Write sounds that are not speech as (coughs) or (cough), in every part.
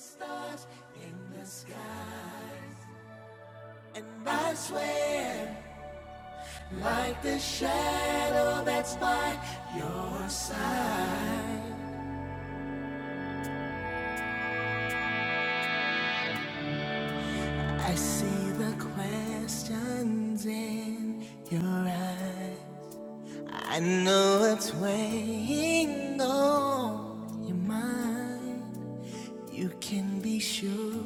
Stars, I swear, like the shadow, I see the questions in your eyes. I know it's weighing on your mind. You can be sure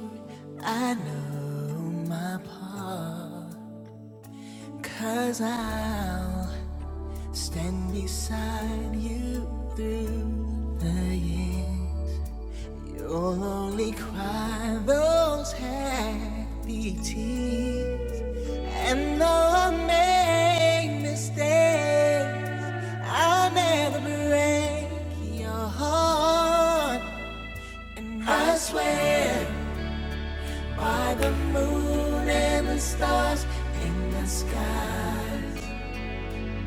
I know my part. i I'll stand beside you through the years. You'll only cry those happy tears, and though I make mistakes, I'll never break your heart. And I swear by the moon and the stars in the skies,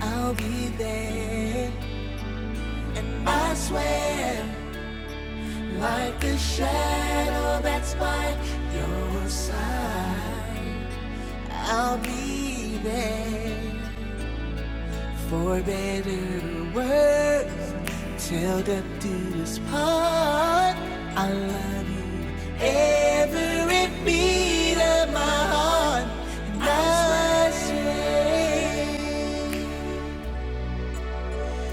I'll be there. And I swear. Like a shadow that's by your side, I'll be there for better or worse. Till death do us part, I love you every beat of my heart, and I say,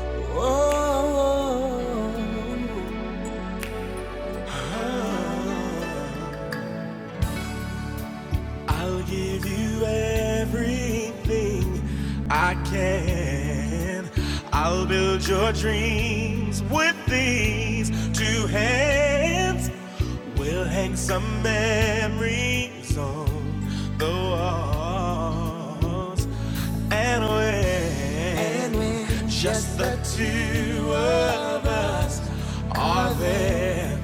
oh. oh, oh, oh. I'll give you everything I can. I'll build your dreams with these two hands. We'll hang some memories on the wall us and we, and we just the two of us are there.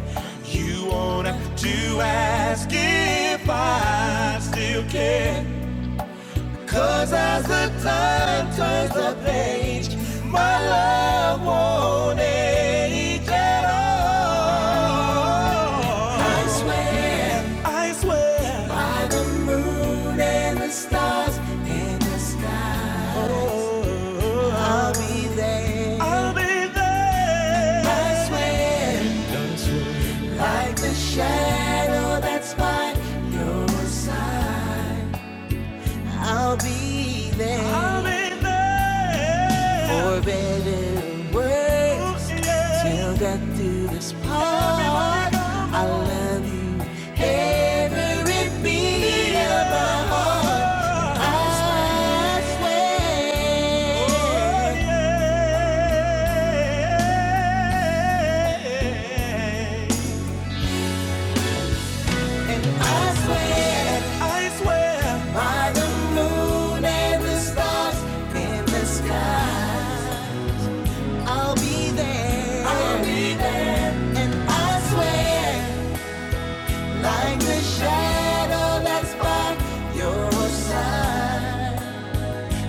You won't have to ask if I still care. Cause as the time turns the page, my love won't age at all. I swear, I swear, by the moon and the stars in the sky, oh, I'll be there. I'll be there. I swear, like the shadow that's by your side. I'll be there I'll be there. for better and worse. Ooh, yeah. Till death do this part. I love you every beat of my heart. I swear. Oh, yeah. I swear, I swear, by the moon and the stars in the sky, I'll be there. I'll be there. And I swear, like the shadow that's by your side.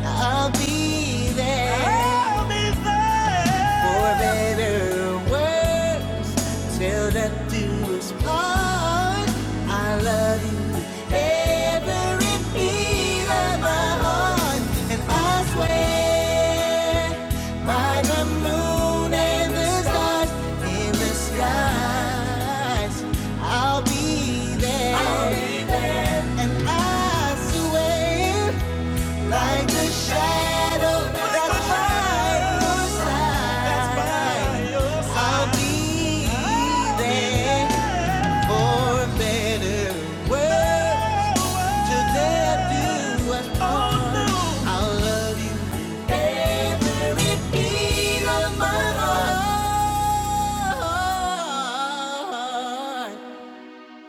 I'll be there I'll be there. for better or worse till death do us part. I love you every beat of my heart, and I swear by the moon and the stars in the skies, I'll be there. I'll be there. And I swear like the shadow that's by your side, I'll be there for better words. Till death do us part. I'll love you with every beat of my heart.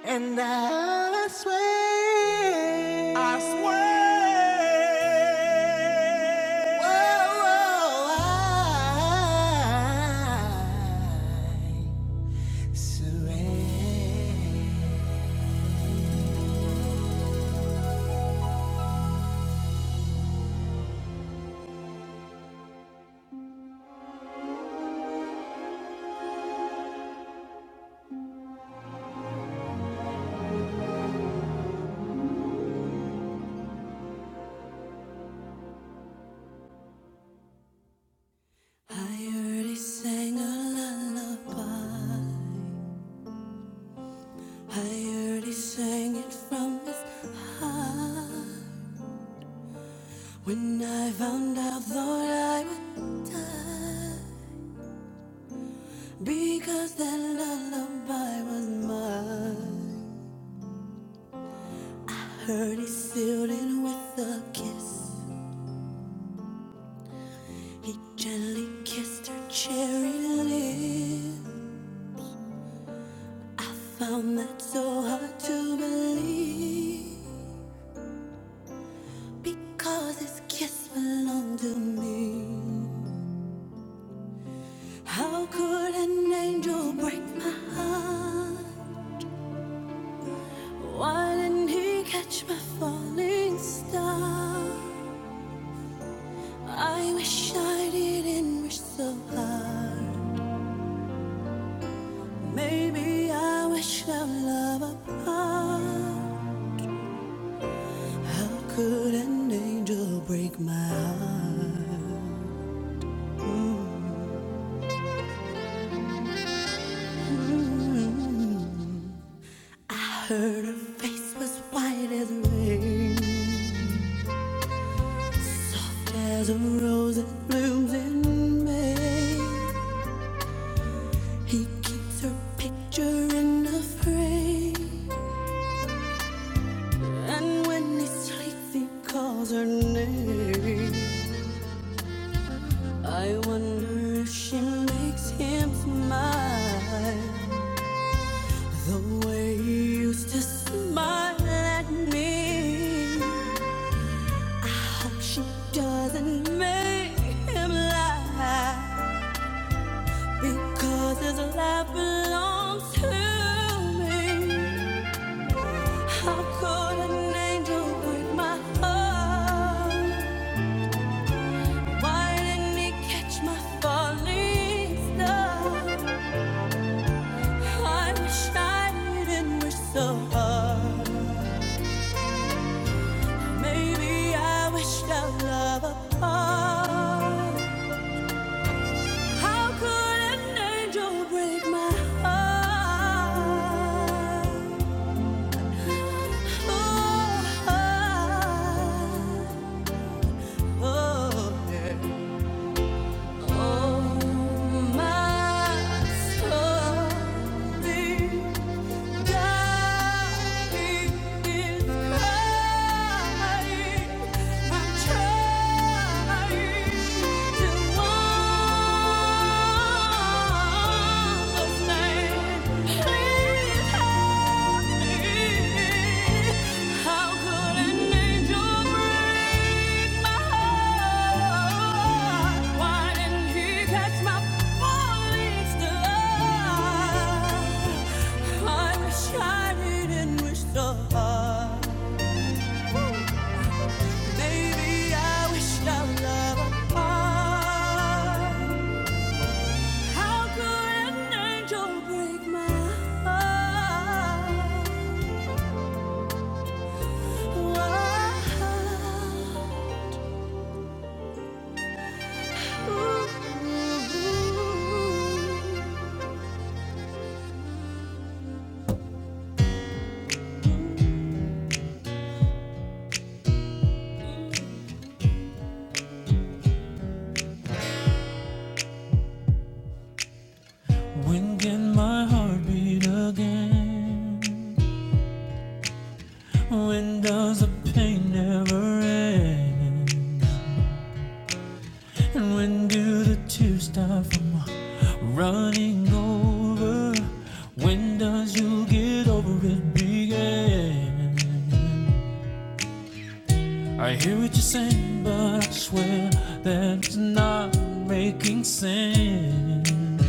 And I swear, I swear, whoa, whoa, I surrender. I already sang a lullaby. I already sang it from his heart. When I found out, thought I would die. Because that lullaby was mine. Heard he sealed it with a kiss. He gently kissed her cherry lip. I found that so hard to believe. Because his kiss belonged to me. How could an angel break my heart? Why didn't he catch my falling star? I wish I didn't wish so hard. Maybe I wish our love apart. How could an angel break my heart? I heard her face was white as rain, soft as a rose that blooms in May. He keeps her picture in a frame, and when he sleeps, he calls her name. I wonder if she makes him smile the way he used to smile at me. I hope she doesn't make him laugh because his laugh belongs to me. How could an angel break my heart? Why didn't he catch my falling star? I wish I didn't wish so hard. Maybe I wish our love apart. How could an angel break my heart? Oh, oh, oh, yeah. Oh, my soul. Please how could an angel break my heart? Why didn't he catch my falling star? I wish I didn't wish so hard. Maybe I wish our love apart. How could an angel break my heart? Wow. When can my heart beat again? When does the pain never end? And when do the tears stop from running over? When does you get over it begin? I hear what you're saying, but I swear that it's not making sense.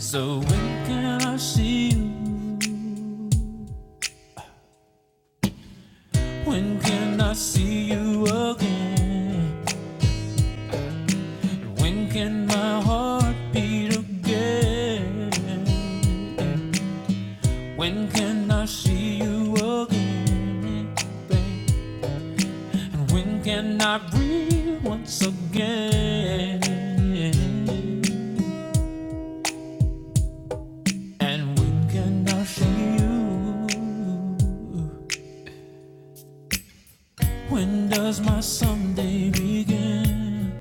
So when can I see you? When can I see you again? And When can my heart beat again? When can I see you again? And when can I breathe once again? And when can I see you? When does my someday begin?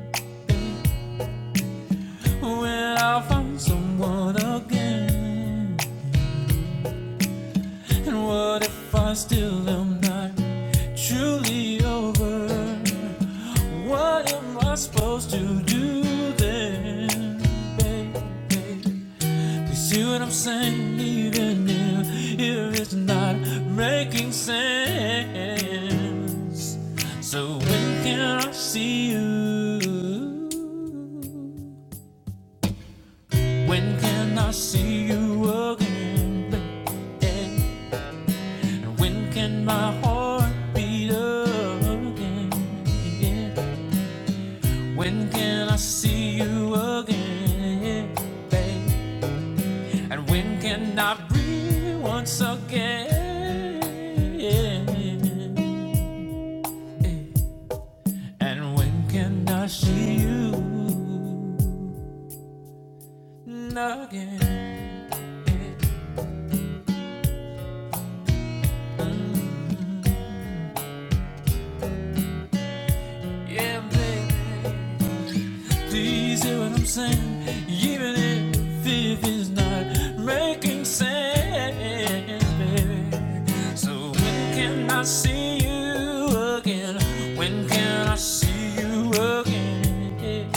Will I find someone again? And what if I still am not truly over? What am I supposed to do then, baby? You see what I'm saying? Even if if it's not making sense. So when can I see you? When can I see you again, baby? And When can my heart beat again? Yeah. When can I see you again, babe? And when can I breathe once again? Yeah. And when can I see you again? Yeah, babe. Do you see what I'm saying? Even if it is not making sense, baby. So when can I see you again? When can I see you again?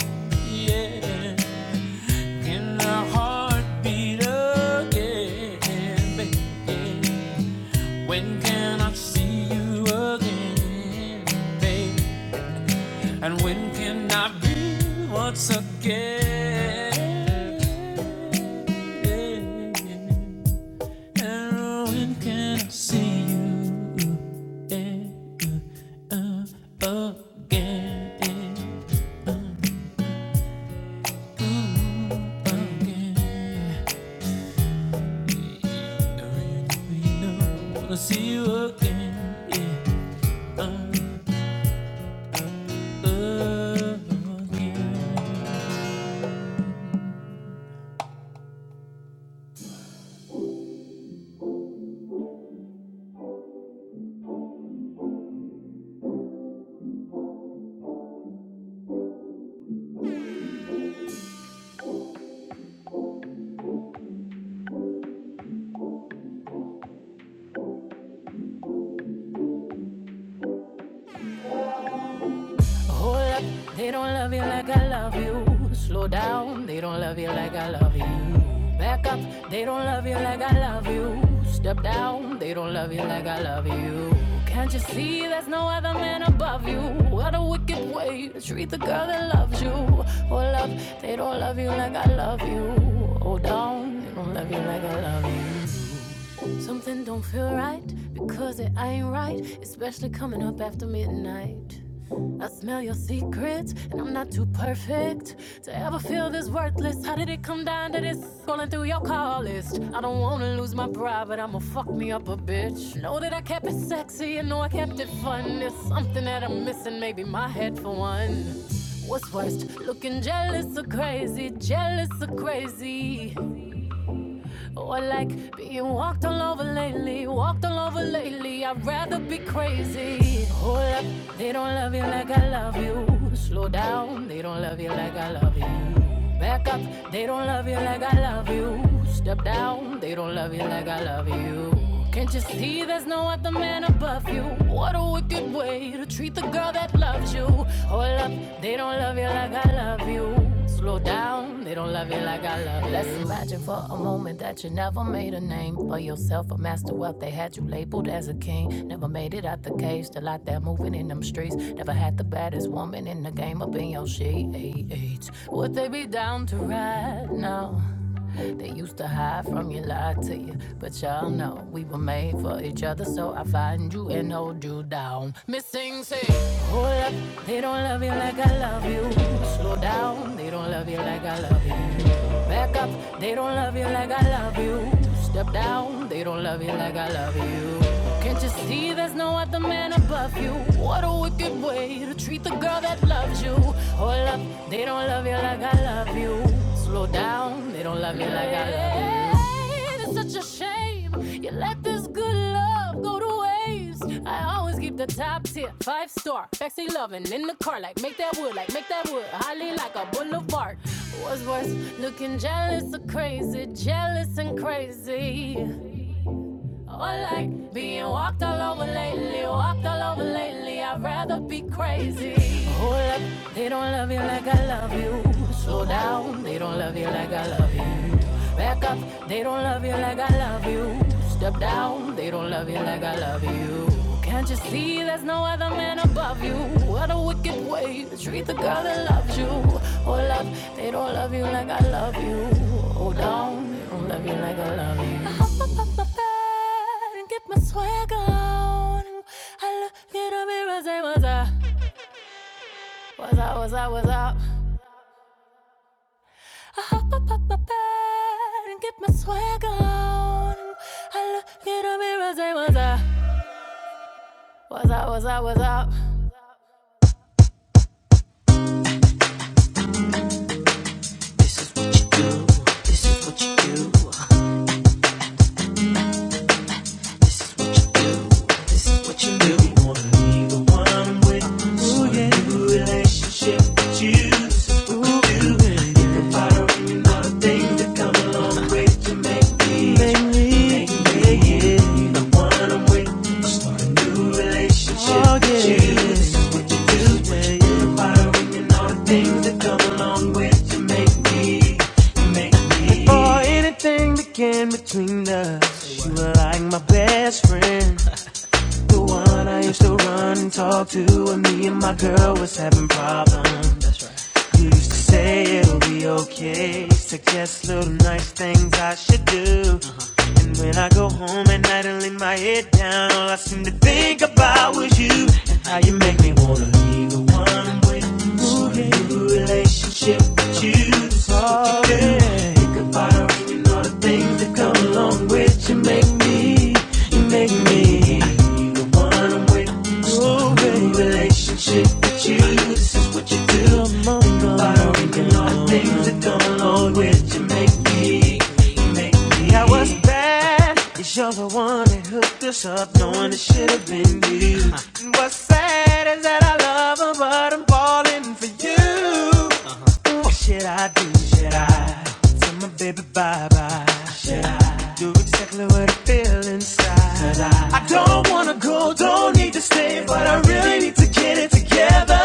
Yeah. Can our heart beat again, baby? When can I see you again, baby? And when can I be once again? And when can I see you again? Again, No, I wanna see you again. yeah, Again. Hold up, they don't love you like I love you. Slow down, they don't love you like I love you. Back up, they don't love you like I love you. Step down, they don't love you like I love you. Can't you see there's no other man above you? What a wicked way to treat the girl that loves you. Hold up, they don't love you like I love you. Hold down, they don't love you like I love you. Something make me. for anything that came between us. You were like my best friend. The one I used to run and talk to when me and my girl was having problems. That's right. You used to say it'll be okay. Suggest little nice things I should do. Uh-huh. And when I go home at night and lay my head down, all I seem to think about was you and how you make me wanna be the one I'm with. Start a new relationship with you. That's what you do. Think about her and all the things things that come along with you make me, you make me. You the one I'm with. Oh, baby, relationship with you. This is what you do. Think about all the things that come along with you make me, you make me. Now what's bad. is you you're the one that hooked us up, knowing it should have been you. And what's sad is that I love her, but I'm falling for you. What should I do? Should I tell my baby bye bye? Should I do exactly what I feel inside? Should I? I don't wanna go, don't need to stay, but I really need to get it together.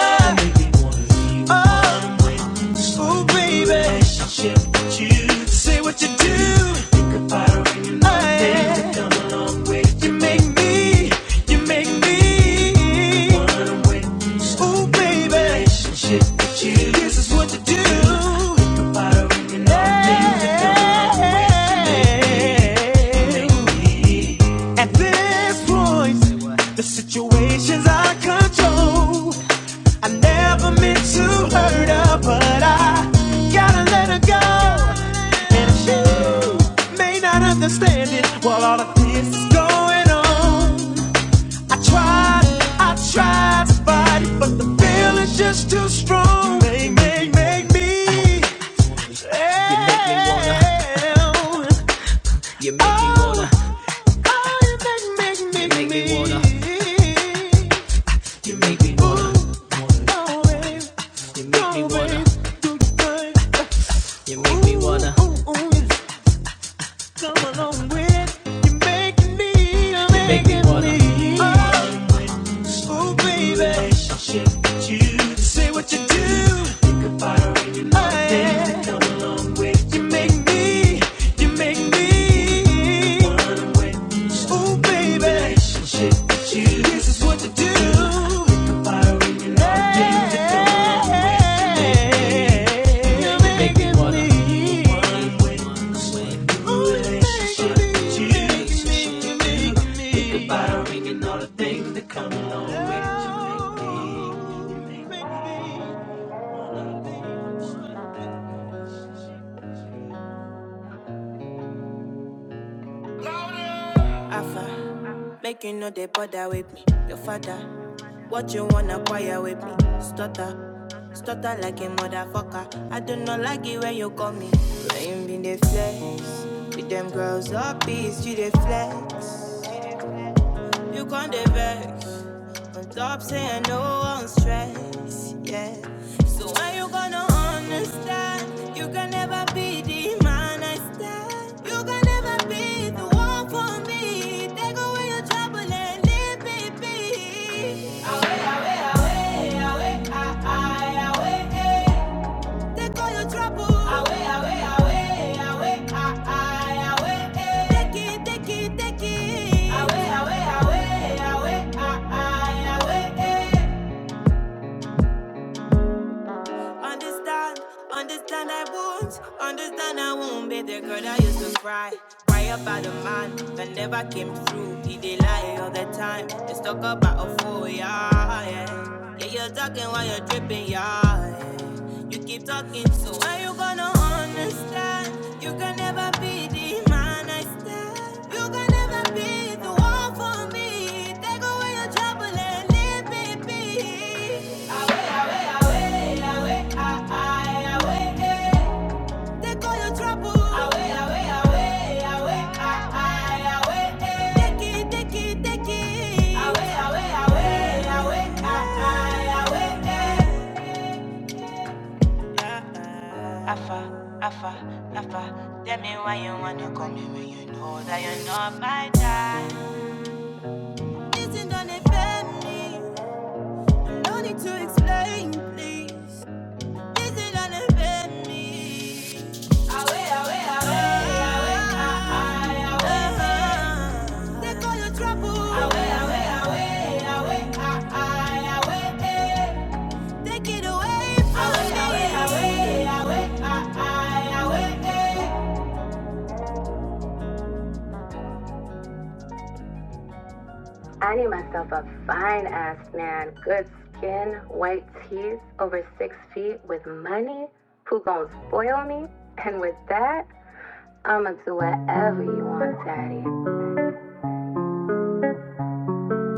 Oh. Oh baby, relationship with you. Say what you do. Think about her when you love oh, yeah. things that come along with you. You make me, you make me. One with you. Oh baby, just you. This is what you do. Think about her when you love things that come along with you. You make me, you make me. At this point, the situation's out of control. I never meant to hurt her, but I gotta let her go. And she may not understand it while all of this is going on. I tried, I tried to fight it, but the feeling's just too strong. Make, make, make me. You make me wanna. You make me wanna. Oh, oh, you make, make, you make me wanna. You make me wanna. oh, babe. You make me wanna. Make me wanna, make me wanna. Oh Oh baby, baby, with with you. you You you do. My baby, come along with you. you Say what what do. do. make me. You make me, me. This is what you do. Pick a fire in your life. Baby, come along. Alpha, make you know they bother with me. Your father, what you wanna acquire with me? Stutter, stutter like a motherfucker. I do not like it when you call me. Rain been the flex, with them girls up, peace, you the flex. You can't the vex. But stop saying no on stress, yeah. So when you gonna understand? You can never be the man I stand. You can never be the one for me. Take away your trouble and leave me be. Away, away, away, away, away, ah, away, eh. Take all your trouble away, away, away, away, ah, ah, away. eh. Take it, take it, take it away, away, away, away, ah, ah, away. eh. Understand, understand I won't, understand I won't be the girl that used to cry. Cry about a man that never came through. He did lie all the time. They talk about a fool, yeah, yeah. Yeah, you're talking while you're tripping, yeah. yeah. You keep talking, so when you gonna understand? You can never be the man I stand. You can never be the one for me. Take away your trouble and Afa, afa, afa. Tell me why you wanna call me when you know that you're not my type. Isn't gonna offend me. No need to explain, please. Take it away from me.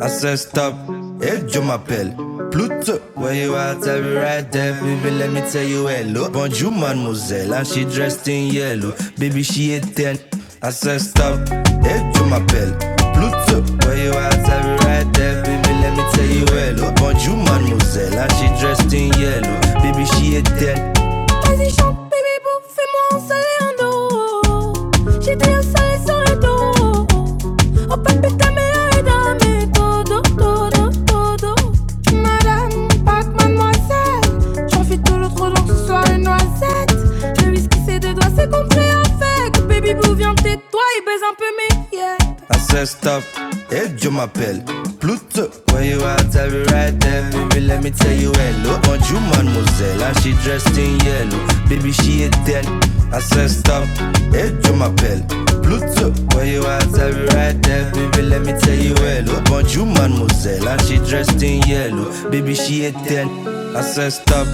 I said stop, et je m'appelle Pluto. Where you at? I'll be right there, baby. Let me tell you hello. Bonjour, mademoiselle, and she dressed in yellow. Baby, she a ten. I said stop, et je m'appelle Pluto. Where you at? I'll be right there, baby. Let me tell you hello. Bonjour, mademoiselle, and she dressed in yellow. Baby, she a ten. ancestor. Hey, Joe, my pal. Pluto. When you out, I'll be right there. Baby, let me tell you hello. On you, mademoiselle. And she dressed in yellow. Baby, she a ten. Ancestor. Hey, Joe, my pal. Pluto. When you out, I'll be right there. Baby, let me tell you hello. On you, mademoiselle. And she dressed in yellow. Baby, she a ten. I said stop.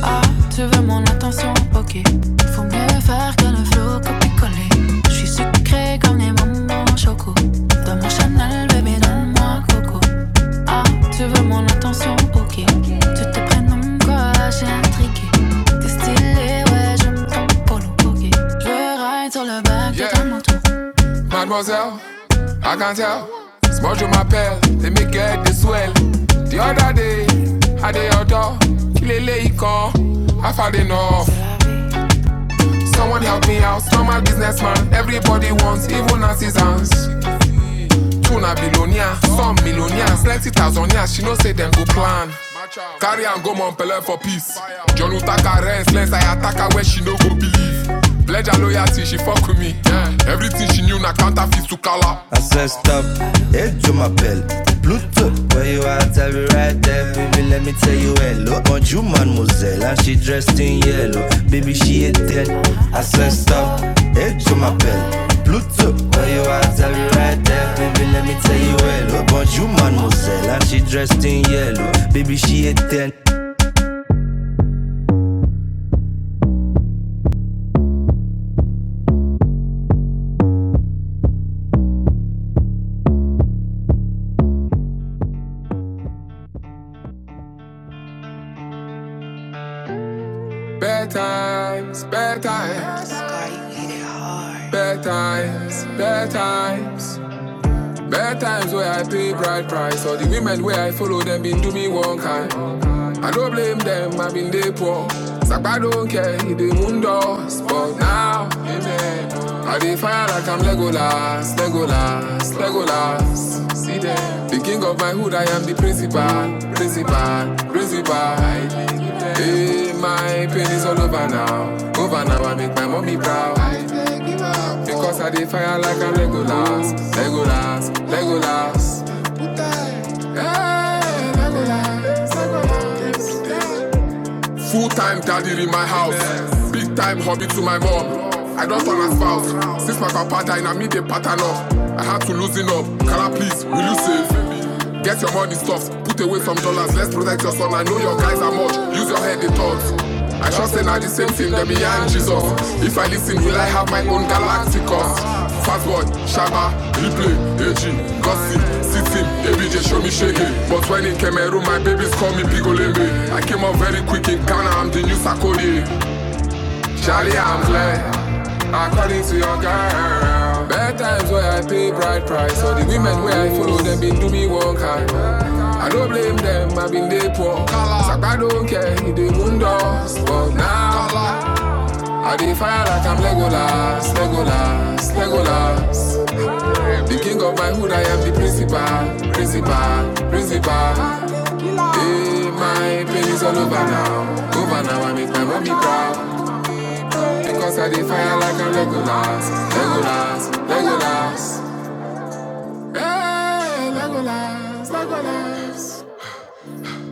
Mademoiselle, I can not tell. Smudge on my pal, let me get this swell. The other day, I did your door. Lele, he come. I've had enough. Someone help me out, normal businessman. Everybody wants, even assistance. True na billionaire, some millionaire, plenty thousandaires. She know say them go plan. Carry am go Montpellier for peace. John Utaka rest less I attack her where she no go believe. Pledge her loyalty, she fuck with me. Everything she knew na counterfeit to color. I said stop, hey Joe Mapel Bluetooth, where you at? I'll be right there Baby, let me tell you hello Bonjour mademoiselle, and she dressed in yellow Baby, she a dead I said stop, hey Joe Mapel Pluto, where you at? I'll be right there. Baby, let me tell you hello. Bonjour, mademoiselle. And she dressed in yellow. Baby, she a 10. Bad times, bad times, bad times, bad times. Bad times where I pay bride price. All the women where I follow them been do me one kind. I don't blame them, I've been they poor. Sapa don't care, he the moon doors. But now, amen. I dey fire like I'm Legolas, Legolas, Legolas. See them. The king of my hood, I am the principal, principal, principal. Hey, my pain is all over now. Over now, I make my mommy proud. Because I dey fire like I'm Legolas, Legolas, Legolas. Hey, Legolas. Full time daddy in my house. Big time hobby to my mom. I don't want a spouse. Since my papa died, I meet the pattern up. I had to loosen up. Kala, please, will you save? Get your money stuffed. Put away some dollars. Let's protect your son. I know your guys are much. Use your head, they thoughts. I trust in all the same thing that behind Jesus. If I listen, will I have my own galacticos? Fast word, Shaba, replay, AG, gossip, sitting. him, ABJ, show me shaggy. But when in Cameroon, my babies call me Pigolembe. I came up very quick in Ghana, I'm the new Sakode. Charlie, I'm glad. I call into your girl. Bad times where I pay bride price. So the women where I follow them been do me one kind. I don't blame them, I been they poor. Like I don't care, he the moon dust. But now, I dey fire like I'm Legolas, Legolas, Legolas. The king of my hood, I am the principal, principal, principal. Hey, my pain is all over now. Over now, I make my mommy proud. Because I did fire like a Legolas, Legolas, Legolas. Hey, Legolas, Legolas.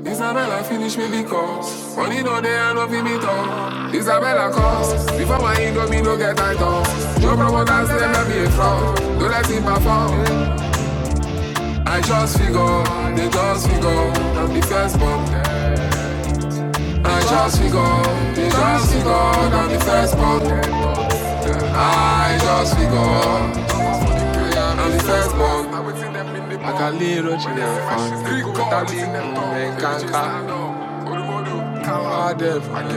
Isabella finish me because money no day and no be me talk. Isabella cost before my ego me no get tight off. No promoters never be a fraud. Don't let him perform. I just figure, they just figure, I'm the first bomb. I just figure, they just figure, I'm the first bomb. I just figure. I'm first born. Like a little chicken farm. Got a big moon and caca. All day the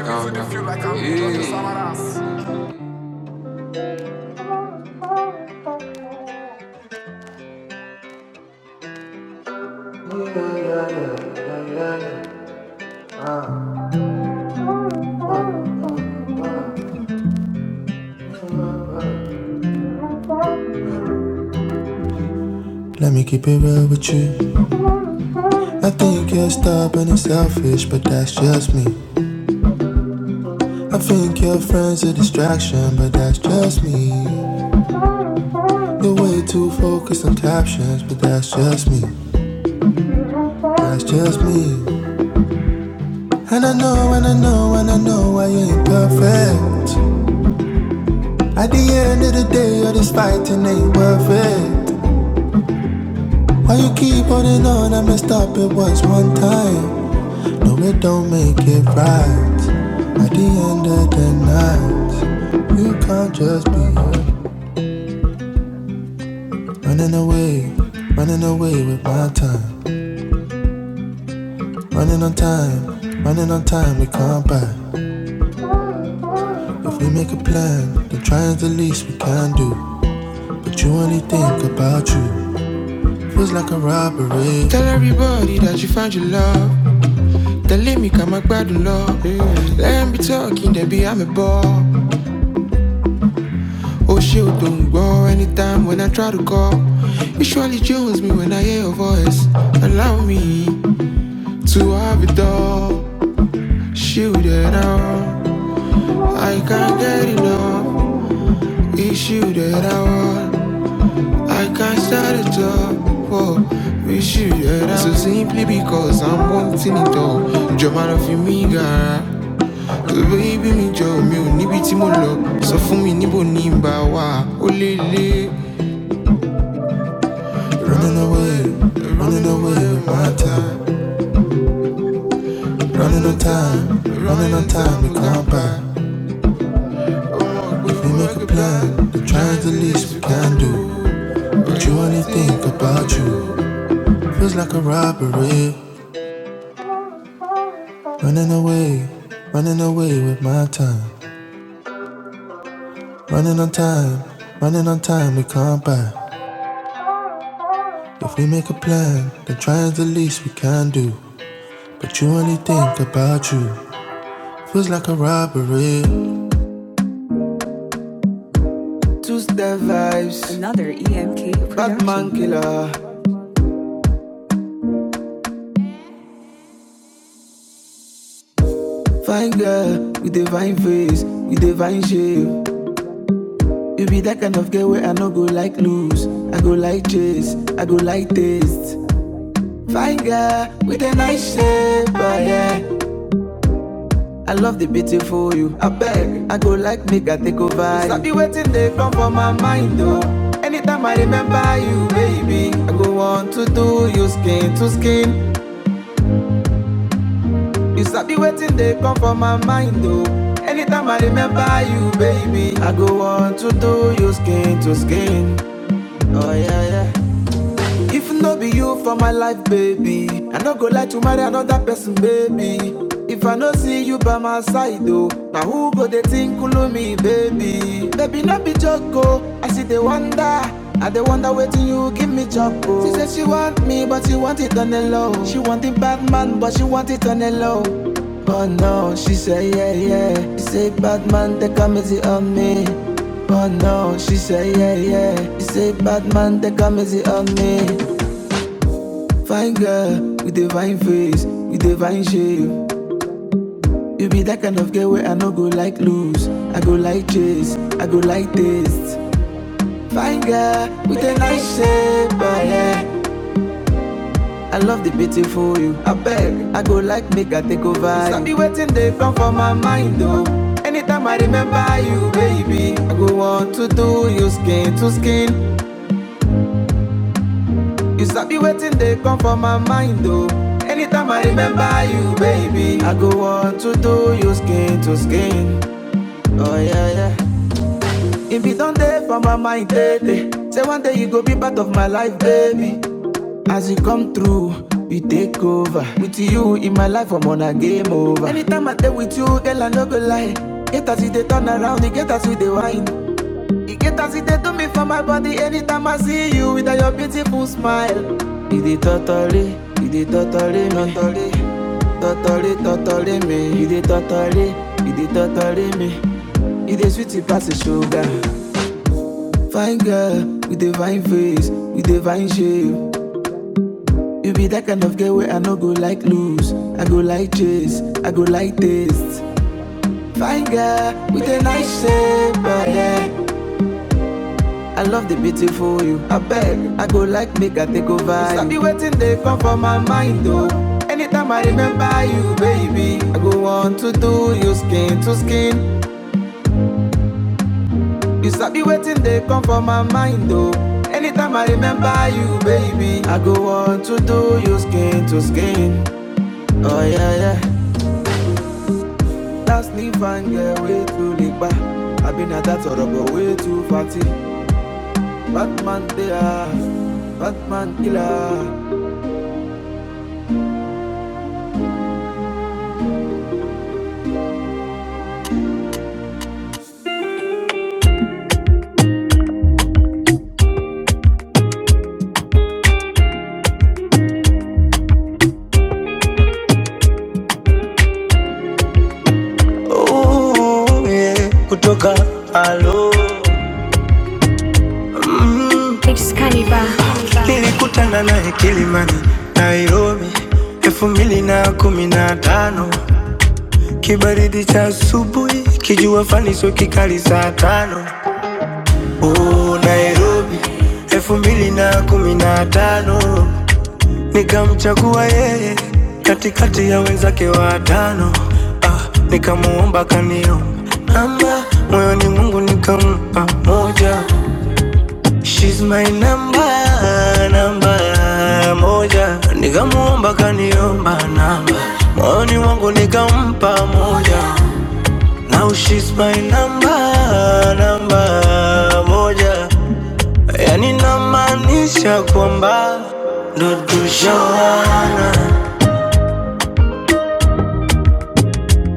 I think you're stubborn and selfish, but that's just me. I think your friends a distraction, but that's just me. You're way too focused on captions, but that's just me. That's just me. And I know, and I know, and I know I ain't perfect. At the end of the day, all this fighting ain't worth it. We make a plan, don't try and delay. Tell everybody that you found your love. They let me come and grab the love. Let me talking, they be I'm a ball. Oh shit, don't go anytime when I try to call. It surely jones me when I hear your voice. Allow me to have it all. Shoot it out. Don't try and undo. She want anything, we make a plan, don't try and delay. Two step vibes, Batman killer. Fine girl with divine face, with divine shape. You be that kind of girl where I no go like lose, I go like chase. You stop be waiting, they come for my mind. Anything to skin, oh yeah yeah. If no be you for my life, baby, I no go like to marry another person, baby. If I no see you by my side, though, now who go they think kulu me, baby? Baby, no be joke, oh. I see the wonder, I the wonder waiting you give me choco. She said she want me, but she want it on the low. She want the bad man, but she want it on the low. But no, she said yeah yeah. She said bad man, they come find girl with the vibes, with the vibe. You be the way lose. I go like this, I go like this. Fine girl with a nice shape, but yeah. I love the beat you. I, I go like this. I be waiting they come for my mind though. Anytime I remember you, baby, I go want to do you skin to skin. You stop be waiting they come for my mind though. Anytime I remember you, baby, I go want to do you skin to skin. Oh yeah, yeah. It be done day for my mind, day, day. Say one day you go be part of my life, baby. As you come through, you take over. With you in my life, I'm on a game over. Anytime I stay with you, girl, I no go lie. Get as if they turn around, you get us with the wine. You get as if they do me for my body. Anytime I see you with your beautiful smile. You did totally, you did totally, me. totally, totally, totally me. You did totally, you did totally me. You dey sweet pass the sugar. Fine girl with the fine face, with the fine shape. You be that kind of girl where I no go like lose. I go like chase, I go like taste. Fine girl with a nice shape, oh yeah. I love the beautiful you. I beg, I go like make I take over. You be waiting they come for my mind though. Anytime I remember you, baby, I go want to do you skin to skin. You stop be waiting they come for my mind though. Anytime I remember you, baby, I go want to do you skin to skin. Oh yeah, yeah. Last leave and get way too late back. I've been at that sort of but way too fatty. Batman they are, Batman killer. asubuhi kijulizo kikali saa tano Oh, yako matano nikamchagua yeye katake watano ah, nikamuomba kaniomba moyoni mungu nikampa moja She's my number, number moja, nikamuomba kaniomba namba, moyoni mwangu nikampa moja. Now she's my number, number moja, yani namaanisha kwamba ndo tushawana,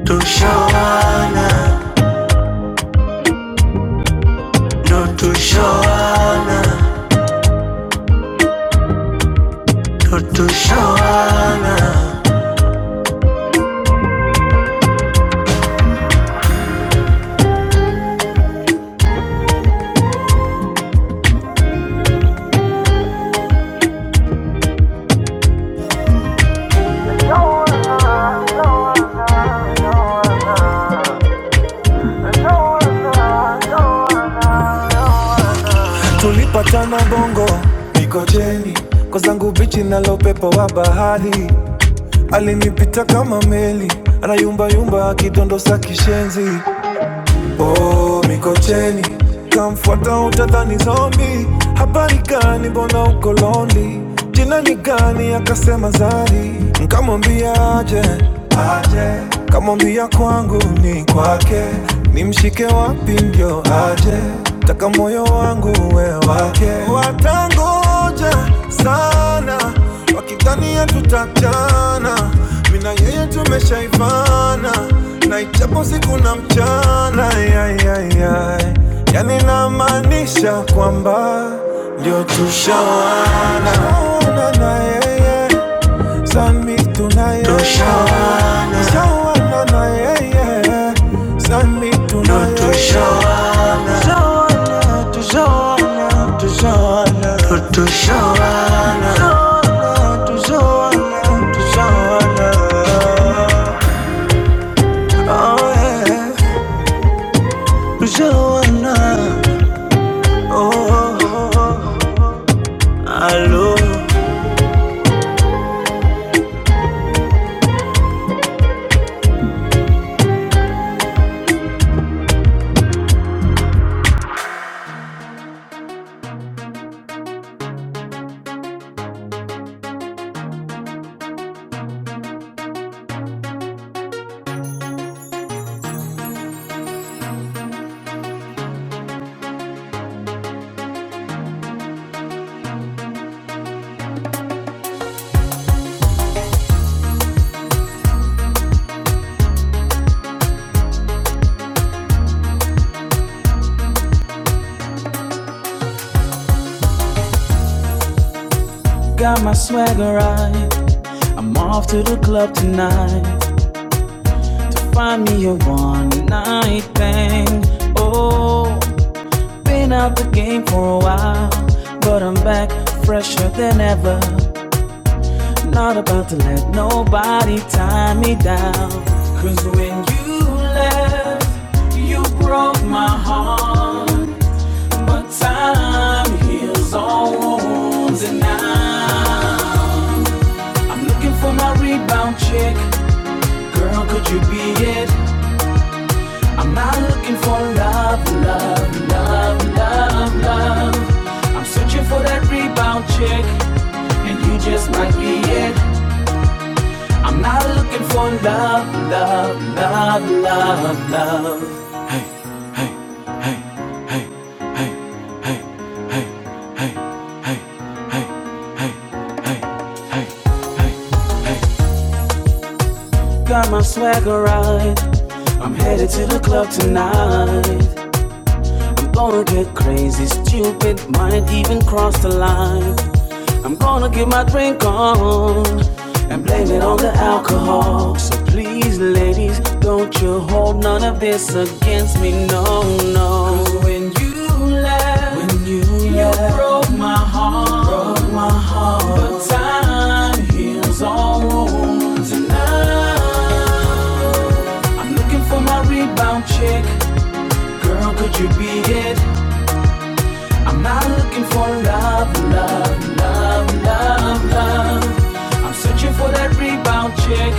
tushawana, ndo tushawana, ndo tushawana. tulipatana bongo Mikojeni kwa zangu bichi nalo upepo wa bahari alinipita kama meli anayumba yumba akidondo akidondosa kishenzi oh, Mikocheni kamfuata utadhani zombie. Habari gani, mbona uko lonely? Jina ni gani? Akasema Zari. Nkamwambia aje, aje. Kamwambia kwangu ni kwake, nimshike wapi ndio aje? Taka moyo wangu we wake, watangoja sana wakidhani hatutachana Mina na yeye tumeshaifana na ichapo siku na mchana ay, ay, ay. yani namaanisha kwamba ndio tushawana na yeye sami tunaye tushawana na yeye sami tunaye tushawana. Joanna, to Joanna, to Joanna, to Joanna, Joanna, to Joanna, to Joanna. Oh yeah, to Joanna. Oh, oh, hello. Than ever, not about to let nobody tie me down. 'Cause when you left, you broke my heart. But time heals all wounds, and now. I'm looking for my rebound chick. Girl, could you be it? I'm not looking for love, love, love, love, love. Searching for that rebound chick, and you just might be it. I'm not looking for love, love, love. Hey, hey, hey, hey, hey, hey, hey, hey, hey, hey, hey, hey. Got my swagger right. I'm headed to the club tonight. We'll get crazy, still cross the trees. Don't you hold none of this against me. Looking for my rebound chick. Girl, could you be it? I'm not looking for love, love. I'm searching for that rebound chick.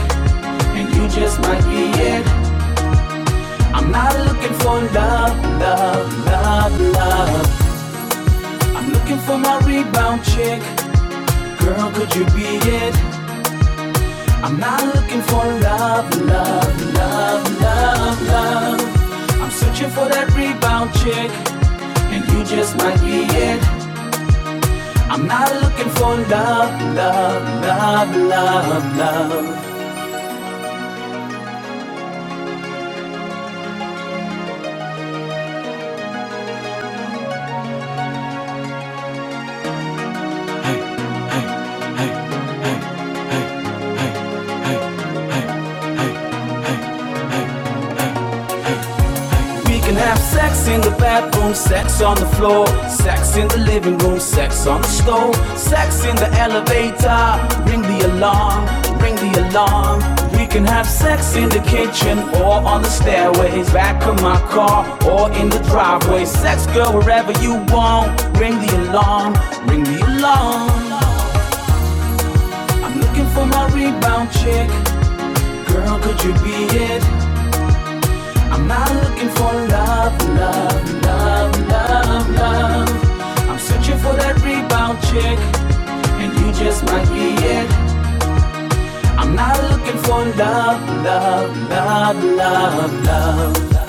And you just might be it. I'm not looking for love, love, love, love. I'm looking for my rebound chick. Girl, could you be it? I'm not looking for love, love. I'm searching for that rebound chick. And you just might be it. I'm not looking for love, love, love, love, love. Hey, hey, hey. We can have sex in the bathroom, sex on the floor, sex in the living room, sex on the stove, sex in the elevator. Ring the alarm, ring the alarm. We can have sex in the kitchen or on the stairways, back of my car or in the driveway. Sex, girl, wherever you want. Ring the alarm, ring the alarm. I'm looking for my rebound chick. Girl, could you be it? I'm not looking for love, love, love, love, love. I'm searching for that rebound chick, and you just might be it. I'm not looking for love, love, love, love, love.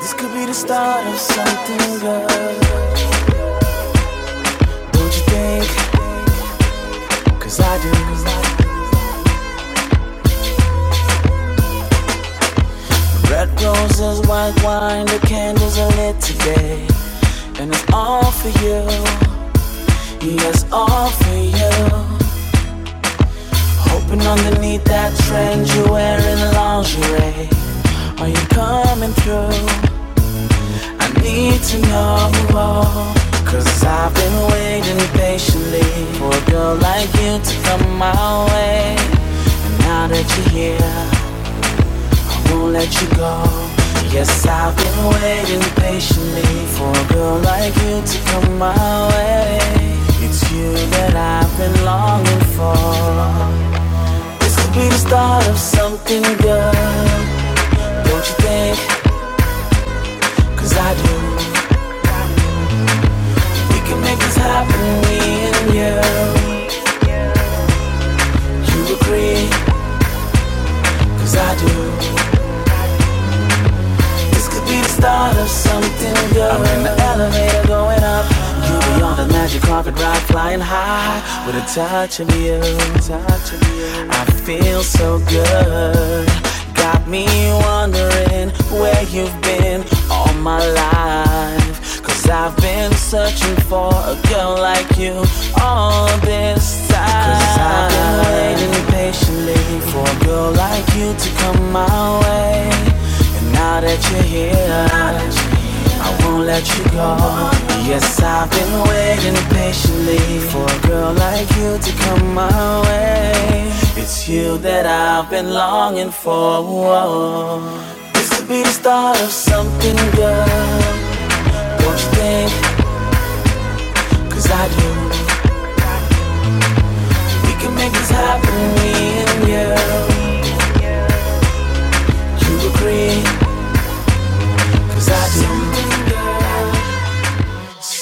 This could be the start of something, girl. Don't you think? Cause I do. Red roses, white wine, the candles are lit today. And it's all for you, yes, all for you. Hoping underneath that trend you're wearing lingerie. Are you coming through? I need to know more. i I've been waiting patiently for a girl like you to come my way. And now that you're here, won't let you go. Yes, I've been waiting patiently for a girl like you to come my way. It's you that I've been longing for. This could be the start of something good, don't you think? you Can make this happen, me and you agree, 'Cause I do. It Could be the start of something good. I'm in the elevator, You be on the magic carpet ride, flying high with a touch of you. I feel so good. Got me wondering where you've been all my life. i I've been searching for a girl like you all this time. i I've been waiting patiently for a girl like you to come my way. And now that you're here, I won't let you go. Yes, I've been waiting patiently for a girl like you to come my way. It's you that I've been longing for. This could be the start of something, girl. Don't you think? Cause I do. We can make this happen, me and you.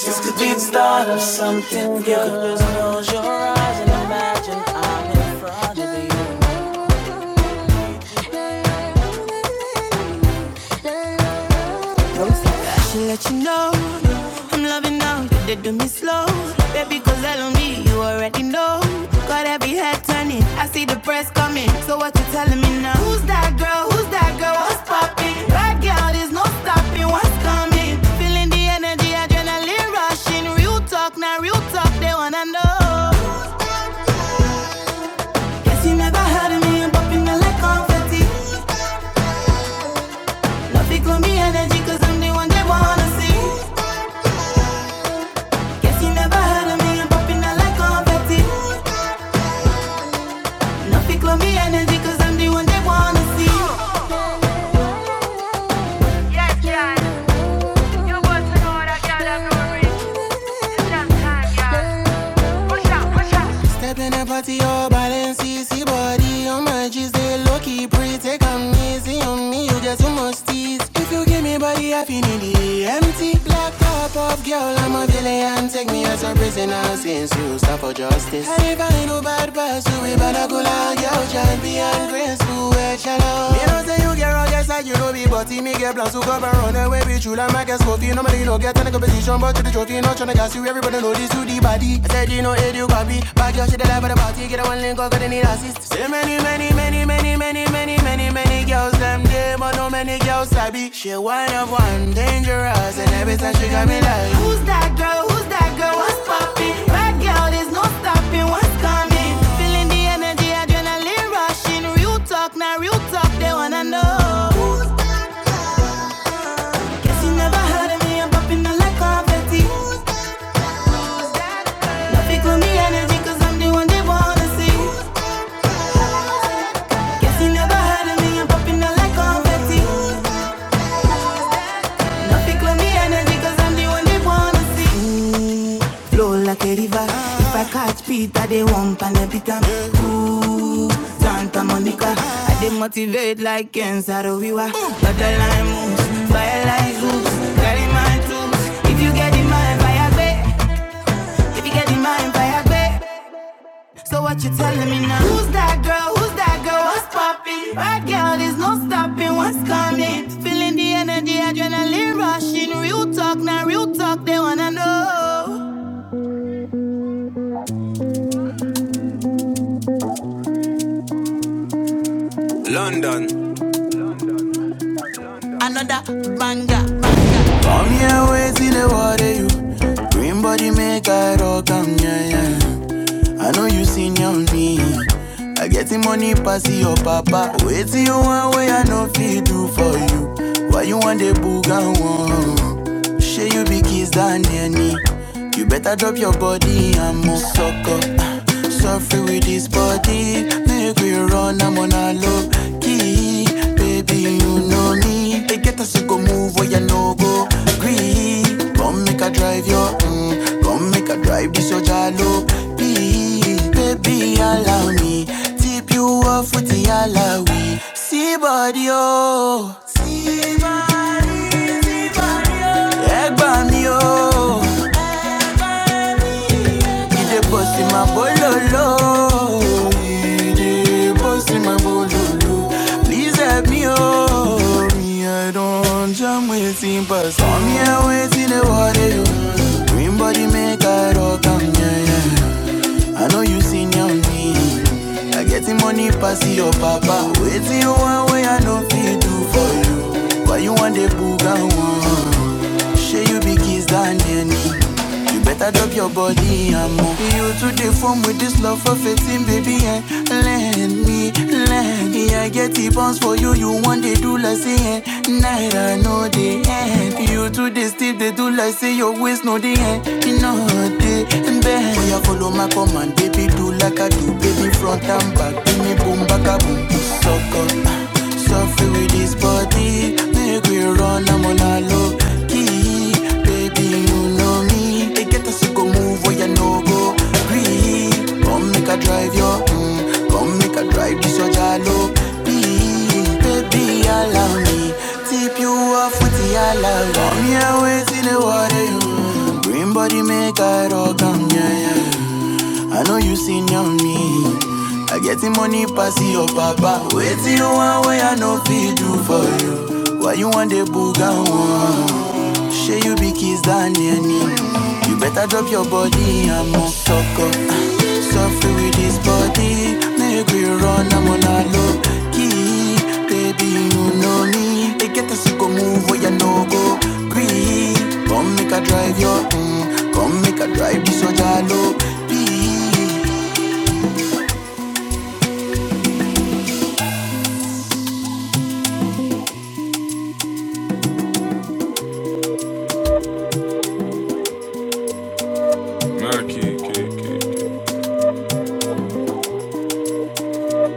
This could be the start of something, girl. Close your eyes and imagine I'm in front of you. So what you telling me now? Who's that girl? Who's that girl? What's poppin'? Bad girl, there's no stopping. What's coming? Feeling the energy, adrenaline rushing. Real talk, now real talk, they wanna know. Guess you never heard of me, I'm popping out like confetti. Love it, glow me energy, cause I'm the one they wanna see. Guess you never heard of me, I'm popping out like confetti. Love it, glow me energy, cause I'm the one they wanna see. Yeah, yeah. Your words are gold, I gotta glory. It's just time, yeah. Push out, push out. Stepping and party all balance, body on my G's, they low pretty. Take am easy on me, you get too much tease. If you give me body, I feel in the empty. Black top off, girl, I'm a villain. Take me as a prisoner since you stand for justice. I if I no bad person, we better go like girl, champion, grace, who a shallow. You know, say you get rugged, like you know, be, but me get plans to cover on the way be true like my guess coffee. Normally no get any competition, but to the trophy, not tryna gas you. Everybody know this to the body. I said you know it, you copy. Back your shit alive at the party, get a one link, up, cause they need assist. Say many, many, many, many, many, many, many, many girls them day, but no many girls I be. She one of one, dangerous, and every time she got me like. Who's that girl? Who's that girl? What's poppin'? Bad girl, there's no stopping. What's coming? Feeling the energy, adrenaline rushing. Real talk, now real talk, they wanna know. She never heard of me, I'm popping like confetti. Traffic with me energy, i I'm the one they wanna see. Guess she never heard of me, I'm popping like confetti. Traffic with me energy, i I'm the one they wanna see. Mm, flow like a river. If I catch Peter, they won't panic. Ooh, Santa Monica. I they motivate like Kensaro Wiwa. But the line moves, fire like hoops. Carry my troops. If you get in my fire, babe. If you get in mind, I agree. So what you telling me now? Who's that girl? Who's that girl? What's poppin'? Bad girl, there's no stopping. What's coming? Feeling the energy, adrenaline rushing. Real talk, now real talk. They wanna know. Another banger. Come here, wait till the water you. Green body make I rock, am yeah, yeah. I know you seen senior me. I get the money pass your papa. Wait till you want way I know feel do for you. Why you want the boogan one? Share you be kiss than any. You better drop your body and move suck up. Suffer with this body. Make we run, I'm on a low key. Baby, you know me. They get us to go move where you no go. Green baby. Come make a drive your, mm, come make a drive this your jalo. Baby, baby, allow me tip you off with the alawi. See body oh, see body, see body oh. Egg by me oh. Ide bossy ma bololo. Ide bossy ma bololo. Please help me, oh. Me, I don't jam waiting, but some here waiting the water. Green body make I rock 'em, yeah, yeah. I know you seen your me. I get the money pass your papa. Wait till you one way I know feel do for you. Why you want the booga one? Share you be kiss than any. You better drop your body and move. You to the form with this love for fitting, baby, and let me line. Me, I get the bounce for you. You want they do like say eh. Night I know they end. You too they still they do like say your waist no they end. You know they bend. Oh yeah, follow my command, baby. Do like I do, baby. Front and back, give me boom, back a boom. Suck up, suffer with this body. Make we run, I'm on a low key, baby. You know me. They get later, so go move where you no go. Agree, come make a drive your, mm, come make a drive this your jalo. Please, baby, allow me, tip you off with the allow. Come here, wait in the water, you. Green body make a rock, um, yeah, yeah. I know you seen on me. I get the money pass your papa. Wait till you want where I no feed you for you. Why you want the booga one? Shey you be kiss than any. You better drop your body and move sucker. Suffer with this body, make we run. Murky, K, K, K.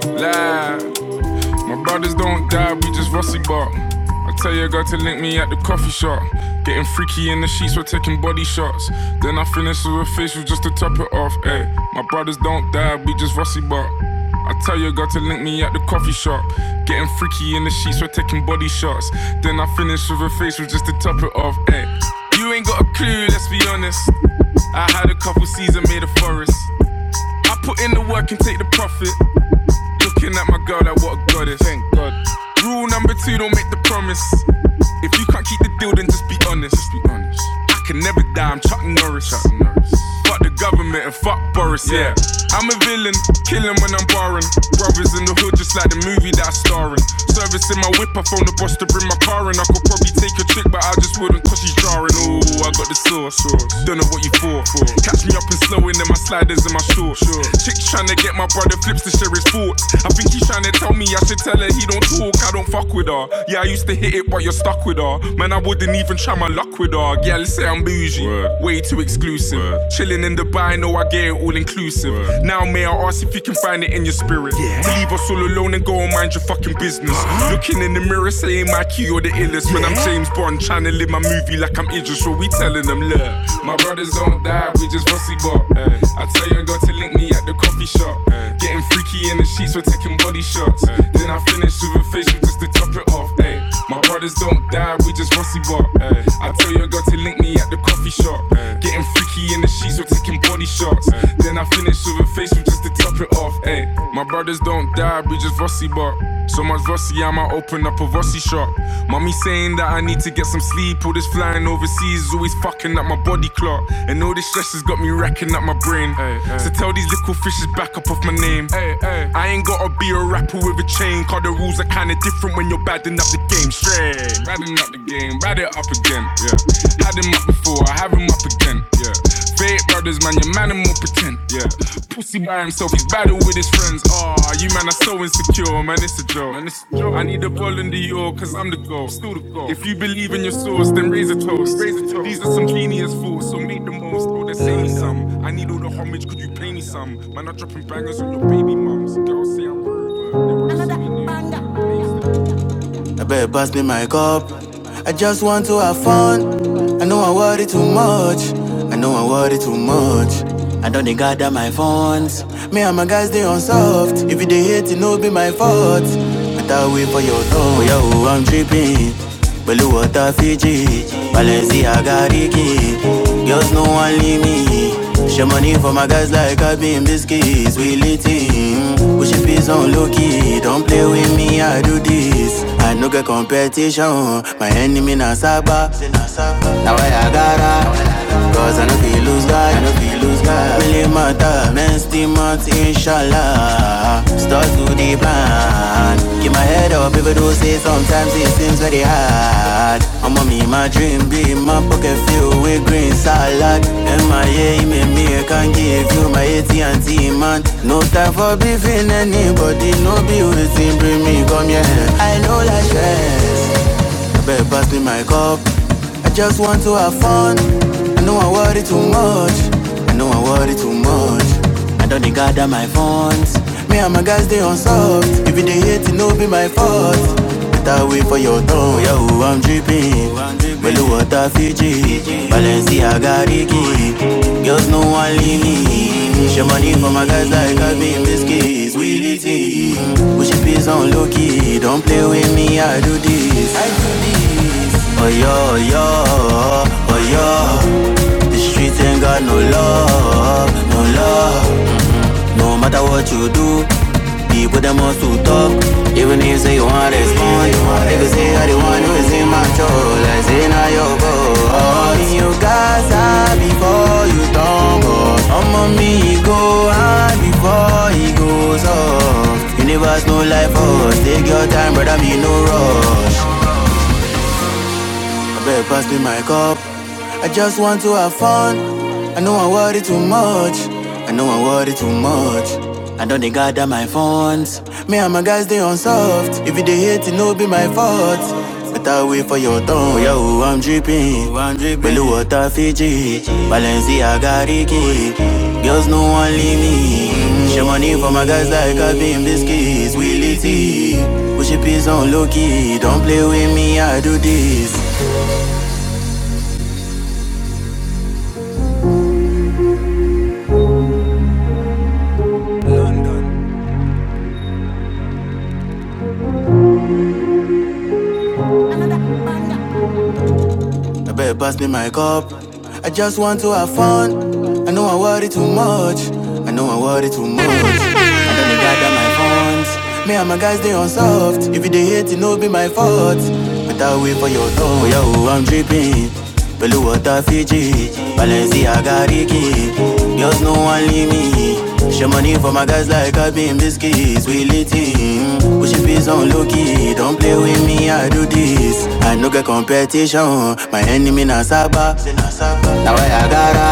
Live. My brothers don't die, we just rusty bark. I tell your girl to link me at the coffee shop. Getting freaky in the sheets, we're taking body shots. Then I finish with a facial just to top it off. Ay, my brothers don't die, we just rusty bark. I tell your girl to link me at the coffee shop. Getting freaky in the sheets, we're taking body shots. Then I finish with a facial just to top it off. Ay, you ain't got a clue, let's be honest. I coppers in the work and take the profit. Looking at my girl like what a goddess. Thank God. Rule number two, don't make the promise. If you can't keep the deal, then just be honest. Just be honest. I can never die, I'm Chuck Norris. Chuck Norris. Fuck the government and fuck Boris, yeah. yeah. I'm a villain, killing when I'm barring. Brothers in the hood, just like the movie that I'm starring. Servicing my whip, I phone the boss to bring my car in. I could probably take a chick, but I just wouldn't cause she's jarring. Oh, I got the sauce. Don't know what you for. Catch me up in snow in my sliders and my shorts. Sure. Chick's trying to get my brother flips to share his thoughts. I think he's trying to tell me I should tell her he don't talk. I don't fuck with her. Yeah, I used to hit it, but you're stuck with her. Man, I wouldn't even try my luck with her. Yeah, let's say I'm bougie. word, Way too exclusive. Word. Chilling in Dubai, know I get it all inclusive. Word. Now, may I ask if you can find it in your spirit? yeah, To leave us all alone and go and mind your fucking business. Uh-huh. Looking in the mirror, saying my key or the illest. Yeah. When I'm James Bond, trying to live my movie like I'm Idris, so we telling them, look, my brothers don't die, we just rusty bot. I tell your girl to link me at the coffee shop. Uh, Getting freaky in the sheets, we're taking body shots. Uh, Then I finish with a facial just to top it off. Ay. My brothers don't die, we just rusty bot. I tell your girl to link me at the coffee shop. Uh, Getting freaky in the sheets, we're taking body shots. Uh, Then I finish with a facial just to to top it off. Ayy, my brothers don't die, we just Vossi bar. So much Vossi, I might open up a Vossi shop. Mommy saying that I need to get some sleep. All this flying overseas is always fucking up my body clock. And all this stress has got me racking up my brain. Ayy, So tell these little fishes back up off my name. Ayy, ayy. I ain't gotta be a rapper with a chain, cause the rules are kinda different when you're badding up the game. Straight, badding up the game, bad it up again. Yeah, had him up before, I have him up again. Yeah. Fake brothers, man, your man and more pretend. Yeah. Pussy by himself, he's battle with his friends. Ah, oh, you man are so insecure, man, it's a joke. Man, it's a joke. I need a ball in the york, cause I'm the goal. Still the goal. If you believe in your source, then raise a toast. Raise a toast. These are some genius, fake them all, they say me some. I need all the homage, could you pay me some? Man, I'm dropping bangers on your baby mums. Girls say I'm rude, but they want to see me Another banger. I better pass me my cup. I just want to have fun. I know I worry too much. I know I worry too much. I don't they gather my funds. Me and my guys they unsolved. If you they hate, it no be my fault. But I thought wait for your thought. Yo, I'm tripping. Blue water Fiji, Balenciaga Ricky. Girls no one leave me. Show money for my guys like I been biscuits, we lit in. Push your peace on low key, don't play with me, I do this. I no get competition, my enemy na Saba. Now I gotta, cause I no feel lose guy, I no feel lose guy. Really matter, men still month, inshallah. Start to the plan, keep my head up, people do say sometimes it seems very hard. I'm a me, my dream be my pocket filled with green salad. MIA, me, me, I can give you my AT&T, man. No time for beefing anybody, no beauty, bring me, come here. I know like stress. Better pass me my cup. I just want to have fun. I know I worry too much. I know I worry too much. I don't dey gather my funds. Me and my guys they on soft. If you dey hate, it no be my fault. Better wait for your turn. Yeah, oh, I'm dripping. Belu water Fiji. Balenciaga Ricky. Girls no one leave me. Finish your money for my guys like I be in this case. Willie T. Push your piece on low key. Don't play with me, I do this. I do this. Oh yo, yo, oh yo. The streets ain't got no love, no love. No matter what you do, people them want to talk. Even if say you want to respond, if you say you're the one who is in my control, I say now you go. All you guys before you tumble. Some of me go high before he goes off. Universe no life for us. Take your time, brother, me no rush. I better pass me my cup. I just want to have fun. I know I worry too much. I know I worry too much. I don't they gather my funds. Me and my guys they on soft. If you they hate, it no be my fault. Better wait for your tongue. Yo, I'm dripping. I'm dripping. Blue water Fiji. Balenciaga Ricky. Girls no one leave me. Show money for my guys like I've been biscuits. Willie T. Push your piece on low key. Don't play with me. I do this. I better pass me my cup. I just want to have fun. I know I worry too much. I know I worry too much. I don't dey gather my funds. Me and my guys they on soft. If you dey hate, it no be my fault. Better wait for your turn. Oh, yo, I'm dripping. Blue water Fiji, Balenciaga Ricky. Girls no one leave me. Show money for my guys like I been biscuits, we lit him. Pushing peace on low key, don't play with me, I do this. I no get competition, my enemy na Saba. Now I gotta,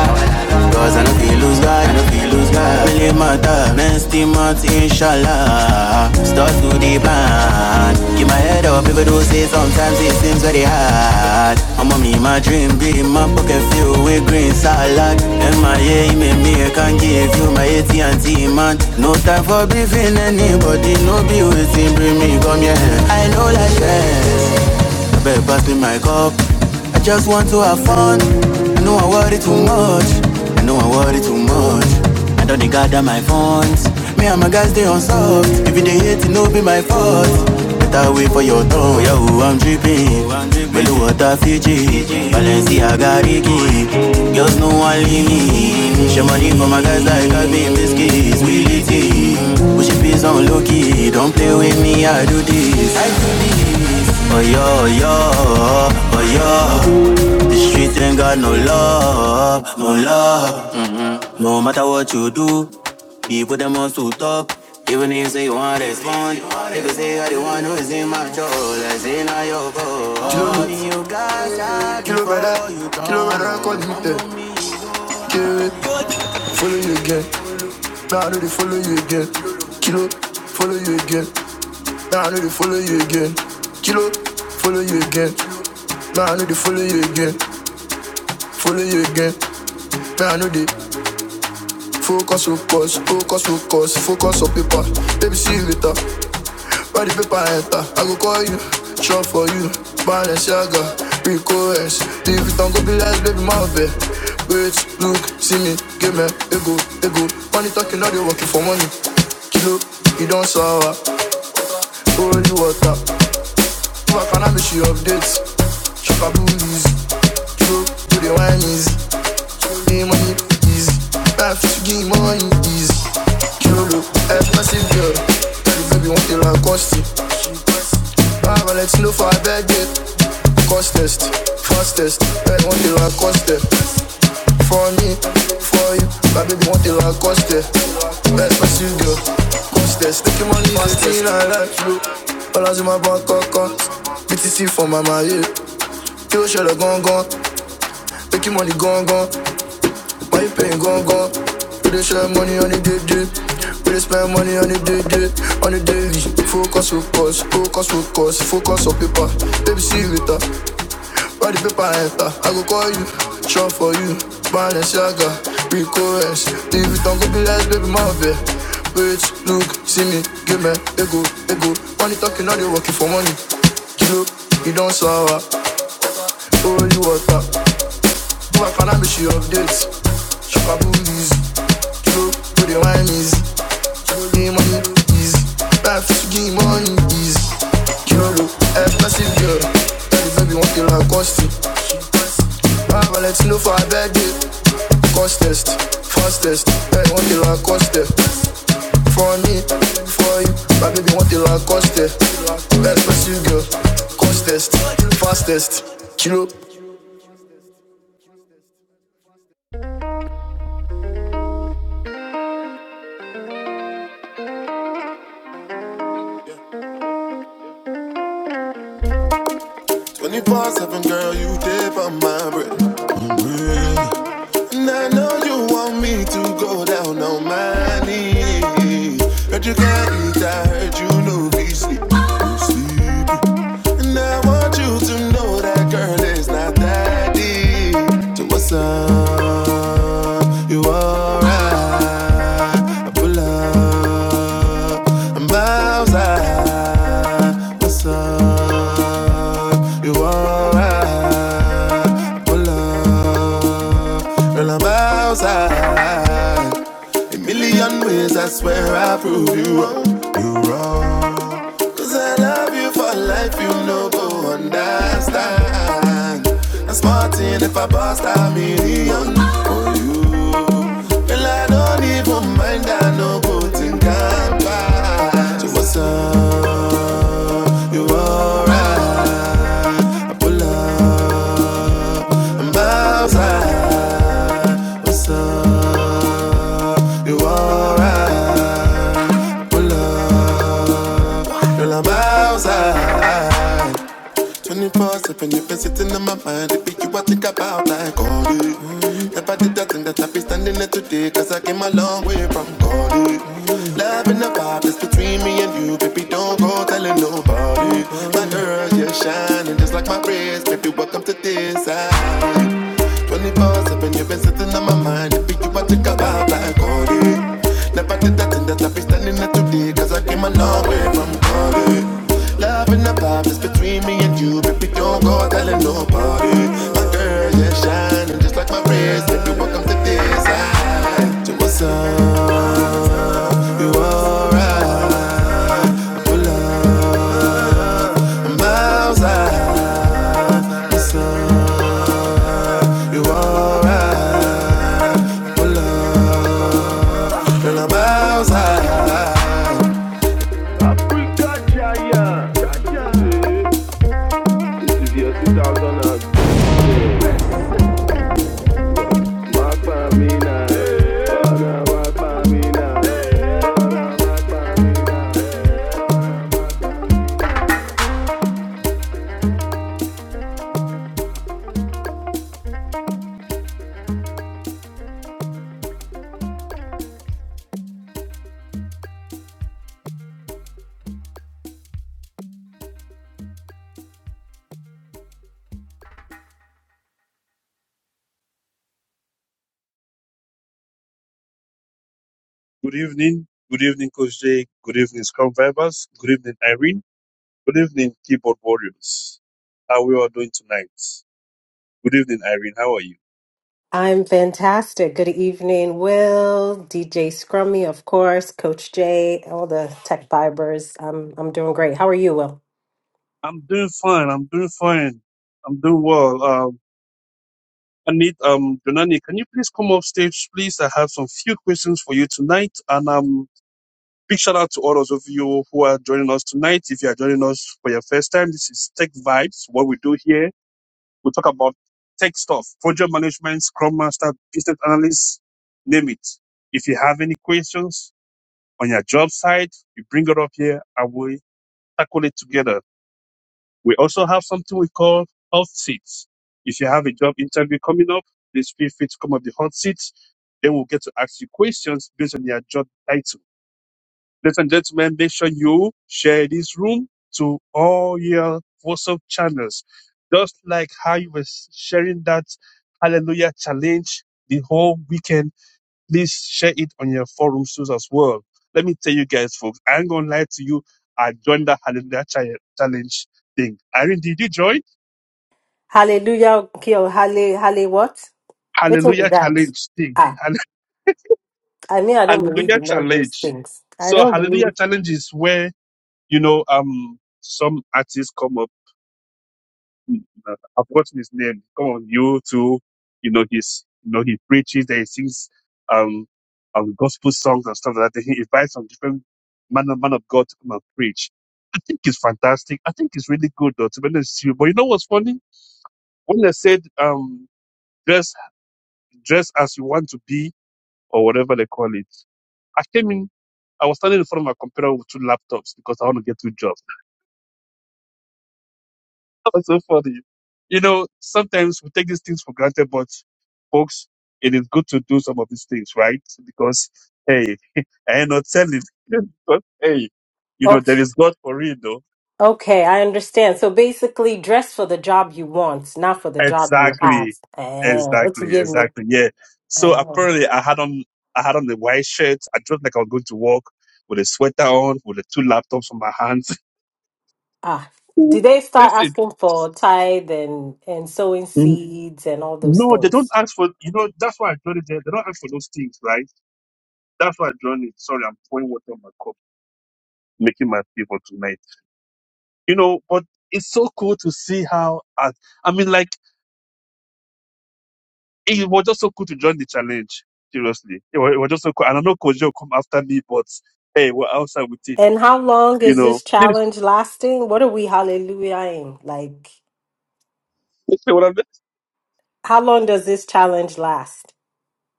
cause I no feel lose God, I no feel lose God. Really matter, next month, inshallah. Start to demand. Keep my head up, people do say sometimes it seems very hard. I'm on me, my dream be my pocket filled with green salad. MIA, me, me, I can give you my AT&T, man. No time for briefing anybody, no beauty, bring me, come here. I know like this. I better pass me my cup. I just want to have fun. I know I worry too much. I know I worry too much. I don't dey gather my funds. Me and my guys they on soft. If they hate, it no be my fault. Better wait for your turn. Yo, I'm dripping. Melu water Fiji. Balenciaga Ricky. Girls no one leave me. Share money for my guys like I been biscuits. Willie T. Push your peace on low key. Don't play with me, I do this. I do this. Oh yo, yo, oh yo. The streets ain't got no love, no love. Mm. No matter what you do, people them on to talk. Even if say you want to respond, they go say I the one who is in my control. I say now your fault. You got that, Kill a you, kill a brother, call him dead. Where you get? Now I know they follow you again. Kilo, follow you again. Now I know they follow you again. Kilo, follow you again. Now I know they follow you again. Follow you again. Now I know they focus, focus, focus, focus, focus on paper. Baby, see you later. Body paper enter, I go call you, shop for you, Balenciaga, Rico S. Leave it not go be last, baby, my bed. Wait, look, see me, give me, ego, ego. Money talking, now they working for money. Kilo, you don't sour, holy water. Fuck and I be she updates. She for bullies. True, to the wine is. Give me money, please. Life to give me money, please. Jolo, expensive girl. You baby want the Lacoste. Ah, but let's know for a bad day. Cost test, fastest. I want the Lacoste. For me, for you, my baby want it like coste. Expensive girl, coste. Taking money, coste. I like you. Balance in my bank account. BTC for my marriage. You share the gone gone. Taking money gone gone. Why you paying gone gone? We dey share money on the day day. We dey spend money on the day day, on the daily. Focus, focus, focus, focus, focus on paper. Baby, see you later. All the paper enter, I go call you, shop for you, Balenciaga, Rico S, Louis Vuitton, go be less, baby, my bear. Wait, look, see me, give me, ego, ego. Money talking, now they working for money. You look, you don't sour, oh, you water. Go and find out if she updates. Shop her boobies. Kilo, where the wine is. Kilo, game money is. Life is game money is. Kilo, expensive girl. Tell the baby one like cost it. Buy wallet, no for a birthday. Cost test, fastest. Hey, one kilo cost it. For me, for you. My baby want the Lancaster. Expensive girl. Cost test, fastest. Kilo, 24 7, girl, you dip on my bread. And I know you want me to go down on my knees. Heard you can't eat, I heard you know be sleep. Sleep. And I want you to know that girl is not that deep. So what's up? You alright? I pull up and bows out. What's up? You alright? Hola, girl, I'm outside. A million ways, I swear I prove you wrong. You wrong. Cause I love you for life, you no go understand. I'm smarting if I bust a million. Girl, I don't even mind, I no go think I'm fine. So what's up, you alright? Hola, I'm outside. What's up, you alright? Hola, girl, I'm outside. 24 7, you've been sitting in my mind. It be you I think about like all day. Never did that thing that you did all day. Love is between me and you, baby. Don't go telling nobody. My girl, you're shining just like this, baby. Welcome to this side. 24 7, you've been sitting in my mind. It be you I think about like all day. Never did, cause I came a long way from calling. Loving about me and you, baby, don't go telling nobody. My girl, you're shining just like my wrist, baby, welcome to this. So what's up? You alright? I Pull up. I'm outside. What's up? You alright? I Pull up. Girl, I'm outside. Good evening. Good evening, Coach Jay. Good evening, Scrum Vibers. Good evening, Irene. Good evening, Keyboard Warriors. How we all doing tonight? Good evening, Irene. How are you? I'm fantastic. Good evening, Will, DJ Scrummy, of course, Coach Jay, all the tech fibers. I'm I'm doing great. How are you, Will? I'm doing fine. I'm doing fine. I'm doing well. Um, I need um Jonani, can you please come off stage, please? I have some few questions for you tonight. And um big shout out to all those of you who are joining us tonight. If you are joining us for your first time, this is Tech Vibes, what we do here We talk about tech stuff, project management, scrum master, business analyst, name it. If you have any questions on your job site, you bring it up here and we tackle it together. We also have something we call hot seats. If you have a job interview coming up, please feel free to come up the hot seat. They will get to ask you questions based on your job title Ladies and gentlemen, make sure you share this room to all your WhatsApp channels. Just like how you were sharing that Hallelujah challenge the whole weekend, please share it on your forum shows as well. Let me tell you guys, folks, I ain't gonna lie to you. I joined the Hallelujah Chi- challenge thing. Irene, did you join? Hallelujah, Kyo, halle, halle, what? Which one is Hallelujah that? challenge thing. Ah, Hall- (laughs) I mean, I don't believe Hallelujah in all those challenge. things. I So don't Hallelujah believe. challenge is where, you know, um, some artists come up uh, I've forgotten his name. Come on, you too. You know, he's, you know, he preaches and he sings, um, um, gospel songs and stuff like that. He invites some different man, man of God to come and preach. I think it's fantastic. I think it's really good though, to be honest with you. But you know what's funny? When I said, um, dress, dress as you want to be or whatever they call it, I came in, I was standing in front of my computer with two laptops because I want to get two jobs. (laughs) was so funny. You know, sometimes we take these things for granted, but folks, it is good to do some of these things, right? Because hey, (laughs) I am not telling. (laughs) but hey, you know, there Okay, is God for real though. okay, I understand. So basically, dress for the job you want, not for the job you have. Exactly. Eh, okay, Exactly. yeah, Exactly. Yeah. So me. apparently I had on I had on the white shirt. I dressed like I was going to work with a sweater on, with the two laptops on my hands. Ah, did they (laughs) start Listen. asking for tithe and and sowing Mm, seeds and all those No, they don't things? ask for you know, that's why I told you they, they don't ask for those things, right? That's why I drawn it. Sorry, I'm pouring water on my cup, making my tea for tonight. You know, but it's so cool to see how, I, I mean, like, it was just so cool to join the challenge. Seriously. It was, it was just so cool. And I know Koji will come after me, but hey, we're outside with it. And how long You is know, this Yes, challenge lasting? What are we hallelujahing? Like, yes, what I'm- how long does this challenge last?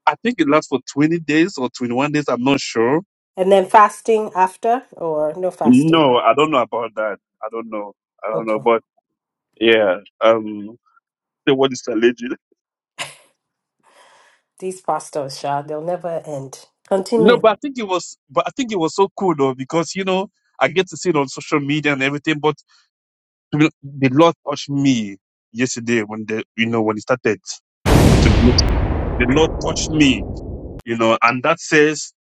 I think it lasts for 20 days or 21 days. I'm not sure. And then fasting after, or no fasting? No, I don't know about that. I don't know. I don't know. Okay, But yeah, um, say what is challenge? these pastors, Shah, they'll never end. No, Continue. but I think it was, but I think it was so cool though because you know I get to see it on social media and everything. But to be, the Lord touched me yesterday when the you know when it started. To be, honest, the Lord touched me, you know, and that says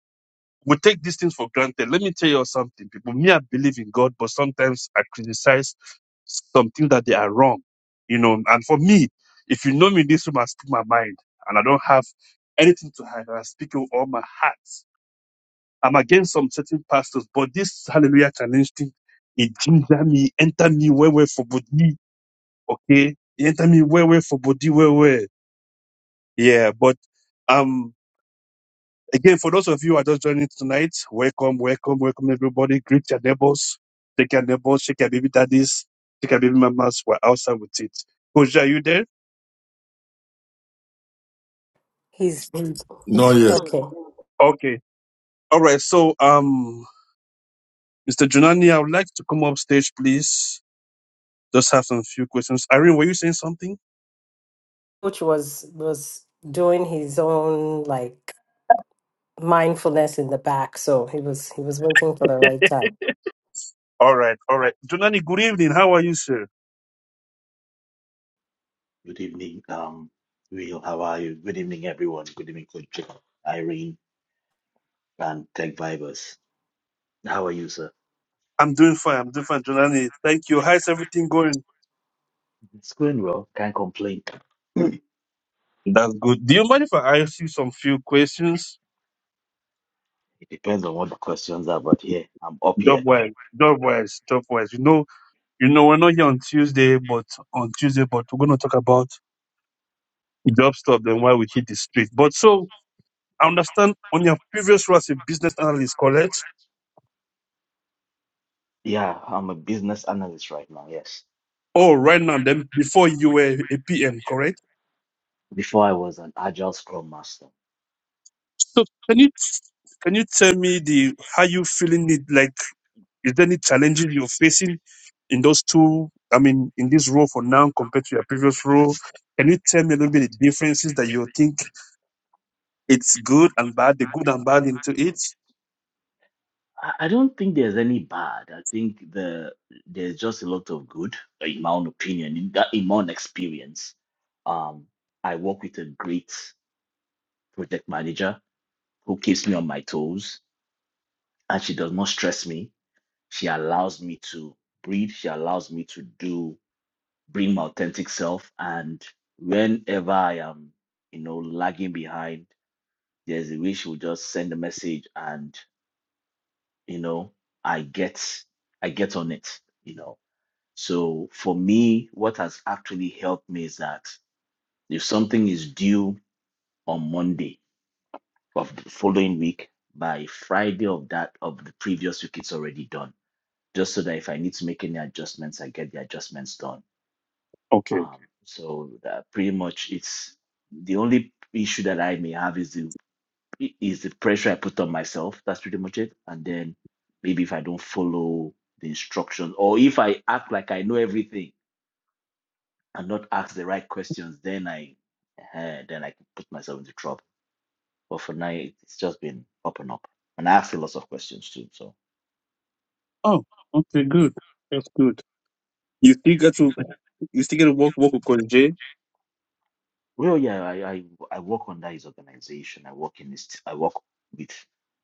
we take these things for granted. Let me tell you something, people. Me, I believe in God, but sometimes I criticize something that they are wrong, you know. And for me, if you know me, this room, I speak my mind, and I don't have anything to hide. and I speak with all my heart I'm against some certain pastors, but this hallelujah challenge thing, it ginger me, enter me where where for body, okay? It enter me where where for body, where where. Yeah, but um again for those of you who are just joining tonight, welcome, welcome, welcome everybody. Greet your neighbors, take your neighbors, shake your baby daddies, shake your baby mamas, we're outside with it. Coach, are you there? He's he's Not he's- yet. okay. Okay. All right, so um Mr. Junani, I would like to come up stage, please. Just have some few questions. Irene, were you saying something? Coach was was doing his own like mindfulness in the back, so he was he was waiting for the right time. All right, all right. Jonani, good evening. How are you, sir? Good evening, um, Will. How are you? Good evening, everyone. Good evening, Coach Irene and Tech Vibers. How are you, sir? I'm doing fine. I'm doing fine, Jonani. Thank you. How's everything going? It's going well. Can't complain. That's good. Do you mind if I ask you some few questions? It depends on what the questions are, but here I'm up Job here. wise, job wise, job wise. You know, you know, we're not here on Tuesday, but on Tuesday, but we're gonna talk about job stuff and why we hit the street. But so I understand on your previous role as a business analyst, correct? Yeah, I'm a business analyst right now. Yes. Oh, right now, then before you were a PM, correct? Before I was an agile scrum master. So can you can you tell me the how you feeling it like? Is there any challenges you're facing in those two? I mean, in this role for now compared to your previous role? Can you tell me a little bit the differences that you think it's good and bad, the good and bad into it? I I don't think there's any bad. I think the there's just a lot of good, uh, in my own opinion, in, that- in my own experience. Um, I work with a great project manager who keeps me on my toes and she does not stress me. She allows me to breathe. She allows me to do, bring my authentic self. And whenever I am, you know, lagging behind, there's a way she will just send a message, and you know, I get, I get on it. You know, so for me, what has actually helped me is that if something is due on Monday of the following week, by Friday of that of the previous week, it's already done just so that if I need to make any adjustments, I get the adjustments done. Okay. Um, so that pretty much it's the only issue that I may have is the is the pressure I put on myself. That's pretty much it. And then maybe if I don't follow the instructions or if I act like I know everything and not ask the right questions, then I uh, then I can put myself into trouble. But for now, it- it's just been up and up. And I asked a lot of questions too. So. Oh, okay, good. That's good. You still get to you still get to work work with Coach Jay? Well, yeah, I, I I work under his organization. I work in his, t- I work with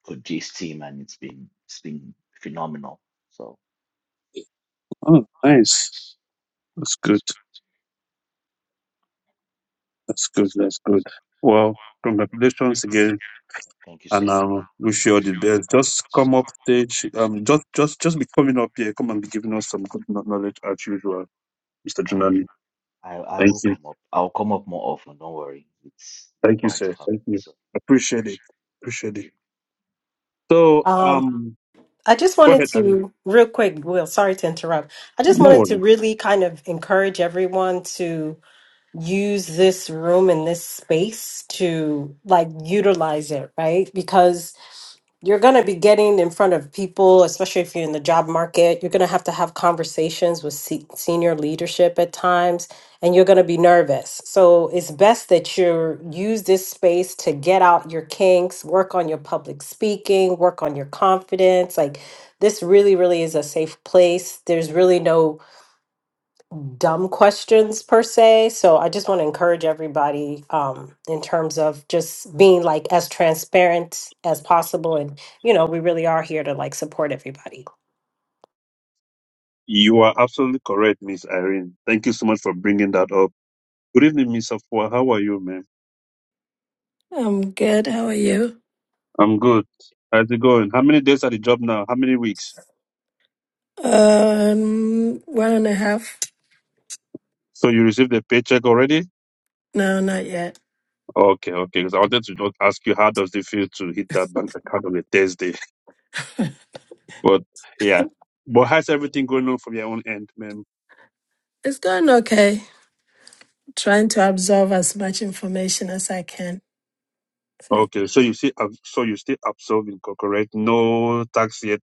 Koji's team, and it's been it's been phenomenal. So Oh, nice. That's good. That's good. That's good. yeah, Well, congratulations again, thank you, sir. and um, wish you all the best. Just come up stage. Um, just just just be coming up here. Come and be giving us some good kno- knowledge as usual. Mr. I Junani. I, I Thank will you. come up. I'll come up more often. Don't worry. It's it's Thank you, bound to sir. Thank happen. you. So Appreciate it. Appreciate thank it. you. So, Um, um, I just go wanted ahead, Irene. to, real quick, Will, sorry to interrupt. I just No wanted to worry. really kind of encourage everyone to use this room and this space to like utilize it, right? Because you're going to be getting in front of people, especially if you're in the job market. You're going to have to have conversations with se- senior leadership at times, and you're going to be nervous. So it's best that you use this space to get out your kinks, work on your public speaking, work on your confidence. Like this really, really is a safe place. There's really no dumb questions per se. So I just want to encourage everybody um, in terms of just being like as transparent as possible. And, you know, we really are here to like support everybody. You are absolutely correct, Miss Irene. Thank you so much for bringing that up. Good evening, Miss Afua. How are you, man? I'm good. How are you? I'm good. How's it going? How many days at the job now? How many weeks? Um, one and a half. So you received the paycheck already? No, not yet. Okay, okay. Because I wanted to just ask you how does it feel to hit that bank account on a Thursday? (laughs) But yeah. But how's everything going on from your own end, man? It's going okay. Trying to absorb as much information as I can. So, Okay, so you see, so you still absolving, co- correct? No tax yet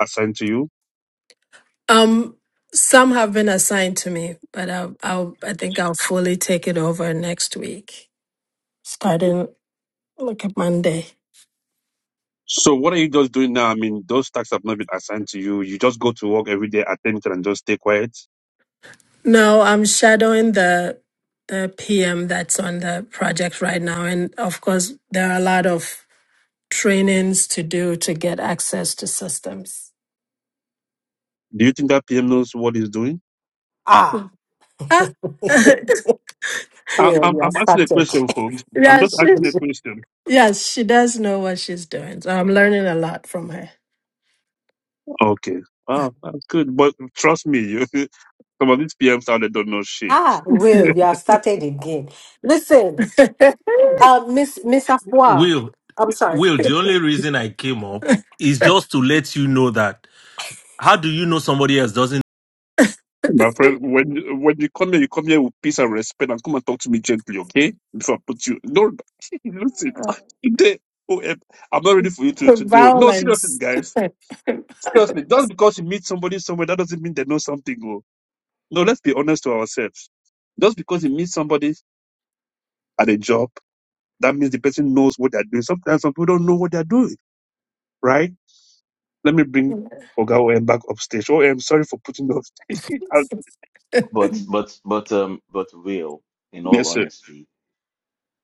assigned to you. um, some have been assigned to me, but I'll, I'll, I think I'll fully take it over next week, starting like a Monday. So what are you just doing now? I mean, those tax have not been assigned to you. You just go to work every day, attend it, and just stay quiet. No, I'm shadowing the the PM that's on the project right now, and of course, there are a lot of trainings to do to get access to systems. Do you think that PM knows what he's doing? Ah, (laughs) Ah, (laughs) I, Will, I'm, you I'm have asking a started. question, folks. I'm yeah, just she, asking a (laughs) question. yes, she does know what she's doing. So I'm learning a lot from her. Okay. Wow, that's good. But trust me, you. (laughs) Some of these PMs out there don't know shit. ah, (laughs) Will, you have started again. Listen, (laughs) uh, Miss Miss Afua, Will, I'm sorry, Will, the only reason I came up is just to let you know that. How do you know somebody else doesn't? My friend, when you- when you come here, you come here with peace and respect, and come and talk to me gently, okay? Before I put you. No, (laughs) listen. Today, oh, eh, I'm not ready for you to to deal. No, seriously, Violence. guys. Seriously, just because you meet somebody somewhere, that doesn't mean they know something. Oh. No, let's be honest to ourselves. Just because you meet somebody at a job, that means the person knows what they're doing. Sometimes some people don't know what they're doing, right? Let me (laughs) bring Oga OM back upstage. Oh, I'm sorry for putting you upstage. (laughs) Uh, But but but um but real, in all yes, sir. honesty,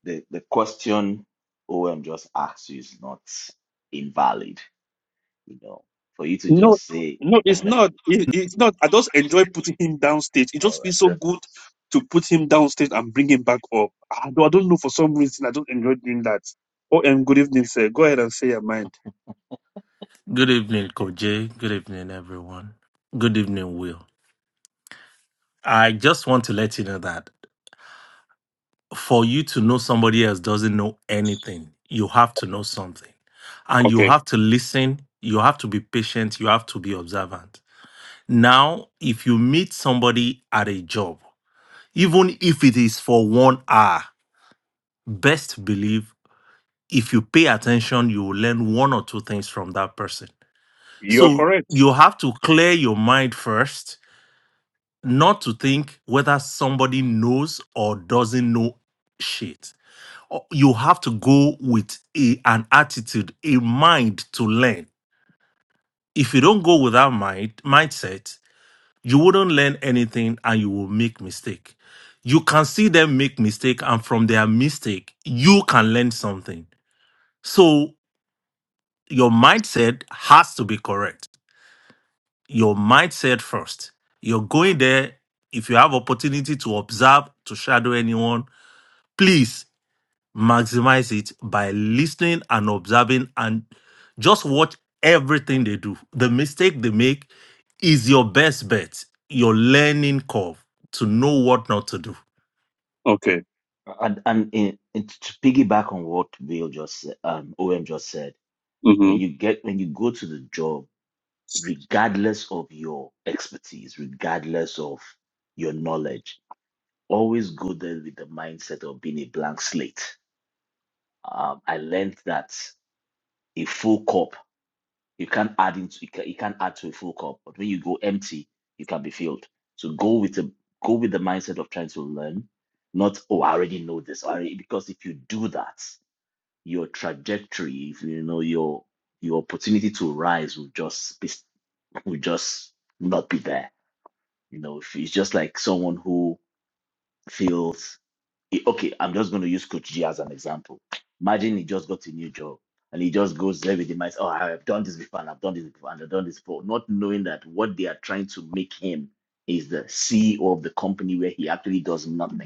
the the question OM just asked you is not invalid. You know, for you to No, just say, no, (laughs) it's all not. It, it's not. I just enjoy putting him downstage. It just feels so right, good to put him downstage and bring him back up. I don't, I don't know. For some reason, I don't enjoy doing that. OM, good evening, sir. Go ahead and say your mind. Good evening, Koje. Good evening, everyone. Good evening, Will. I just want to let you know that for you to know somebody else doesn't know anything, you have to know something. And you Okay. have to listen, you have to be patient, you have to be observant. Now, if you meet somebody at a job, even if it is for one hour, best believe if you pay attention, you will learn one or two things from that person. You are So correct. you have to clear your mind first, not to think whether somebody knows or doesn't know shit. Or You have to go with a, an attitude, a mind to learn. If you don't go with that mind mindset, you wouldn't learn anything and you will make mistake. You can see them make mistake and from their mistake, you can learn something. So. your mindset has to be correct. Your mindset first. You're going there. If you have opportunity to observe, to shadow anyone, please maximize it by listening and observing and just watch everything they do. The mistake they make is your best bet, your learning curve to know what not to do. Okay. And and in, in, to piggyback on what Bill just said, um, OM just said, hmm when you get when you go to the job, regardless of your expertise, regardless of your knowledge, always go there with the mindset of being a blank slate. Um, I learned that a full cup you can't add into you, can, you can't add to a full cup, but when you go empty, you can be filled. So go with a go with the mindset of trying to learn, not oh I already know this. I already, because if you do that your trajectory, if you know your your opportunity to rise will just be will just not be there. You know, if it's just like someone who feels eh, okay, I'm just going to use Coach G as an example. Imagine he just got a new job and he just goes there with the mindset, oh, I've done this before and I've done this before and I've done this before, not knowing that what they are trying to make him is the CEO of the company where he actually does nothing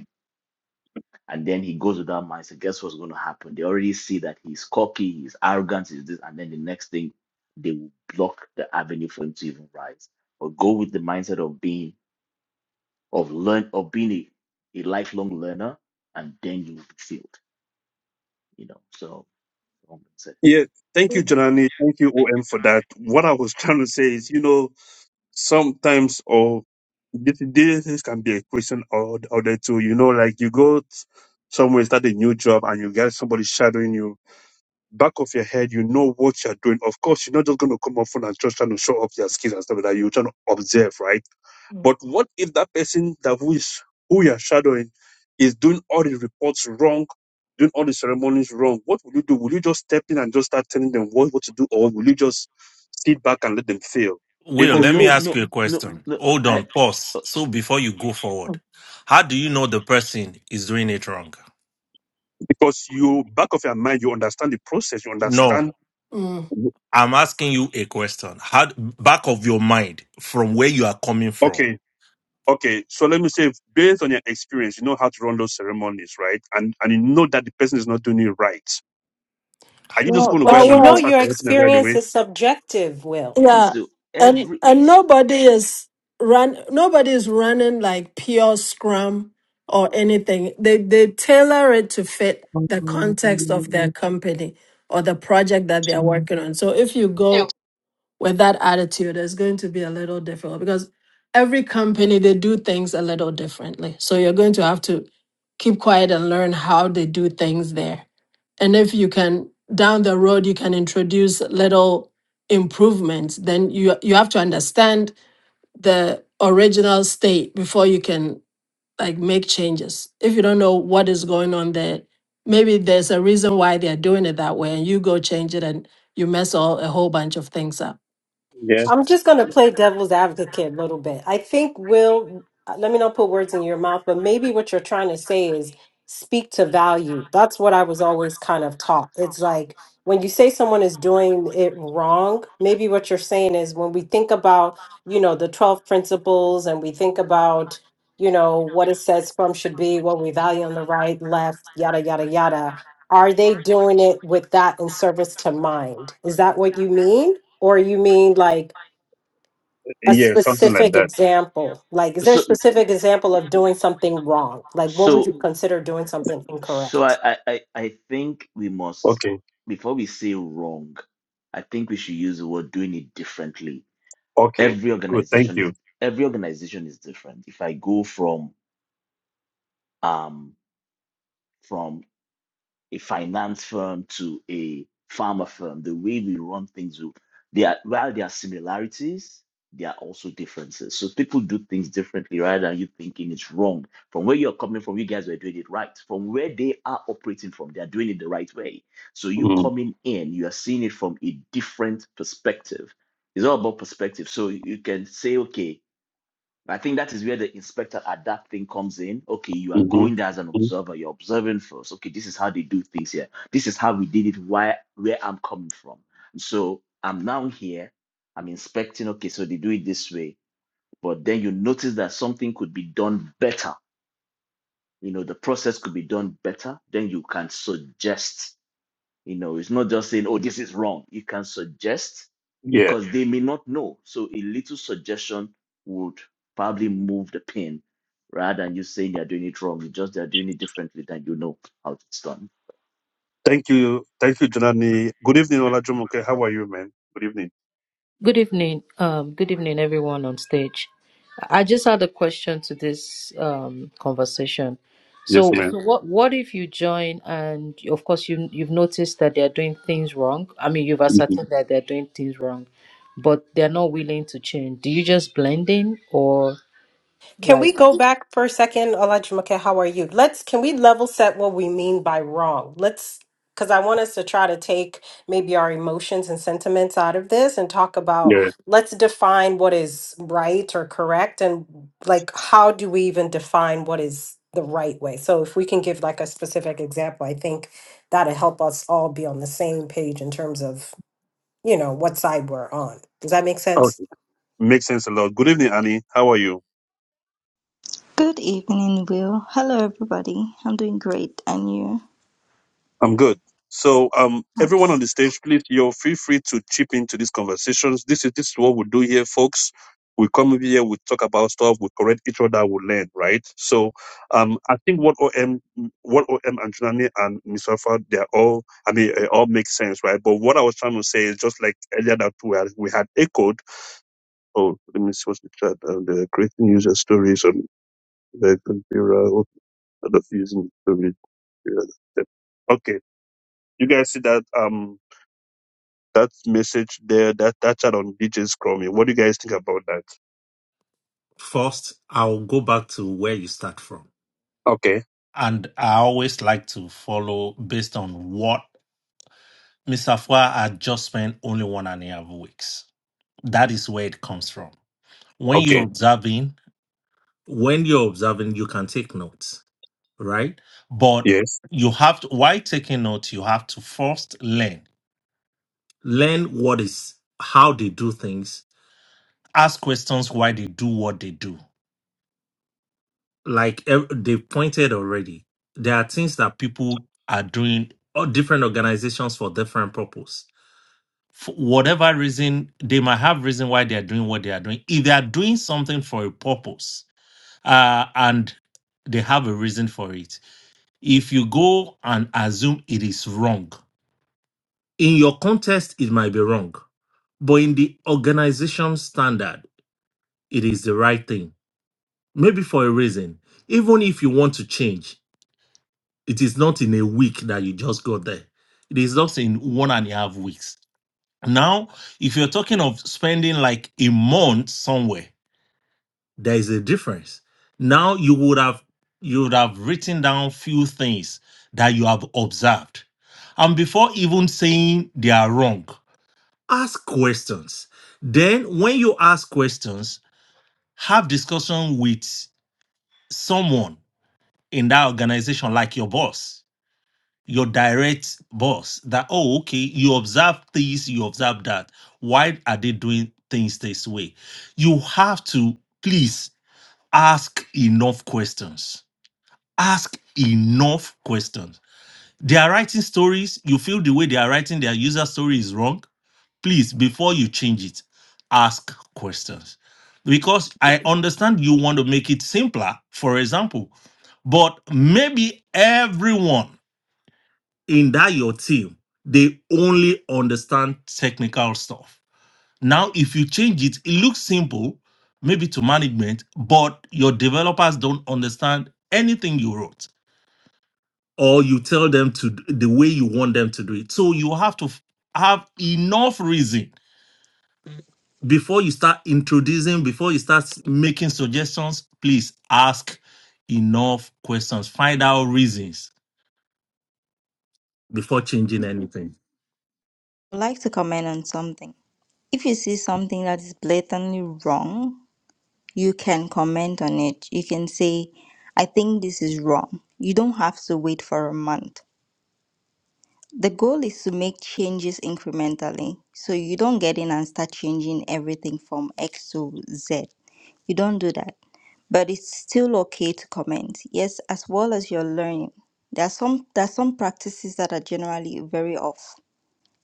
and then he goes with that mindset. Guess what's going to happen? They already see that he's cocky, he's arrogant, he's this, and then the next thing they will block the avenue for him to even rise. But go with the mindset of being of learn of being a, a lifelong learner, and then you will be filled. You know. So um, said, Yeah. Thank you, Janani. Thank you, OM, for that. What I was (laughs) trying to say is, you know, sometimes or this, this can be a question or or the two. You know, like you go t- somewhere, start a new job, and you get somebody shadowing you. Back of your head, you know what you're doing. Of course, you're not just going to come up front and just trying to show off your skills and stuff like that. You're trying to observe, right? Mm. But what if that person that who is who you're shadowing is doing all the reports wrong, doing all the ceremonies wrong? What will you do? Will you just step in and just start telling them what, what to do, or will you just sit back and let them fail? If Will, they oh let me no, fail, ask no, you a no, question. no. Hold I, on, pause. So before you go forward, how do you know the person is doing it wrong? because you back of your mind you understand the process you No. understand Mm. I'm asking you a question. How back of your mind from where you are coming from? okay okay so let me say based on your experience you know how to run those ceremonies right and and you know that the person is not doing it right are you just No, going to go but but ahead you and know just well, start your correcting it right experience away is subjective, Will. okay, Yeah, so and every and nobody is run. Nobody is running like pure Scrum or anything. They they tailor it to fit the context of their company or the project that they are working on. So if you go with that attitude is going to be a little difficult because every company they do things a little differently. So you're going to have to keep quiet and learn how they do things there. And if you can down the road you can introduce little improvements, then you you have to understand the original state before you can like make changes. If you don't know what is going on there, maybe there's a reason why they're doing it that way and you go change it and you mess all a whole bunch of things up. yeah I'm just going to play devil's advocate a little bit. I think Will, let me not put words in your mouth, but maybe what you're trying to say is speak to value. That's what I was always kind of taught. It's like when you say someone is doing it wrong, maybe what you're saying is when we think about, you know, the 12 principles and we think about, you know, what it says from should be, what we value on the right, left, yada, yada, yada. Are they doing it with that in service to mind? Is that what you mean? Or you mean like, a yeah something like specific that example like is there a So specific example of doing something wrong like what would you so consider doing something so incorrect I, I I I think we must okay before we say wrong, I think we should use the word doing it differently. okay Every good thank organization is you every organization is different. If I go from um from. a finance firm to a pharma firm, the way we run things, will- they are, while there are similarities, there are also differences. So people do things differently rather than you thinking it's wrong. From where you're coming from, you guys were doing it right. From where they are operating from, they are doing it the right way. So you mm, coming in, you are seeing it from a different perspective. It's all about perspective. So you can say, okay, I think that is where the inspector adapt thing comes in. Okay, you are hmm going there as an observer. You're observing first. Okay, this is how they do things here. This is how we did it. Where where I'm coming from. So I'm now here. I'm inspecting. Okay, so they do it this way. But then you notice that something could be done better. You know, the process could be done better. Then you can suggest you know, it's not just saying, oh, this is wrong. You can suggest yeah because they may not know. So a little suggestion would probably move the pin rather than you saying they're doing it wrong. It's just they're doing it differently than you know how it's done. thank you thank you Janani. good evening Olajumoke. how are you man good evening Good evening. Um, good evening, everyone on stage. I just had a question to this um, conversation. So, yes man so what what if you join and of course you you've noticed that they're doing things wrong? I mean, you've hmm ascertained that they're doing things wrong, but they're not willing to change. Do you just blend in or Can we like? go back for a second, Olajumoke? How are you? Let's can we level set what we mean by wrong? Let's because I want us to try to take maybe our emotions and sentiments out of this and talk about yeah let's define what is right or correct and like how do we even define what is the right way? So if we can give like a specific example, I think that'll help us all be on the same page in terms of you know what side we're on. Does that make sense? okay makes sense a lot good evening annie how are you Good evening, Will. Hello, everybody. I'm doing great, and you? I'm good. So, um, everyone Nice. on the stage, please, you're feel free to chip into these conversations. This is this is what we do here, folks. We come over here, we talk about stuff, we correct each other, we learn, right? So, um, I think what OM, what OM and Junani and Miss Alpha, they're all, I mean, it all makes sense, right? But what I was trying to say is just like earlier that we had, we had echoed. Oh, let me see what's the chat. Uh, the creating user stories on the computer, other using stories. Okay, you guys see that? Um, that message there, that that chat on DJ Scrummy. What do you guys think about that? First, I'll go back to where you start from. Okay. And I always like to follow based on what Mr. Fua had just spent only one and a half weeks. That is where it comes from. When you're Okay. observing, When you're observing, you can take notes, right? but Yes. you have to while taking notes, you have to first learn. Learn what is how they do things ask questions why they do what they do. Like ev- they pointed already, there are things that people are doing or different organizations for different purpose. For whatever reason, they might have reason why they are doing what they are doing. If they are doing something for a purpose, uh, and they have a reason for it. If you go and assume it is wrong, in your context, it might be wrong, but in the organization standard, it is the right thing maybe for a reason. Even if you want to change, it is not in a week that you just got there. It is not in one and a half weeks. Now, if you're talking of spending like a month somewhere, there is a difference. Now you would have you would have written down few things that you have observed. And before even saying they are wrong, ask questions. Then when you ask questions, have discussion with someone in that organization, like your boss, your direct boss, that, oh, okay, you observe this, you observe that. Why are they doing things this way? You have to please ask enough questions. Ask enough questions. They are writing stories. You feel the way they are writing their user story is wrong please before you change it ask questions because i understand you want to make it simpler for example but maybe everyone in that your team they only understand technical stuff now if you change it it looks simple maybe to management but your developers don't understand anything you wrote or you tell them to d- the way you want them to do it so you have to f- have enough reason before you start introducing, before you start making suggestions, please ask enough questions. Find out reasons before changing anything. I'd like to comment on something. If you see something that is blatantly wrong, you can comment on it. You can say, I think this is wrong. You don't have to wait for a month. The goal is to make changes incrementally. So you don't get in and start changing everything from X to Z. You don't do that but it's still okay to comment. Yes, as well as your learning. There are some there are some practices that are generally very off.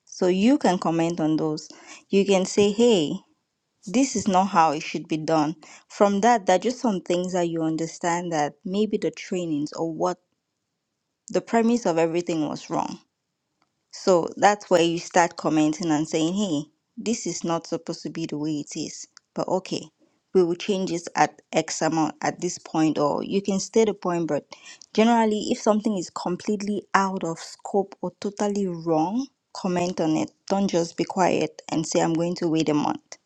So you can comment on those. You can say, hey, this is not how it should be done. From that, there are just some things that you understand that maybe the trainings or what the premise of everything was wrong so that's where you start commenting and saying, hey, this is not supposed to be the way it is, but okay, we will change it at X amount at this point, or you can stay the point. But generally, if something is completely out of scope or totally wrong, comment on it. Don't just be quiet and say, I'm going to wait a month.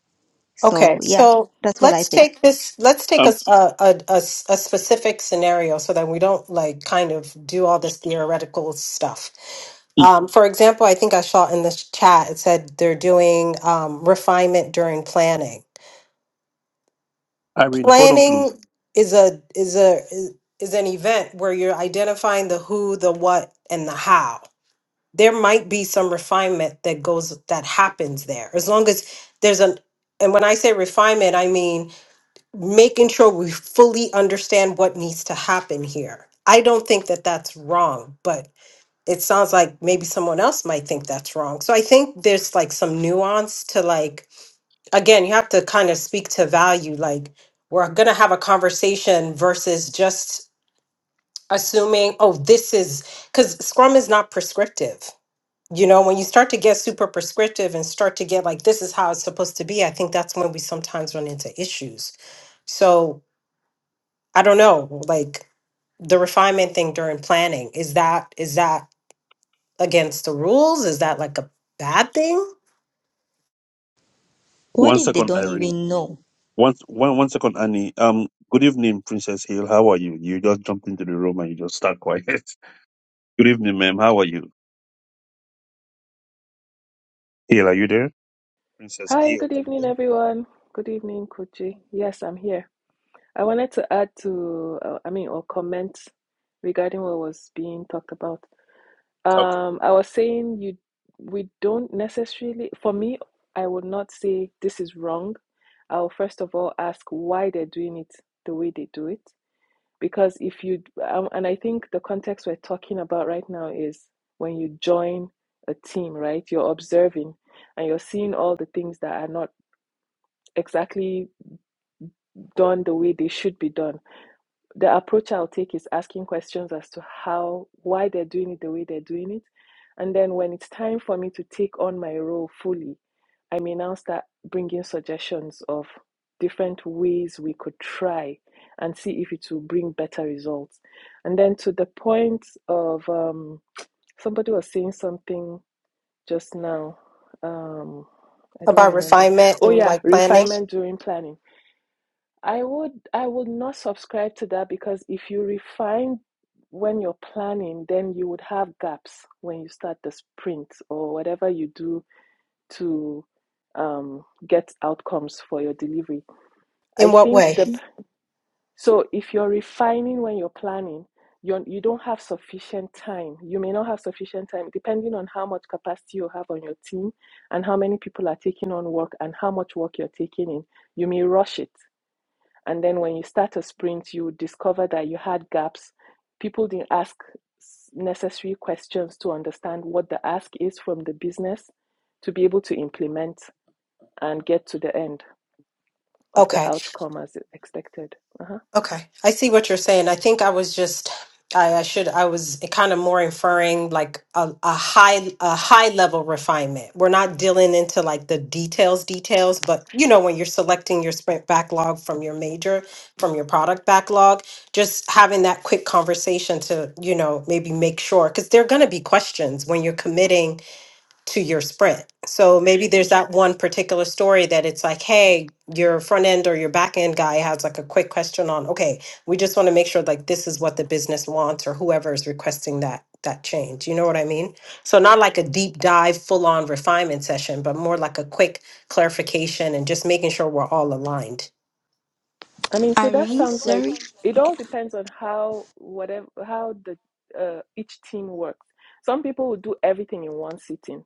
Okay, So, yeah, so that's what I let's think. take this, let's take a, Um, s- a, a- a s- a specific scenario so that we don't like kind of do all this theoretical stuff. I- Um, for example, I think I saw in the chat, it said they're doing um, refinement during planning. Irene, hold on, please. Planning is a is a is is an event where you're identifying the who, the what, and the how. There might be some refinement that goes that happens there, as long as there's an. And when I say refinement, I mean making sure we fully understand what needs to happen here. I don't think that that's wrong, but it sounds like maybe someone else might think that's wrong. So I think there's like some nuance to like, again, you have to kind of speak to value. Like, we're going to have a conversation versus just assuming, oh, this is because Scrum is not prescriptive. You know, when you start to get super prescriptive and start to get like, this is how it's supposed to be, I think that's when we sometimes run into issues. So I don't know, like the refinement thing during planning, is that is that against the rules? Is that like a bad thing? What One if they second, don't Irene. even know? One, one, one second, Annie. Um, good evening, Princess Hale. How are you? You just jumped into the room and you just start quiet. (laughs) good evening, ma'am. How are you? Hale, are you there? Princess Hi, Hale, good are you evening, there? everyone. Good evening, Kochi. Yes, I'm here. I wanted to add to, uh, I mean, or comment regarding what was being talked about. Okay. Um, I was saying you, we don't necessarily, for me, I would not say this is wrong. I'll first of all ask why they're doing it the way they do it. Because if you, um, and I think the context we're talking about right now is when you join a team, right? You're observing and you're seeing all the things that are not exactly done the way they should be done. The approach I'll take is asking questions as to how, why they're doing it the way they're doing it. And then when it's time for me to take on my role fully, I may now start bringing suggestions of different ways we could try and see if it will bring better results. And then to the point of um, somebody was saying something just now. Um, I don't About remember. refinement Oh, and yeah, like planning? refinement during planning. I would I would not subscribe to that because if you refine when you're planning, then you would have gaps when you start the sprint or whatever you do to um, get outcomes for your delivery. In I what think way? the so if you're refining when you're planning, you you don't have sufficient time. You may not have sufficient time depending on how much capacity you have on your team and how many people are taking on work and how much work you're taking in. You may rush it and then when you start a sprint, you discover that you had gaps. People didn't ask necessary questions to understand what the ask is from the business to be able to implement and get to the end of Okay. the outcome as expected. Uh-huh. Okay, I see what you're saying. I think I was just I, I should I was kind of more inferring like a, a high a high level refinement. We're not dealing into like the details details, but you know when you're selecting your sprint backlog from your major from your product backlog, just having that quick conversation to you know maybe make sure because there are going to be questions when you're committing to your spread. So maybe there's that one particular story that it's like, hey, your front end or your back end guy has like a quick question on, okay, we just want to make sure like this is what the business wants or whoever is requesting that that change. You know what I mean? So not like a deep dive full on refinement session, but more like a quick clarification and just making sure we're all aligned. I mean, so that Irene, sounds like sorry. it Okay. all depends on how whatever how the uh, each team works. Some people will do everything in one sitting,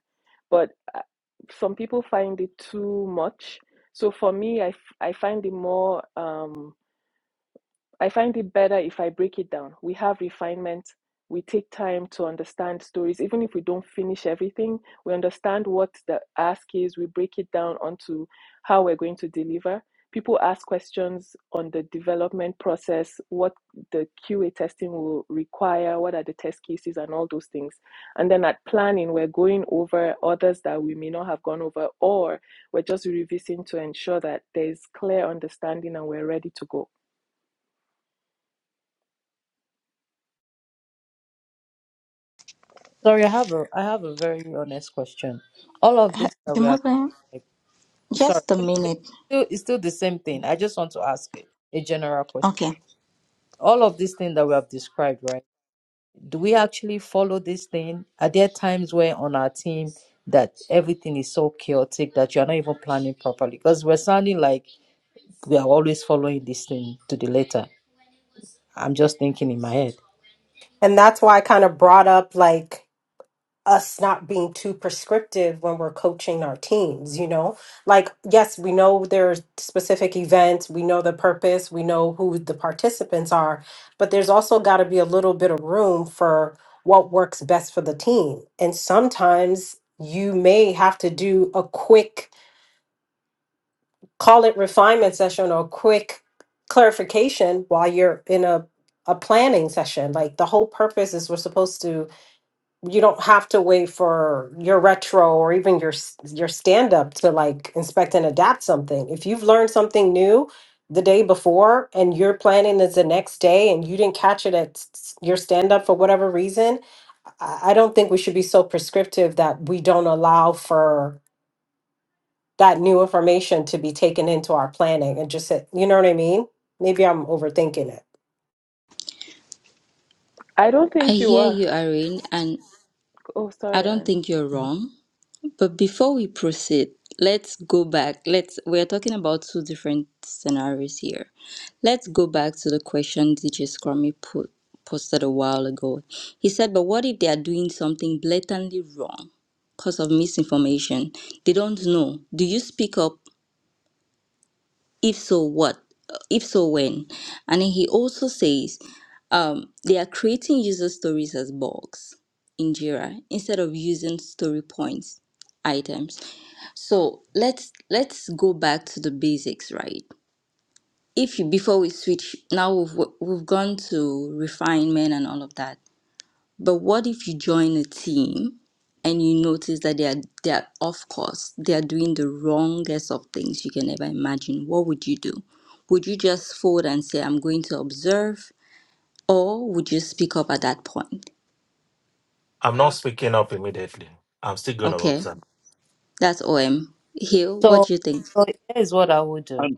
but uh, some people find it too much. So for me, I I find it more. Um, I find it better if I break it down. We have refinement. We take time to understand stories. Even if we don't finish everything, we understand what the ask is. We break it down onto how we're going to deliver. People ask questions on the development process, what the QA testing will require, what are the test cases, and all those things. And then at planning, we're going over others that we may not have gone over, or we're just revising to ensure that there's clear understanding and we're ready to go. Sorry, I have a I have a very honest question. All of Uh, this that we have, Jumoke, like, sorry, Just a no, no, no, it's minute. still it's still the same thing. I just want to ask it, a general question. Okay. all of these things that we have described, right? Do we actually follow this thing? Are there times where on our team that everything is so chaotic that you're not even planning properly? Because we're sounding like we are always following this thing to the letter. I'm just thinking in my head. And that's why I kind of brought up like us not being too prescriptive when we're coaching our teams, you know? Like, yes, we know there's specific events, we know the purpose, we know who the participants are, but there's also got to be a little bit of room for what works best for the team. And sometimes you may have to do a quick call it refinement session or quick clarification while you're in a, a planning session. Like the whole purpose is we're supposed to, you don't have to wait for your retro or even your, s- your stand up to like inspect and adapt something. If you've learned something new the day before and your planning is the next day and you didn't catch it at s- s- your stand up for whatever reason, I I don't think we should be so prescriptive that we don't allow for that new information to be taken into our planning and just say, you know what I mean? Maybe I'm overthinking it. I don't I think you hear are. you, Irene, and Oh, I sorry, don't Anne. think you're wrong. But before we proceed, let's go back. Let's we're talking about two different scenarios here. Let's go back to the question DJ Scrummy put posted a while ago. He said, But what if they are doing something blatantly wrong? Because of misinformation. They don't know. Do you speak up if so what if so when and then he also says um, they are creating user stories as bugs in jira instead of using story points items so let's let's go back to the basics right if you before we switch now we've, we've gone to refinement and all of that but what if you join a team and you notice that they are they are off course, they are doing the wrongest of things you can ever imagine? What would you do? Would you just fold and say, I'm going to observe, or would you speak up at that point? I'm not speaking up immediately. I'm still going to Okay, observe. that's OM. Hill, what So, do you think? so here's what I would do. And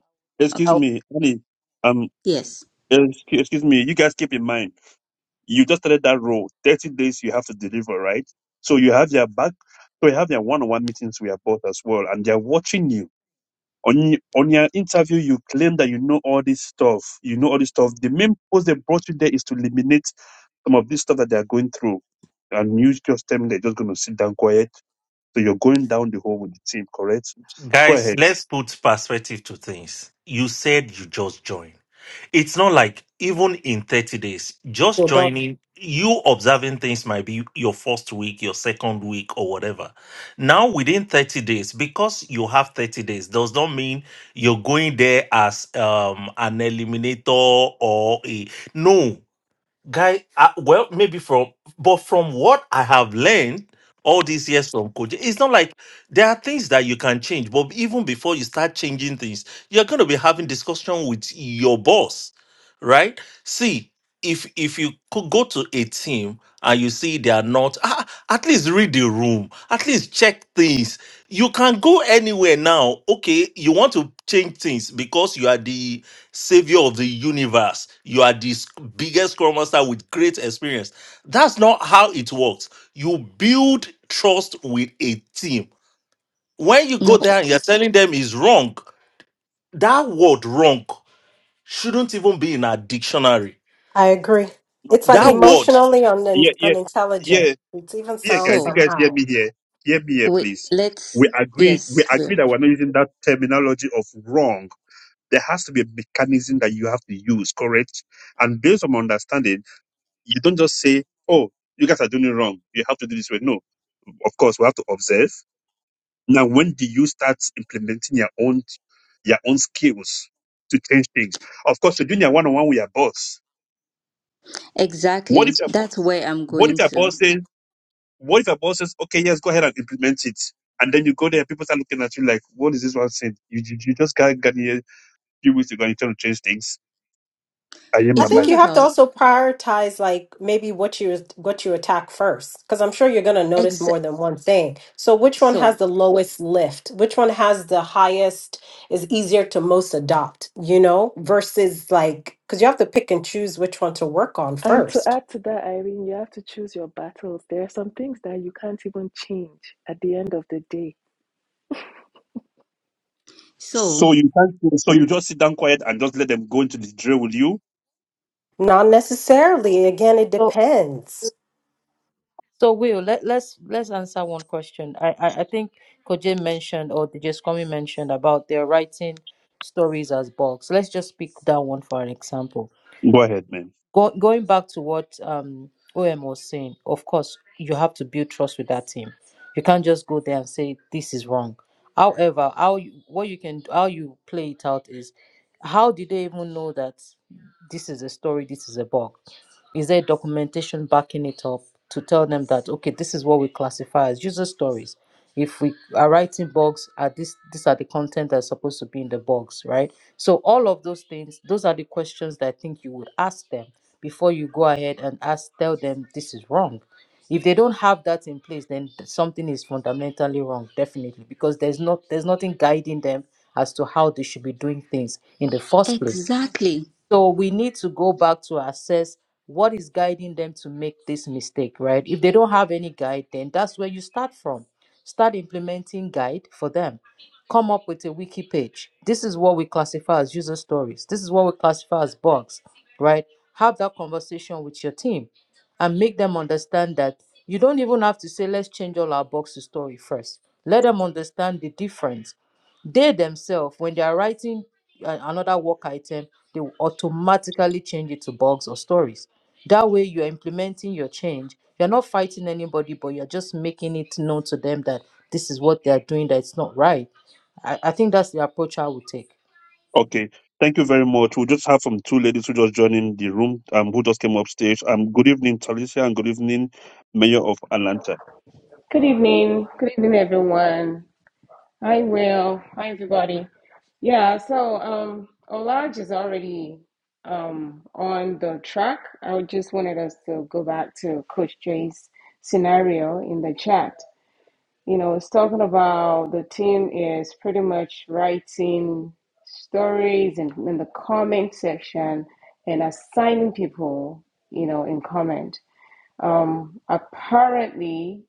I excuse Okay. would, me, Annie. Um, Yes. excuse, excuse me. You guys keep in mind. You just started that role. 30 days you have to deliver, right? So you have their back. So you have their one-on-one meetings with your boss as well, and they're watching you. On, on your interview, you claim that you know all this stuff. You know all this stuff. The main purpose they brought you there is to eliminate some of this stuff that they are going through. And you just tell me they're just going to sit down quiet. So you're going down the hole with the team, correct? Go Guys, ahead. let's put perspective to things. You said you just joined. It's not like even in 30 days, just You don't. joining, you observing things might be your first week, your second week, or whatever. Now, within 30 days, because you have 30 days, does not mean you're going there as um, an eliminator or a. No, guy uh, well maybe from but from what i have learned all these years from coaching, it's not like there are things that you can change but even before you start changing things you're going to be having discussion with your boss right see if if you could go to a team and you see they are not ah, at least read the room at least check things you can go anywhere now okay you want to change things because you are the savior of the universe. You are the s- biggest scrum master with great experience. That's not how it works. You build trust with a team. When you go No. there and you're telling them is wrong, that word wrong shouldn't even be in a dictionary. I agree. No, It's like um, That word. emotionally un- Yeah, yeah, unintelligent. yeah. It even yeah, sounds guys, you So guys somehow. hear me here. Hear me here, wait, please. let's We agree. We yes, agree Will. that we're not using that terminology of wrong. There has to be a mechanism that you have to use, correct? And based on my understanding, you don't just say, "Oh, you guys are doing it wrong. You have to do this way." No, of course, we have to observe. Now, when do you start implementing your own your own skills to change things? Of course, you're doing your one-on-one with your boss. What if Exactly. your bo- That's where I'm what going if your to. boss says What if your boss says, okay, yes, go ahead and implement it? And then you go there, people start looking at you like, what is this one saying? You, you, you just can't get here a few weeks ago and you're trying to change things. I am I my It's think not mind. you have to about also prioritize like maybe what you what you attack first because I'm sure you're going to notice ex more than one thing. So which one so has the lowest lift? Which one has the highest is easier to most adopt, you know, versus like cuz you have to pick and choose which one to work on And to first. add to that, Irene, you have to choose your battles. There are some things that you can't even change at the end of the day. so So you can't, so you just sit down quiet and just let them go into the drill with you. Not necessarily. Again, it so, depends. so Will, let, let's let's answer one question. I, I, I think Koje mentioned or DJ Kwame mentioned about their writing stories as books. Let's just pick that one for an example Go ahead, man. Go, going back to what um, OM was saying, of course, you have to build trust with that team. You can't just go there and say this is wrong. However, how you, what you can how you play it out is how did they even know that this is a story, this is a bug? Is there documentation backing it up to tell them that okay, this is what we classify as user stories? if we are writing blogs are this these are the content that's supposed to be in the box right so all of those things those are the questions that i think you would ask them before you go ahead and ask tell them this is wrong if they don't have that in place then th- something is fundamentally wrong definitely because there's not there's nothing guiding them as to how they should be doing things in the first place exactly so we need to go back to assess what is guiding them to make this mistake, right? If they don't have any guide, then that's where you start from. Start implementing guide for them. Come up with a wiki page. This is what we classify as user stories. This is what we classify as bugs, right? Have that conversation with your team and make them understand that you don't even have to say, let's change all our bugs to story first. Let them understand the difference they themselves when they are writing uh, another work item, they will automatically change it to bugs or stories. That way, you're implementing your change. You're not fighting anybody, but you're just making it known to them that this is what they are doing, that it's not right. I, I think that's the approach I would take. Okay. Thank you very much. We'll just have from two ladies who just joined in the room, um, who just came upstairs. Um, good evening, Talisha, and good evening, Mayor of Atlanta. Good evening. Good evening, everyone. Hi, Will. Hi, everybody. Yeah, so um, Olaj is already um, on the track. I just wanted us to go back to Coach Jay's scenario in the chat. You know, it's talking about the team is pretty much writing stories in, in the comment section and assigning people, you know, in comment. Um, apparently,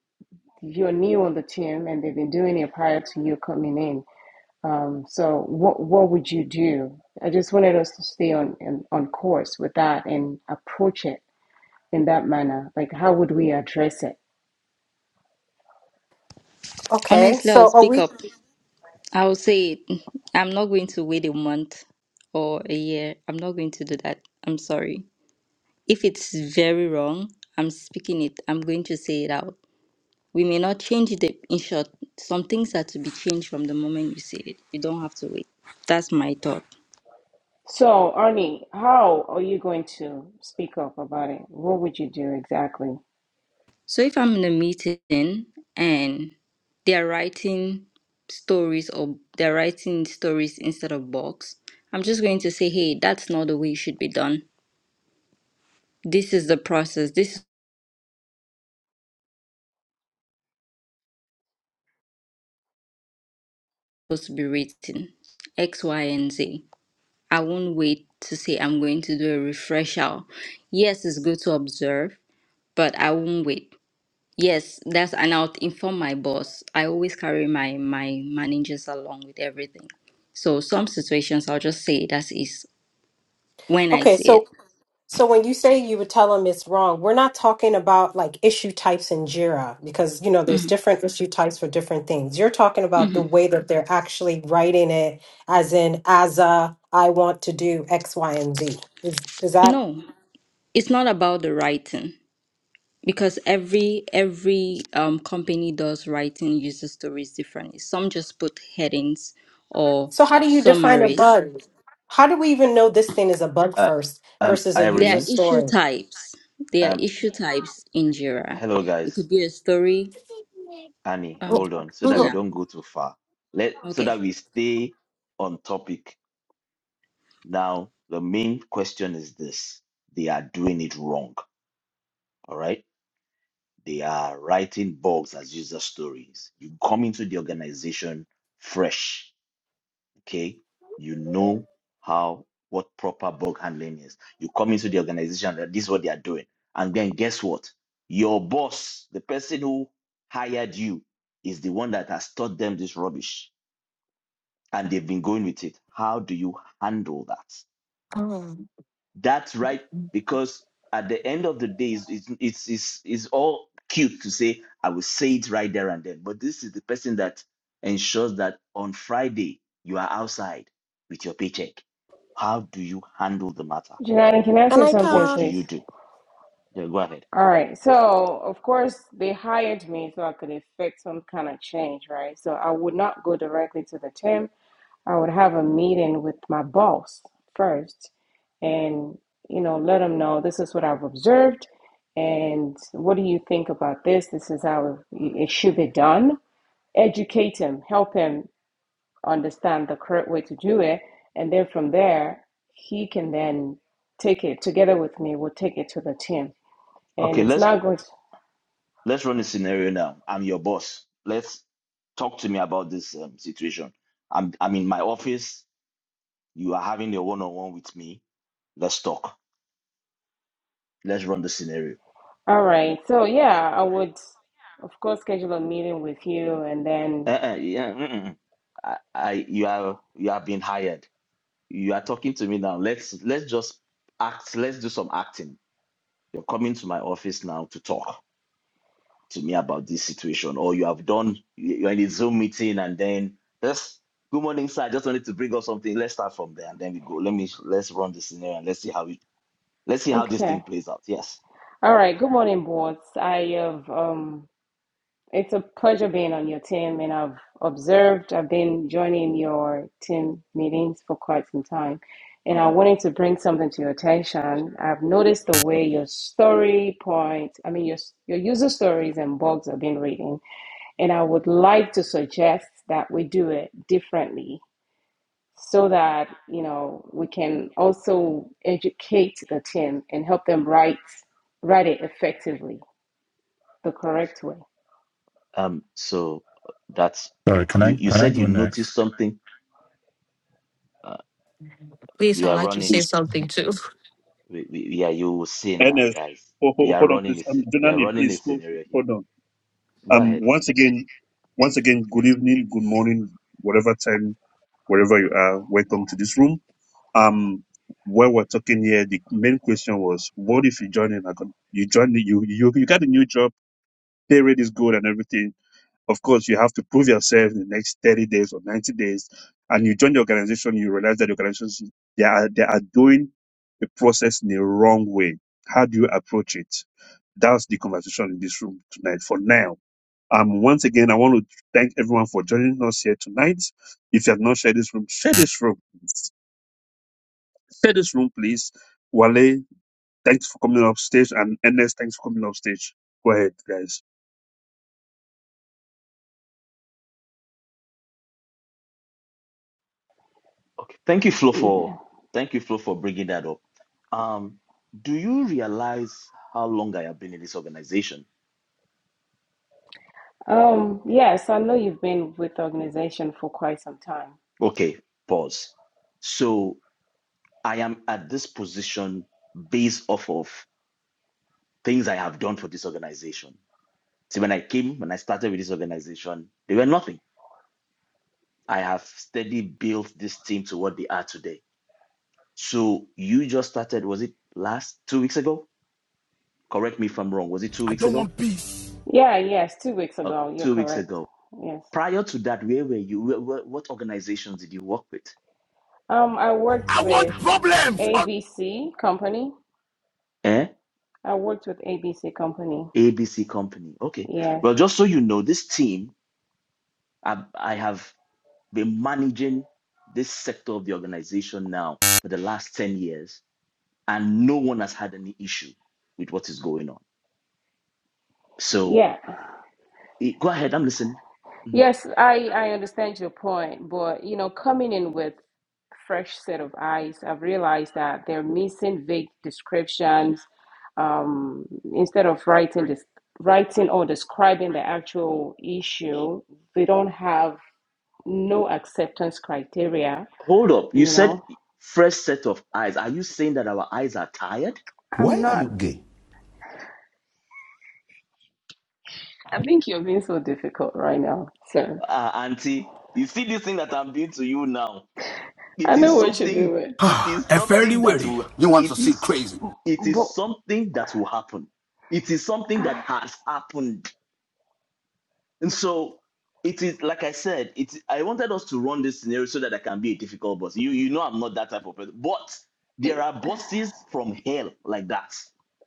if you're new on the team and they've been doing it prior to you coming in. Um, so what what would you do? I just wanted us to stay on on on course with that and approach it in that manner. Like how would we address it? Okay. Honestly, I'll So are speak we up. I'll say it. I'm not going to wait a month or a year. I'm not going to do that. I'm sorry. If it's very wrong, I'm speaking it. I'm going to say it out. We may not change it in short. Some things are to be changed from the moment you say it. You don't have to wait. That's my thought. So Arnie, how are you going to speak up about it? What would you do exactly? So if I'm in a meeting and they're writing stories or they're writing stories instead of box, I'm just going to say, hey, that's not the way it should be done This is the process. This is supposed to be written. X, Y, and Z. I won't wait to say I'm going to do a refresher. Yes, it's good to observe, but I won't wait. Yes, that's and I'll inform my boss. I always carry my my managers along with everything. So some situations I'll just say that is when I okay, see it. so so when you say you would tell them it's wrong, we're not talking about like issue types in JIRA because you know there's Mhm, different issue types for different things. You're talking about the mhm. way that they're actually writing it as in as a I want to do X, Y, and Z. Is is that No, it's not about the writing. because every every um, company does writing user stories differently some just put headings or So how do you define a summaries bug? How do we even know this thing is a bug Uh, first um, versus a there user are Irene, issue story? types there are um, issue types in jira hello it guys. could be a story Annie, um hold on so that we yeah don't go too far. Let so okay that we stay on topic. Now, the main question is this. They are doing it wrong. All right. They are writing bugs as user stories. You come into the organization fresh, okay? You know how what proper bug handling is. You come into the organization that this is what they are doing. And then guess what? Your boss, the person who hired you, is the one that has taught them this rubbish and they've been going with it. How do you handle that? That's right, because at the end of the day, it's, it's, it's, it's it's all cute to say, I will say it right there and then. But this is the person that ensures that on Friday, you are outside with your paycheck. How do you handle the matter? Janani, can I say something, What do please? you do? Yeah, go ahead. All right. So, of course, they hired me so I could effect some kind of change, right? So, I would not go directly to the team. I would have a meeting with my boss first and, you know, let them know this is what I've observed and what do you think about this? This is how it should be done. Educate him, help him understand the correct way to do it. And then from there, he can then take it together with me. We'll take it to the team. And Okay, it's let's not going to, let's run a scenario now. I'm your boss. Let's talk to me about this um, situation. I'm I'm in my office. You are having a one-on-one with me. Let's talk. Let's run the scenario. all right. So, yeah, I would, of course, schedule a meeting with you and then, Uh-uh, yeah, mm-mm. I, I you are you have been hired. You are talking to me now. Let's let's just act. Let's do some acting. You're coming to my office now to talk to me about this situation, or you have done. you- are in a Zoom meeting, and then just good morning, sir. I just wanted to bring up something. Let's start from there, and then we go. Let me let's run the scenario and let's see how we let's see how this thing okay. plays out. Yes. All right. Good morning, boss. I have um it's a pleasure being on your team and I've observed I've been joining your team meetings for quite some time and I Mm-hmm. wanted to bring something to your attention. I've noticed the way Mhm. your story point, I mean your your user stories and blogs have been reading and I Mhm. would like to suggest that we do it differently so that, you know, we can also educate the team and help them write write it effectively the correct way. Um, so uh, that's Sorry, can you. I You can I said you go next? noticed something. Uh, Please, we I'd are like to running. say Please, something too. We, we, we are you will see now, NS, guys. ho- We ho- are hold on, running please. a Um, sce- we are Jonani, running a please, ho- scenario here. hold on. Go Um, ahead. once again, once again, good evening, good morning, whatever time, wherever you are, welcome to this room. Um, where we're talking here, the main question was, what if you join in? a You join, the- you, you, you got a new job, pay rate is good and everything. Of course, you have to prove yourself in the next 30 days or 90 days. And you join the organization, you realize that the organizations, they are, they are doing the process in the wrong way. How do you approach it? That's the conversation in this room tonight for now um, once again, I want to thank everyone for joining us here tonight. If you have not shared this room, share this room. Share this room, please. Wale, thanks for coming up stage, and Ernest, thanks for coming up stage. Go ahead, guys. Okay. Thank you, Flo, for thank you, Flo, for bringing that up. Um, do you realize how long I have been in this organization? Um, yes, I know you've been with the organization for quite some time. Okay, pause. So I am at this position based off of things I have done for this organization. See, when I came, when I started with this organization, they were nothing I have steadily built this team to what they are today. So you just started, was it last two weeks ago? Correct me if I'm wrong. Was it two weeks ago? Yeah, yes, two weeks Uh, ago. You're two weeks correct. ago. Yes. Prior to that, where were you? Where, where- what organizations did you work with? Um, I worked with ABC Company. Eh? I worked with ABC Company. ABC Company. Okay. Yes. Well, just so you know, this team, I, I have been managing this sector of the organization now for the last 10 years, and no one has had any issue with what is going on. So Yeah. eh, go ahead, I'm listening. Mm-hmm. Yes, I, I understand your point, but you know, coming in with fresh set of eyes, I've realized that they're missing vague descriptions. Um, instead of writing this, writing or describing the actual issue, they don't have no acceptance criteria. Hold up. You You said know, fresh set of eyes. Are you saying that our eyes are tired? I'm not. I think you're being so difficult right now, sir. Uh, auntie, you see this thing that I'm doing to you now. I It know is what you're something, doing, it is A fairly something that weary. will it is it but. is something that will happen. It is something that has happened. And so it is like I said, it I wanted us to run this scenario so that I can be a difficult boss. You you know I'm not that type of person. But (sighs) there are bosses from hell like that.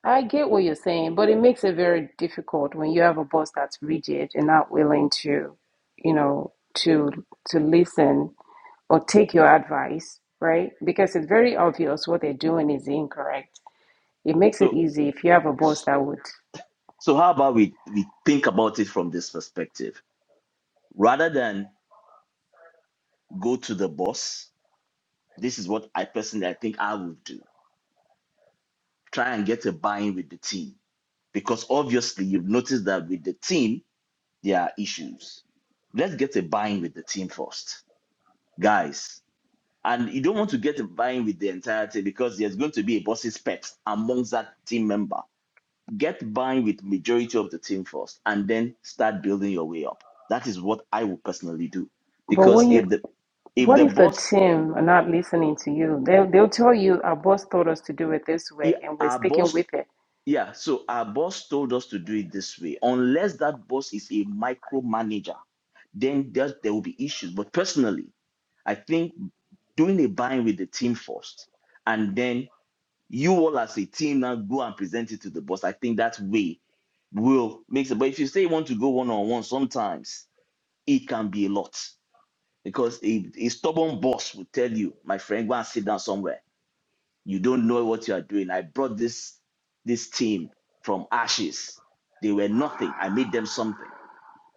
I get what you're saying, but it makes it very difficult when you have a boss that's rigid and not willing to, you know, to to listen or take your advice, right? Because it's very obvious what they're doing is incorrect. It makes So. it easy if you have a boss that would. So how about we we think about it from this perspective rather than go to the boss? This is what I personally I think I would do. Try and get a buy-in with the team because obviously you've noticed that with the team there are issues. Let's get a buy-in with the team first, guys. And you don't want to get a buy-in with the entire team because there's going to be a boss's pet amongst that team member get buying with majority of the team first and then start building your way up that is what i would personally do But because when you, if the if what the if the boss team are not listening to you? They'll they'll tell you our boss told us to do it this yeah, way, and we're our sticking boss with it. yeah so our boss told us to do it this way unless that boss is a micromanager then there, there will be issues but personally i think doing a buying with the team first and then you all as a team now go and present it to the boss i think that way will makes it but if you say you want to go one-on-one sometimes It can be a lot because a, a stubborn boss will tell you, my friend, go and sit down somewhere. You don't know what you are doing. I brought this this team from ashes. They were nothing. I made them something.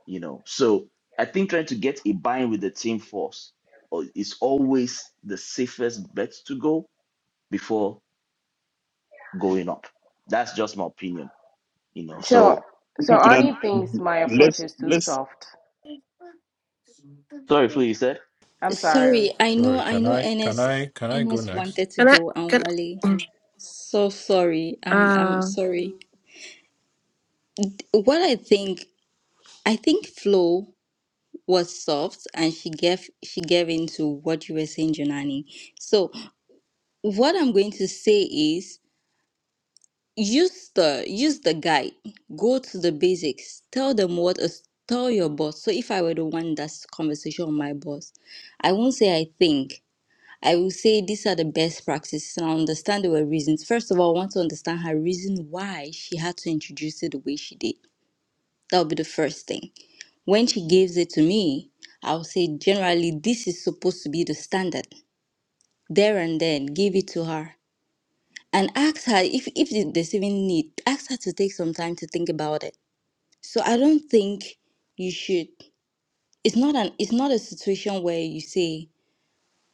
You know. So I think trying to get a buy-in with the team force uh, is always the safest bet to go before going up. That's just my opinion. You know. So So Thank so you, Jordan. Arnie thinks my approach Let's is too let's. soft. sorry, Flo, you said I'm sorry. sorry i know Sorry, i can know I can ns I can I go ns next? wanted (laughs) to Can I go and can wale so sorry um i'm uh sorry what i think i think flow was soft and she gave she gave into what you were saying Jonani. So what I'm going to say is use the use the guide. Go to the basics. Tell them what is tell your boss. So if I were the one that's conversation with my boss, I won't say I think. I will say these are the best practices and I understand there were reasons. First of all, I want to understand her reason why she had to introduce it the way she did. That would be the first thing When she gives it to me, I'll say, generally, this is supposed to be the standard. There and then, give it to her and ask her if, if there's even need, ask her to take some time to think about it. So I don't think you should. It's not an. It's not a situation where you say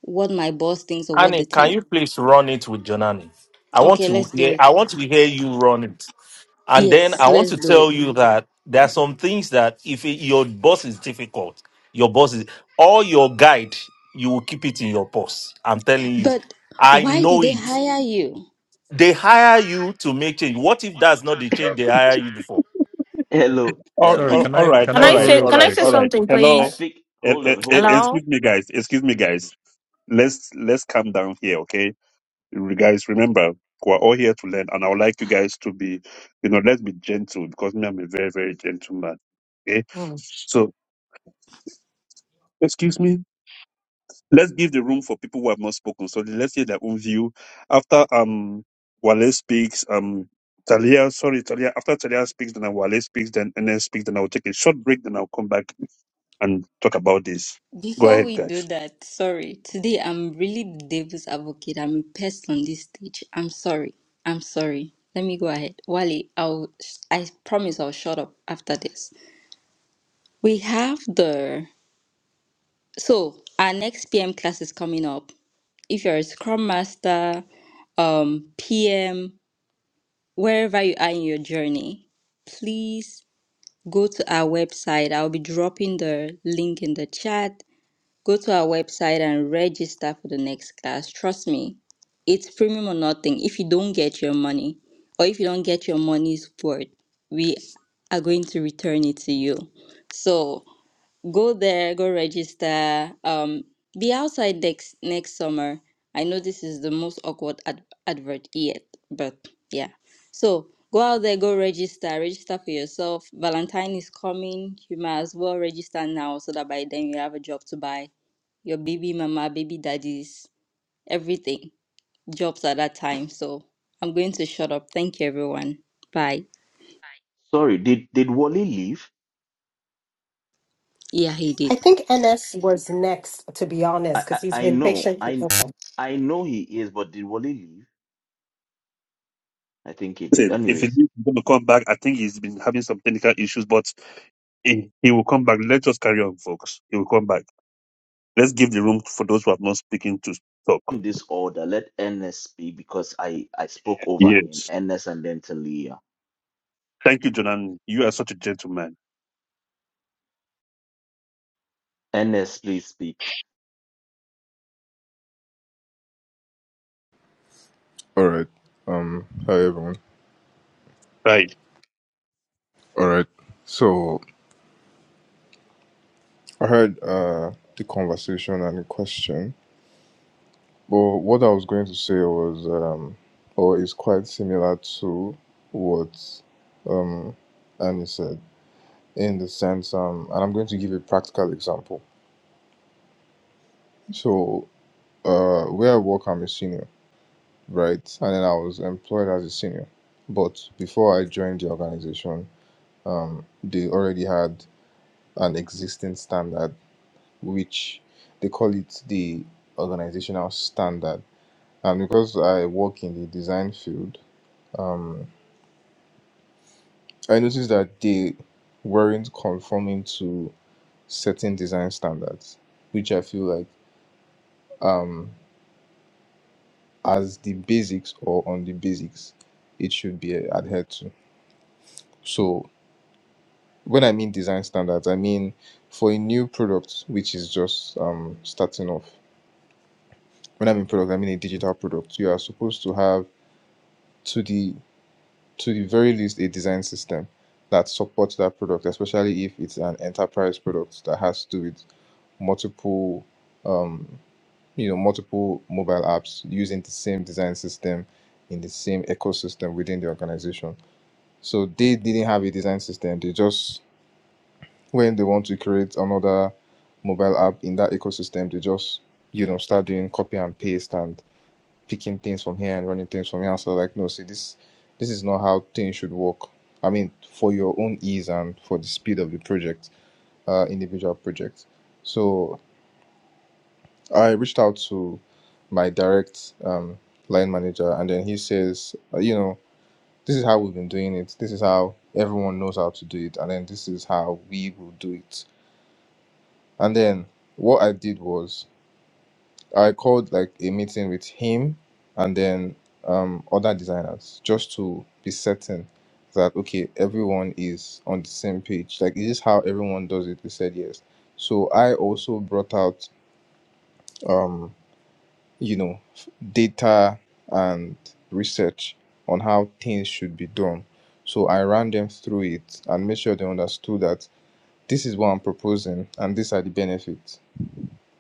what my boss thinks or what the Annie, can team. you please run it with Jonani? I want Okay, to let's do hear it. I want to hear you run it. And then Yes, I want let's to do tell it. you that there are some things that if it- your boss is difficult, your boss is or your guide, you will keep it in your purse. I'm telling you. But I why did know they it. hire you? They hire you to make change. What if that's not the change they hire you for? hello. All, Um. Sorry, all, can all I right, can can I all I go right, say real all can I right, say quick? all So right. something, I Hello, please? think. Eh, Hold eh, on. eh, Hold on. Hello. excuse me, guys. Excuse me, guys. Let's let's calm down here, okay? You guys, remember we're all here to learn, and I would like you guys to be, you know, let's be gentle because me, I'm a very very gentle man. okay? Oh, So, excuse me, let's give the room for people who have not spoken. So let's hear their own view. After um Wale speaks, um Talia, sorry, Talia, after Talia speaks, then Wale speaks, then Enes speaks, then I'll take a short break, then I'll come back and talk about this. Go Before ahead, we do guys. that, sorry. Today I'm really the devil's advocate. I'm a pest on this stage. I'm sorry. I'm sorry. Let me go ahead. Wally, I'll I promise I'll shut up after this. We have the so our next PM class is coming up. If you're a Scrum Master, um, PM, wherever you are in your journey, please go to our website. I'll be dropping the link in the chat Go to our website and register for the next class. Trust me, it's premium or nothing. If you don't get your money, or if you don't get your money's worth, we are going to return it to you. So go there, go register. Um, be outside next next summer. I know this is the most awkward ad- advert yet, but yeah. So go out there, go register, register for yourself. Valentine is coming. You might as well register now so that by then you have a job to buy your baby mama, baby daddies, everything, jobs at that time. So I'm going to shut up. Thank you, everyone. Bye. Sorry. Did did Wally leave? Yeah, he I did. think NS was next, to be honest, I, because I he's I been know patient. I Okay. I know he is, but did Wally leave? I think he did. Listen, if he Anyways, leaves, he's going to come back, I think he's been having some technical issues, but he, he will come back. Let's just carry on, folks. He will come back. Let's give the room for those who have not spoken to talk. in this order, let NS speak because I I spoke over him. Yes. NS and then Talia. Thank you, Jonan. You are such a gentleman. NS, please speak. All right. Um. Hi everyone. Right. All right. So I heard uh the conversation and the question. Well, what I was going to say was um, or is quite similar to what um Annie said in the sense um, and I'm going to give a practical example. So uh, where I work, I'm a senior, right? And then I was employed as a senior, but before I joined the organization, um, they already had an existing standard which they call it the organizational standard. And because I work in the design field, um, I noticed that they weren't conforming to certain design standards, which I feel like um, as the basics or on the basics, it should be adhered to. So when I mean design standards, I mean for a new product which is just um, starting off. When I mean product, I mean a digital product. You are supposed to have 2D to the very least a design system that supports that product, especially if it's an enterprise product that has to do with multiple, um, you know, multiple mobile apps using the same design system in the same ecosystem within the organization. So they didn't have a design system. They just when they want to create another mobile app in that ecosystem, they just you know start doing copy and paste and picking things from here and running things from here. So like, no, see, this this is not how things should work. I mean, for your own ease and for the speed of the project, uh, individual project. So I reached out to my direct um, line manager, and then he says, uh, you know, this is how we've been doing it. This is how everyone knows how to do it, and then this is how we will do it. And then what I did was I called like a meeting with him and then um, other designers just to be certain that okay everyone is on the same page. Like is this how everyone does it? They said yes. So I also brought out um, you know f- data and research on how things should be done. So I ran them through it and made sure they understood that this is what I'm proposing and these are the benefits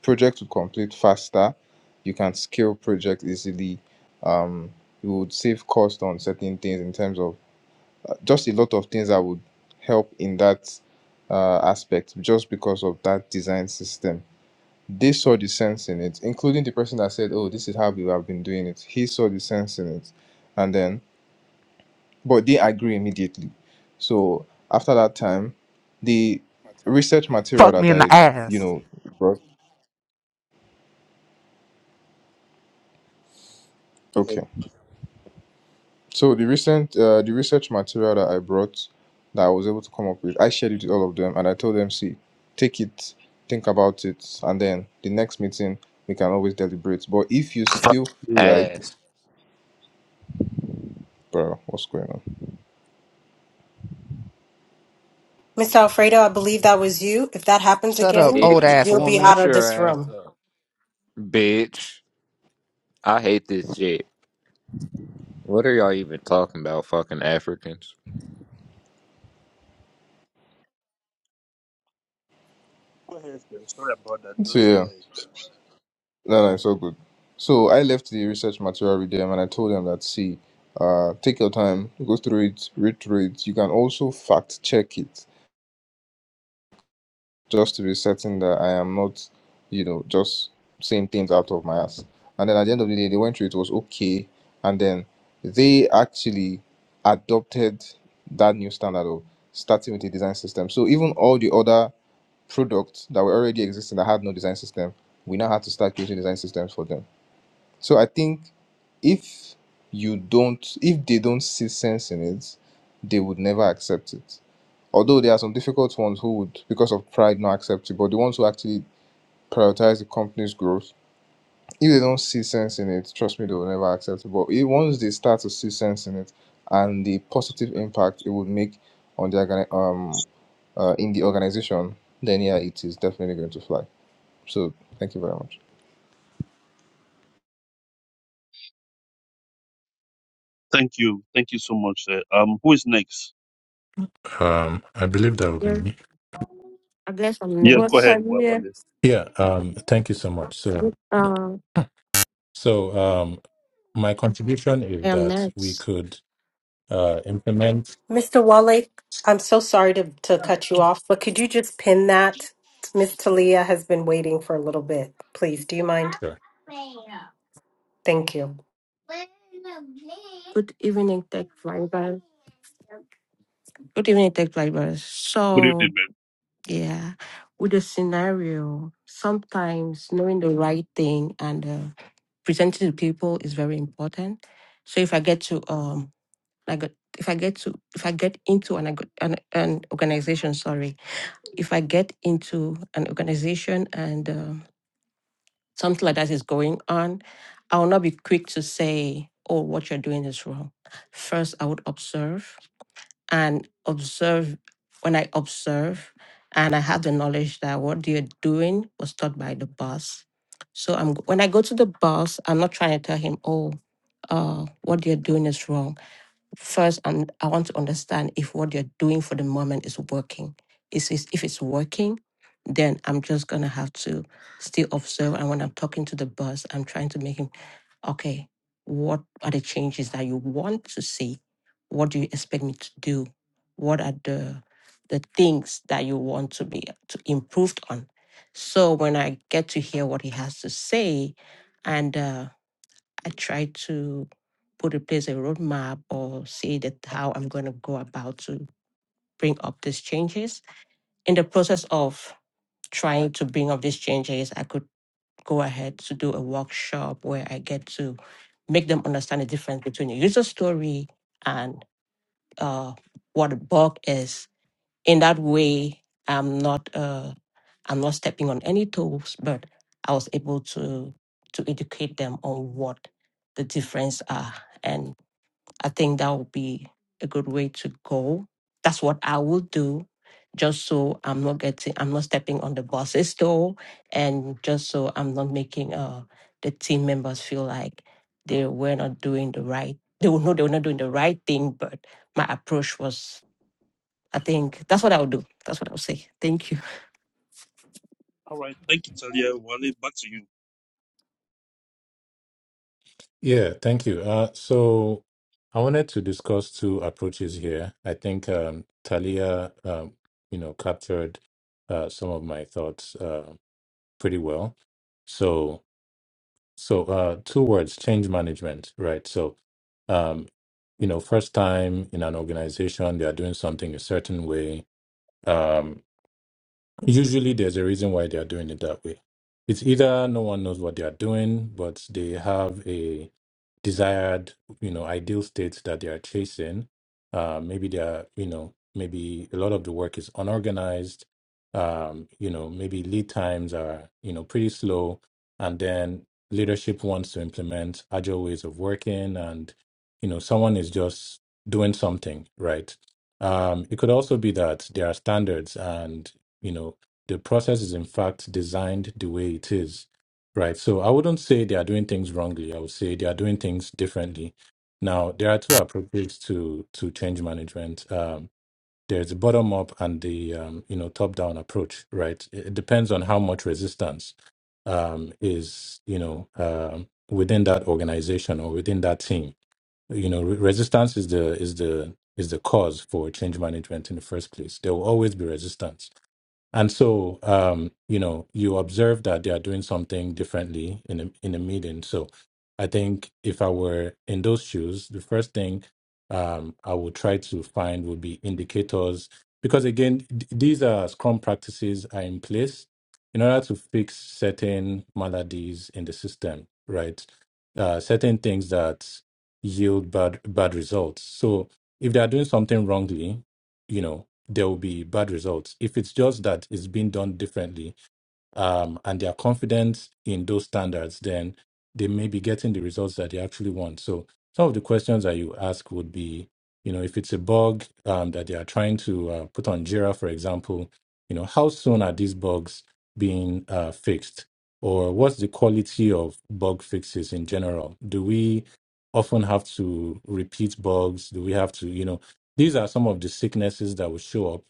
projects would complete faster you can scale projects easily um you would save cost on certain things in terms of uh, just a lot of things that would help in that uh, aspect just because of that design system they saw the sense in it including the person that said oh this is how we have been doing it he saw the sense in it and then but they agree immediately so after that time the research material Fuck me that in the i you ass. know brought okay So the recent uh, the research material that I brought that I was able to come up with, I shared it with all of them, and I told them, see, take it, think about it, and then the next meeting we can always deliberate. But if you fucking still feel like, ass, bro, what's going on? Mr. Alfredo, I believe that was you. If that happens Shut up, again, old bitch. ass you'll be woman. out Shut of your this ass room. up, bitch. I hate this shit. What are y'all even talking about, fucking Africans? Go ahead, sir. Sorry about that. So Just go yeah, ahead, please. no, no, it's all good. So I left the research material with them, and I told them that, see, uh, take your time, go through it, read through it. You can also fact check it just to be certain that I am not, you know, just saying things out of my ass. And then at the end of the day, they went through it was okay, and then they actually adopted that new standard of starting with a design system. So even all the other products that were already existing that had no design system, we now had to start creating design systems for them. So I think if you don't, if they don't see sense in it, they would never accept it. Although there are some difficult ones who would, because of pride, not accept it, but the ones who actually prioritize the company's growth, if they don't see sense in it, trust me, they will never accept it. But if, once they start to see sense in it and the positive impact it would make on the um uh, in the organization, then yeah, it is definitely going to fly. So thank you very much. Thank you. Thank you so much. Sir. Um, who is next? Um, I believe that would be yeah, me. I guess I'm Yes, What go next. ahead, time? Wa- Yeah. Wale. Yeah. Um, thank you so much. So Uh, so um, my contribution is I am that we next. could uh implement. Mr. Wale, I'm so sorry to, to cut you off, but could you just pin that? Miss Talia has been waiting for a little bit. Please, do you mind? Sure. Thank you. Good evening, Tech Flyers. Good evening, Tech Flyers. Good evening, So man. yeah, with the scenario, sometimes knowing the right thing and uh, presenting to people is very important. So if I get to um I got if I get to if I get into an org- an, an organization, sorry, if I get into an organization and um something like that is going on, I will not be quick to say, "Oh, what you're doing is wrong." First, I would observe and observe. When I observe and I have the knowledge that what you're doing was taught by the boss, so I'm when I go to the boss, I'm not trying to tell him, "Oh, uh, what you're doing is wrong." first and i want to understand if what you're doing for the moment is working is is- if it's working then i'm just gonna have to still observe and when i'm talking to the boss i'm trying to make him okay what are the changes that you want to see what do you expect me to do what are the the things that you want to be to improved on so when i get to hear what he has to say and uh, I try to put in place a roadmap or say that how I'm going to go about to bring up these changes. In the process of trying to bring up these changes, I could go ahead to do a workshop where I get to make them understand the difference between a user story and uh, what a bug is. In that way, I'm not uh, I'm not stepping on any toes, but I was able to to educate them on what the difference are and. I think that would be a good way to go. That's what I will do, just so I'm not getting, I'm not stepping on the boss's toe, and just so I'm not making uh the team members feel like they were not doing the right. They will know they were not doing the right thing, but my approach was. I think that's what I would do. That's what I would say. Thank you. All right. Thank you, Talia. Wale, back to you. Yeah. Thank you. Uh, so I wanted to discuss two approaches here. I think um Talia um you know captured uh some of my thoughts uh pretty well. So. so uh two words change management right so um you know first time in an organization they are doing something a certain way um Usually, there's a reason why they are doing it that way. It's either no one knows what they are doing, but they have a desired, you know, ideal state that they are chasing. Uh, maybe they are, you know, maybe a lot of the work is unorganized. Um, you know, maybe lead times are, you know, pretty slow. And then leadership wants to implement agile ways of working, and you know, someone is just doing something right. Um, it could also be that there are standards and you know the process is, in fact, designed the way it is, right? So I wouldn't say they are doing things wrongly. I would say they are doing things differently. Now, there are two approaches to to change management. Um, there's the bottom up and the um, you know top down approach, right? It it depends on how much resistance um, is you know um, within that organization or within that team. You know, re- resistance is the is the is the cause for change management in the first place. There will always be resistance and so, um, you know, you observe that they are doing something differently in a, in a meeting. So, I think if I were in those shoes, the first thing um, I would try to find would be indicators, because again, th- these are Scrum practices are in place in order to fix certain maladies in the system, right? Uh, certain things that yield bad bad results. So, if they are doing something wrongly, you know there will be bad results. If it's just that it's being done differently um, and they are confident in those standards, then they may be getting the results that they actually want. So some of the questions that you ask would be, you know, if it's a bug um, that they are trying to uh, put on Jira, for example, you know, how soon are these bugs being uh, fixed? Or what's the quality of bug fixes in general? Do we often have to repeat bugs? Do we have to, you know, these are some of the sicknesses that will show up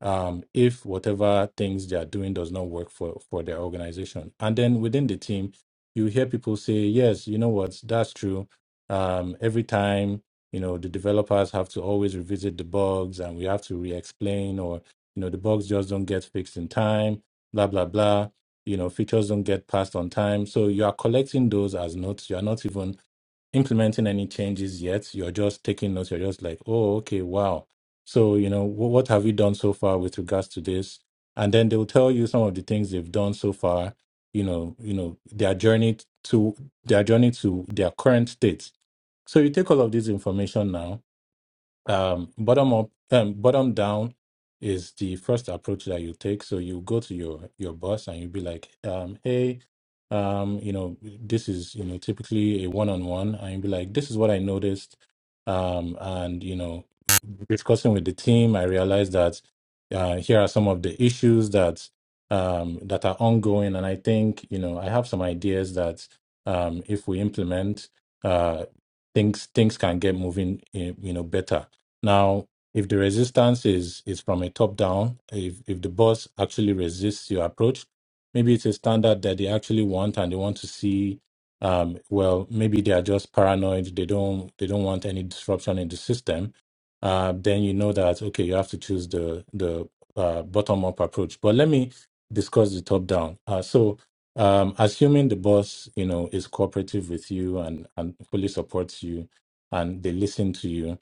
um, if whatever things they are doing does not work for for their organization. And then within the team, you hear people say, "Yes, you know what? That's true." Um, every time, you know, the developers have to always revisit the bugs, and we have to re-explain, or you know, the bugs just don't get fixed in time. Blah blah blah. You know, features don't get passed on time. So you are collecting those as notes. You are not even implementing any changes yet. You're just taking notes. You're just like, oh, okay, wow. So, you know, wh- what have you done so far with regards to this? And then they'll tell you some of the things they've done so far, you know, you know, their journey to their journey to their current state. So you take all of this information now um, bottom up um, bottom down is the first approach that you take so you go to your your boss and you be like um, hey um, you know this is you know typically a one-on-one and you be like this is what i noticed um, and you know discussing with the team i realized that uh, here are some of the issues that um, that are ongoing and i think you know i have some ideas that um, if we implement uh, things things can get moving eh, you know better now, if the resistance is is from a top down, if if the boss actually resists your approach, maybe it's a standard that they actually want and they want to see. Um, well, maybe they are just paranoid. They don't they don't want any disruption in the system. Uh, then you know that okay, you have to choose the the uh, bottom up approach. But let me discuss the top down. Uh, so. Um, assuming the boss, you know, is cooperative with you and, and fully supports you and they listen to you,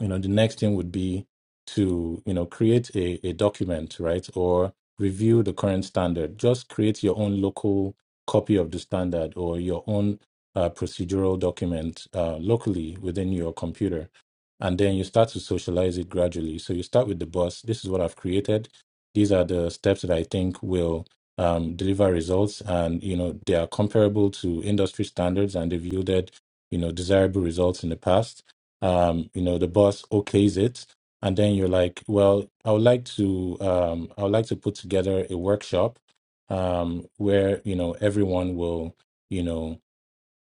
you know the next thing would be to you know create a, a document right or review the current standard just create your own local copy of the standard or your own uh, procedural document uh, locally within your computer and then you start to socialize it gradually so you start with the boss this is what i've created these are the steps that i think will um, deliver results and you know they are comparable to industry standards and they've yielded you know desirable results in the past um, you know, the boss okays it, and then you're like, well, I would like to, um, I would like to put together a workshop, um, where, you know, everyone will, you know,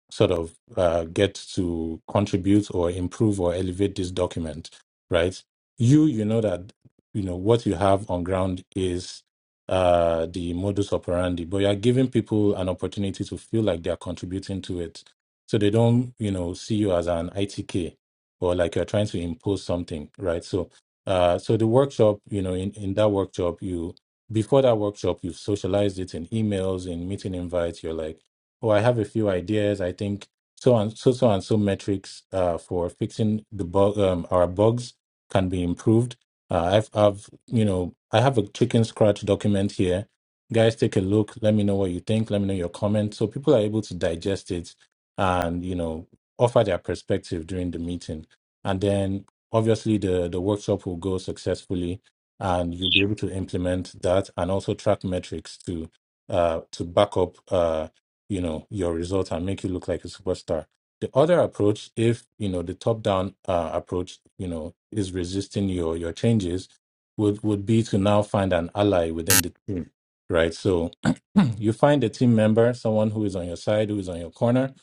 sort of uh, get to contribute or improve or elevate this document, right? You, you know that you know what you have on ground is uh, the modus operandi, but you are giving people an opportunity to feel like they are contributing to it, so they don't you know see you as an ITK or like you're trying to impose something, right? So, uh, so the workshop, you know, in in that workshop, you before that workshop, you've socialized it in emails, in meeting invites. You're like oh, I have a few ideas. I think so and so, so and so metrics uh, for fixing the bug, um, our bugs can be improved. Uh, I've, I've, you know, I have a chicken scratch document here. Guys, take a look. Let me know what you think. Let me know your comments. So people are able to digest it and, you know, offer their perspective during the meeting. And then obviously the, the workshop will go successfully and you'll be able to implement that and also track metrics to uh, to back up. uh, you know your results and make you look like a superstar the other approach if you know the top down uh, approach you know is resisting your your changes would would be to now find an ally within the team right so (clears throat) You find a team member, someone who is on your side, who is on your corner.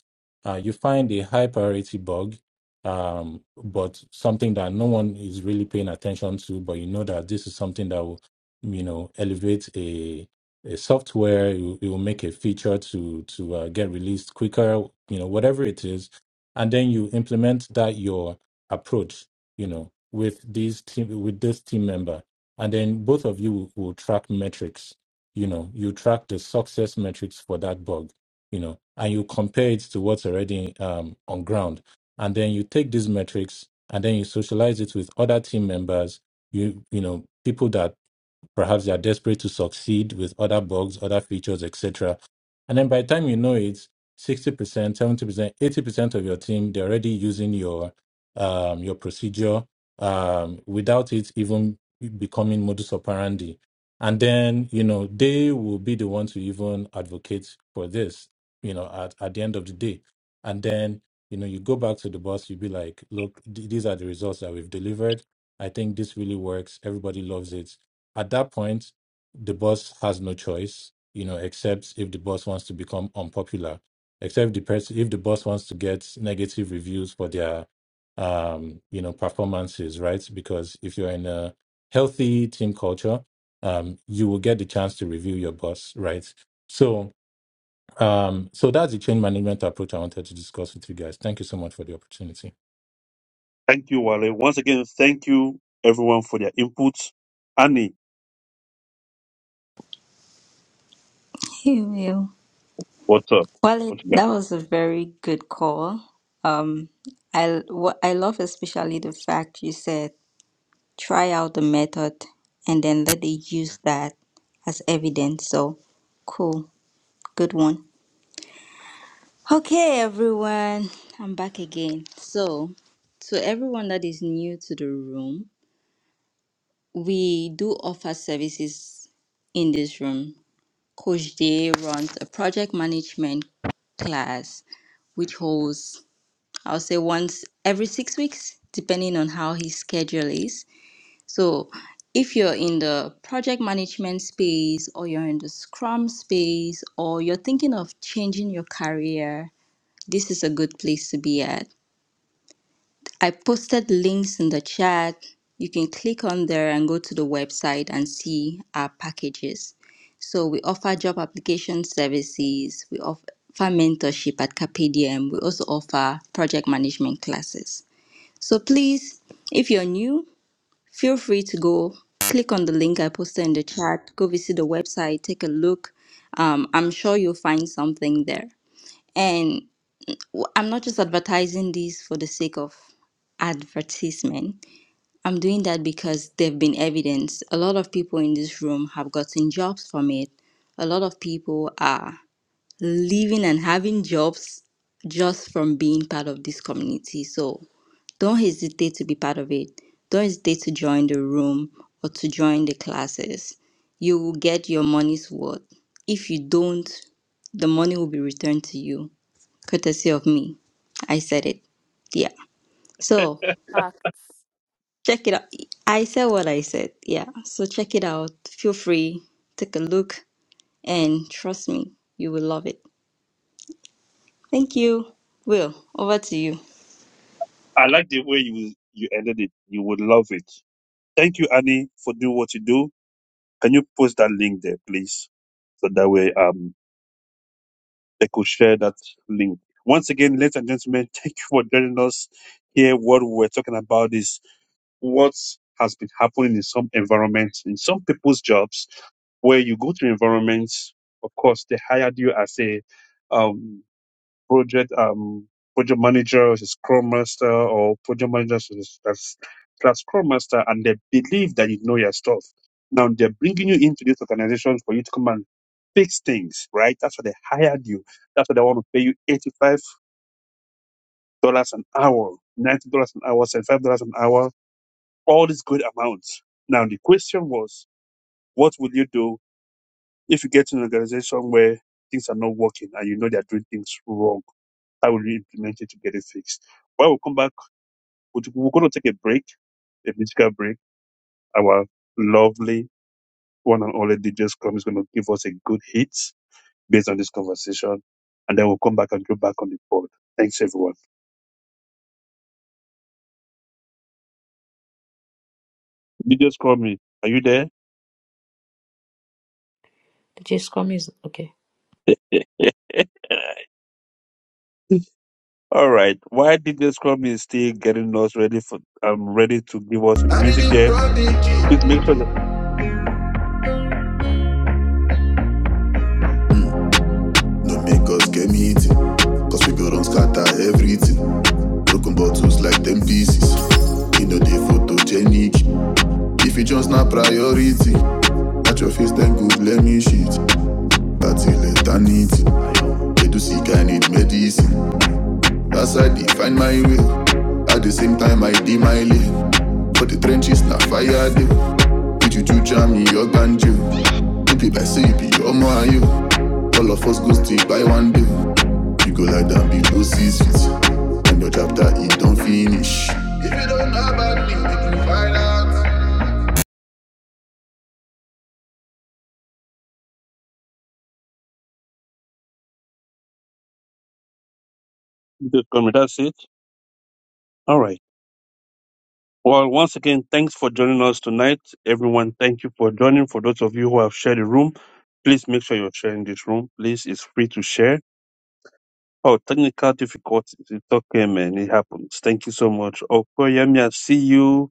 Uh, you find a high priority bug, um, but something that no one is really paying attention to. But you know that this is something that will, you know, elevate a a software. It will, it will make a feature to to uh, get released quicker. You know, whatever it is, and then you implement that your approach. You know, with these team with this team member, and then both of you will, will track metrics you know you track the success metrics for that bug you know and you compare it to what's already um, on ground and then you take these metrics and then you socialize it with other team members you you know people that Perhaps they are desperate to succeed with other bugs, other features, etc. And then by the time you know it, 60%, 70%, 80% of your team, they're already using your um, your procedure um, without it even becoming modus operandi. And then, you know, they will be the ones who even advocate for this, you know, at, at the end of the day. And then, you know, you go back to the boss, you be like, look, th- these are the results that we've delivered. I think this really works. Everybody loves it. At that point, the boss has no choice, you know, except if the boss wants to become unpopular, except the person if the boss wants to get negative reviews for their um, you know, performances, right? Because if you're in a healthy team culture, um, you will get the chance to review your boss, right? So um, so that's the change management approach I wanted to discuss with you guys. Thank you so much for the opportunity. Thank you, Wale. Once again, thank you, everyone, for their inputs. Annie, (laughs) what's up? Well, it, What you got? that was a very good call. Um, I what I love especially the fact you said try out the method and then let it use that as evidence. So cool, good one. Okay, everyone, I'm back again. So, to everyone that is new to the room, We do offer services in this room. Coach Day runs a project management class, which holds, I'll say, once every six weeks, depending on how his schedule is. So, if you're in the project management space, or you're in the Scrum space, or you're thinking of changing your career, this is a good place to be at. I posted links in the chat. You can click on there and go to the website and see our packages. So we offer job application services, we offer mentorship at Capedium, we also offer project management classes. So please, if you're new, feel free to go click on the link I posted in the chat, go visit the website, take a look. Um, I'm sure you'll find something there. And w- I'm not just advertising this for the sake of advertisement. I'm doing that because there've been evidence. A lot of people in this room have gotten jobs from it. A lot of people are living and having jobs just from being part of this community. So don't hesitate to be part of it. Don't hesitate to join the room or to join the classes. You will get your money's worth. If you don't, the money will be returned to you, courtesy of me. I said it. Yeah. So Facts. Check it out. I said what I said. Yeah. So check it out. Feel free. Take a look. And trust me, you will love it. Thank you. Will, over to you. I like the way you you ended it. You would love it. Thank you, Annie, for doing what you do. Can you post that link there, please? So that way, um, They could share that link. Once again, ladies and gentlemen, (laughs) thank you for joining us here. What we're talking about is what has been happening in some environments, in some people's jobs, where you go to environments, of course, they hired you as a um, project um project manager, is a scrum master, or project manager is- that's that's scrum master, and they believe that you know your stuff. Now they're bringing you into these organizations for you to come and fix things, right? That's why they hired you. That's why they want to pay you eighty-five dollars an hour, ninety dollars an hour, seventy-five dollars an hour, all these good amounts. Now the question was, what will you do if you get to an organization where things are not working and you know they're doing things wrong? how will you implement it to get it fixed? Well, we'll come back. We're we're going to take a break, a musical break. Our lovely one and only DJ Scrum is going to give us a good hit based on this conversation. And then we'll come back and go back on the board. Thanks, everyone. DJ Scrum, are you there? The Scrum is okay. (laughs) All right. While DJ Scrum is still getting us ready for, I'm ready to give us the music there. Please make sure that No make us get me eating. Cause people don't scatter everything. Broken bottles like them pieces. You know they photogenic. If you just not priority. At your face, then good, let me shit. Until eternity, they do seek, I need medicine. That's I define my way. At the same time, I did my lane. For the trenches, na fire day. With you to jam me, your ganjo. If it by say you be your man, you. All of us go stick by one day. You go like that below six feet. And your chapter, it don't finish. If you don't know about me, make you find out. DJ Scrum, that's it. All right. Well, once again, thanks for joining us tonight. Everyone, thank you for joining. For those of you who have shared the room, please make sure you're sharing this room. Please, it's free to share. Oh, technical difficulties. It's okay, man. It happens. Thank you so much. Okoyemi, I see you.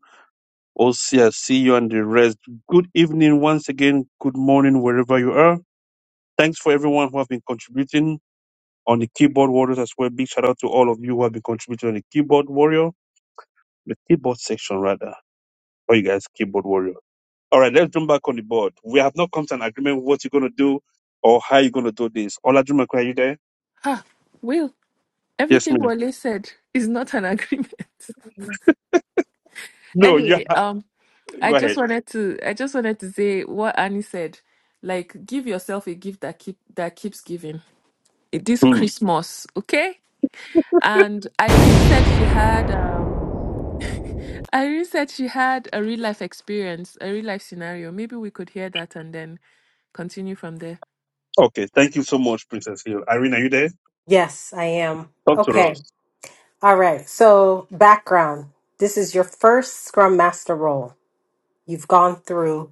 Osi, I see you and the rest. Good evening once again. Good morning, wherever you are. Thanks for everyone who have been contributing on the keyboard warriors as well. Big shout out to all of you who have been contributing on the keyboard warrior, the keyboard section rather. Or you guys, keyboard warrior. All right, let's jump back on the board. We have not come to an agreement with what you're going to do or how you're going to do this. Olajumoke, are you there? Will, Yes, everything ma'am. Wale said is not an agreement. (laughs) No, you anyway, um, ha- I go just ahead. wanted to I wanted to say what Annie said. Like, give yourself a gift that keeps giving. This Hmm. Christmas, okay? And Irene said she had um I really said she had a real life experience, a real life scenario. Maybe we could hear that and then continue from there. Okay, thank you so much, Princess Hill. Irene, are you there? Yes, I am. Talk to Okay. us. All right. So, background this is your first Scrum Master role. You've gone through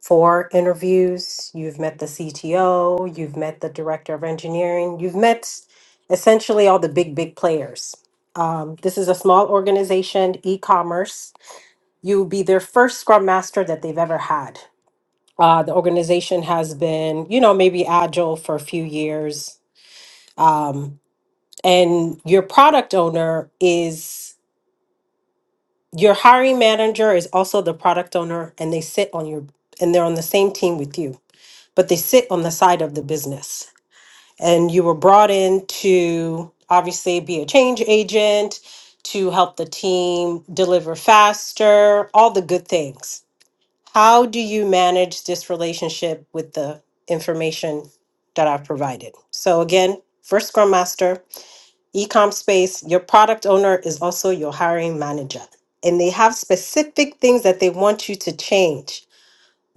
for interviews. You've met the CTO, you've met the director of engineering, you've met essentially all the big, big players. Um, this is a small organization, e commerce. You'll be their first scrum master that they've ever had. Uh, the organization has been, you know, maybe agile for a few years. Um, and your product owner is your hiring manager is also the product owner and they sit on your and they're on the same team with you but they sit on the side of the business. And you were brought in to obviously be a change agent, to help the team deliver faster, all the good things. How do you manage this relationship with the information that I've provided? So, again, first Scrum Master, ecom space, your product owner is also your hiring manager. And they have specific things that they want you to change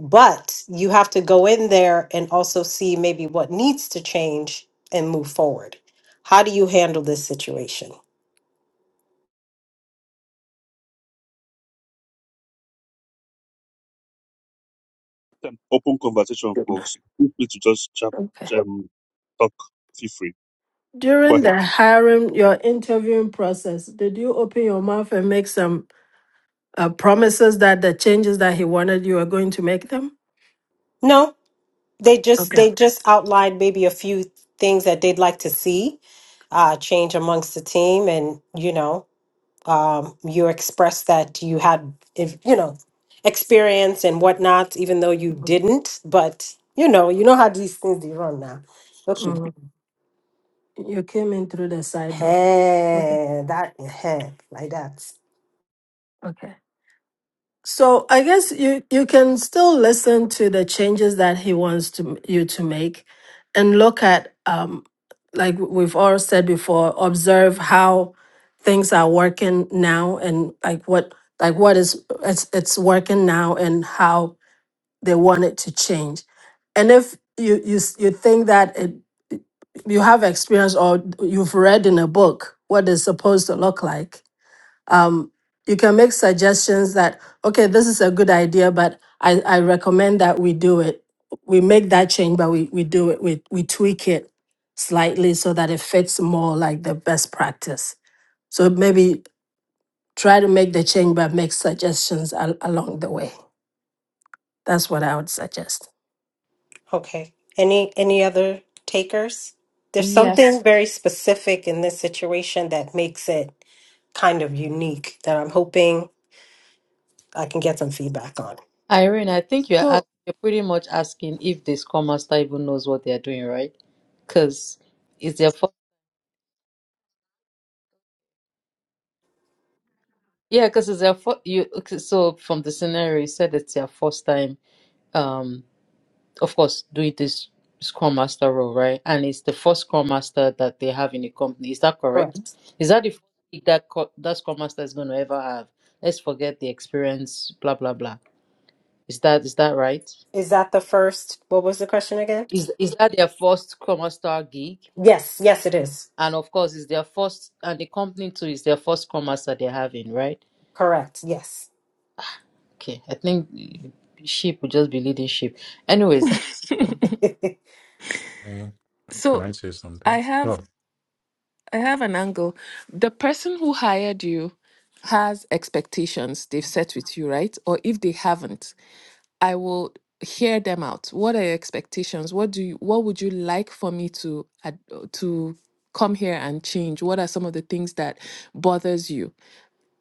but you have to go in there and also see maybe what needs to change and move forward. How do you handle this situation? An open conversation, folks. Feel free to just chat, Okay. um, talk. Feel free. Go During ahead. the hiring, your interviewing process, did you open your mouth and make some uh, promises that the changes that he wanted, you were going to make them? No, they just Okay. they just outlined maybe a few things that they'd like to see uh, change amongst the team, and you know, um, you expressed that you had if you know experience and whatnot, even though you didn't. But you know, you know how these things they run now. Okay, Mm. You came in through the side door. Okay. hey, that hey like that. Okay. So I guess you, you can still listen to the changes that he wants to you to make and look at, um, like we've all said before, observe how things are working now and like what like what is it's it's working now and how they want it to change. And if you you s- you think that it, you have experience or you've read in a book what it's supposed to look like, um, you can make suggestions that okay, this is a good idea, but I, I recommend that we do it. We make that change, but we we do it we we tweak it slightly so that it fits more like the best practice. So maybe try to make the change, but make suggestions al- along the way. That's what I would suggest. Okay. Any any other takers? There's something Yes. very specific in this situation that makes it kind of unique that I'm hoping I can get some feedback on. Irene, I think you're, ask, So you're pretty much asking if the Scrum Master even knows what they're doing, right? Because it's their first, yeah, because it's their first, you, okay, so from the scenario, you said it's their first time. Um. of course, doing this Scrum Master role, right? And it's the first Scrum Master that they have in the company. Is that correct? Correct. Is that the first gig that co- that Scrum Master is going to ever have? Let's forget the experience, blah blah blah. Is that is that right? Is that the first? What was the question again? Is is that their first Scrum Master gig? Yes, yes, it is. And of course, it's their first, and the company too is their first Scrum Master they're having, right? Correct. Yes. Okay, I think sheep will just be leading sheep. Anyways, (laughs) (laughs) Hey, Can so I say I something? have Oh, I have an angle. The person who hired you has expectations they've set with you, right? Or if they haven't, I will hear them out. What are your expectations? What do you what would you like for me to ad- to come here and change? What are some of the things that bothers you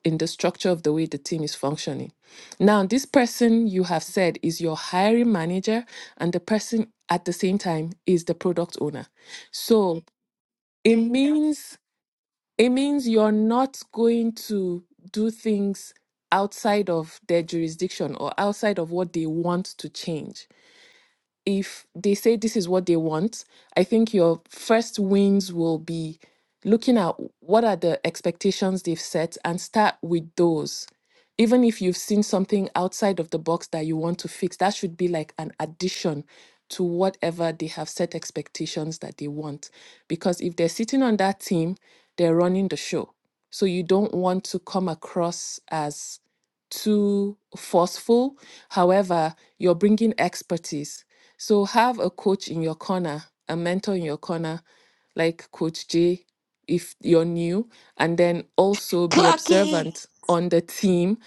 in the structure of the way the team is functioning? Now, this person you have said is your hiring manager and the person at the same time is the product owner. So, it means it means you're not going to do things outside of their jurisdiction or outside of what they want to change if they say this is what they want, I think your first wins will be looking at what are the expectations they've set and start with those. Even if you've seen something outside of the box that you want to fix, that should be like an addition to whatever they have set expectations that they want. Because if they're sitting on that team, they're running the show. So you don't want to come across as too forceful. However, you're bringing expertise. So have a coach in your corner, a mentor in your corner, like Coach Jay, if you're new, and then also be Clock it. observant on the team.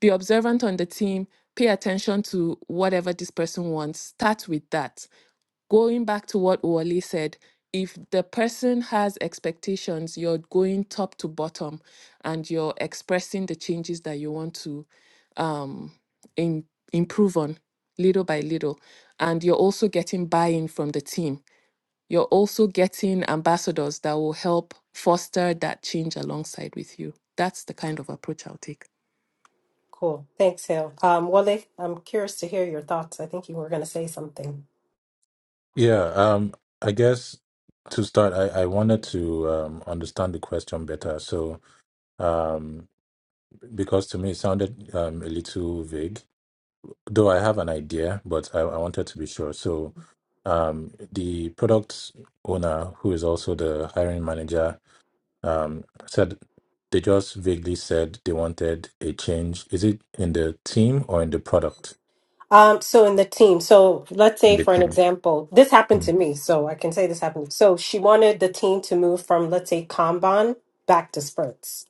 Be observant on the team. Pay attention to whatever this person wants. Start with that. Going back to what Wally said, if the person has expectations, you're going top to bottom and you're expressing the changes that you want to um, in, improve on little by little. And you're also getting buy in from the team. You're also getting ambassadors that will help foster that change alongside with you. That's the kind of approach I'll take. cool. Thanks, Hill. Um, Wale, I'm curious to hear your thoughts. I think you were going to say something. Yeah, um, I guess to start, I, I wanted to um, understand the question better. So, um, because to me it sounded um, a little vague, though I have an idea, but I, I wanted to be sure. So, um, the product owner, who is also the hiring manager, um, said they just vaguely said they wanted a change. Is it in the team or in the product? Um, so in the team, so let's In say the for an team. example, this happened to Mm. me, so I can say this happened. So she wanted the team to move from, let's say, Kanban back to spurts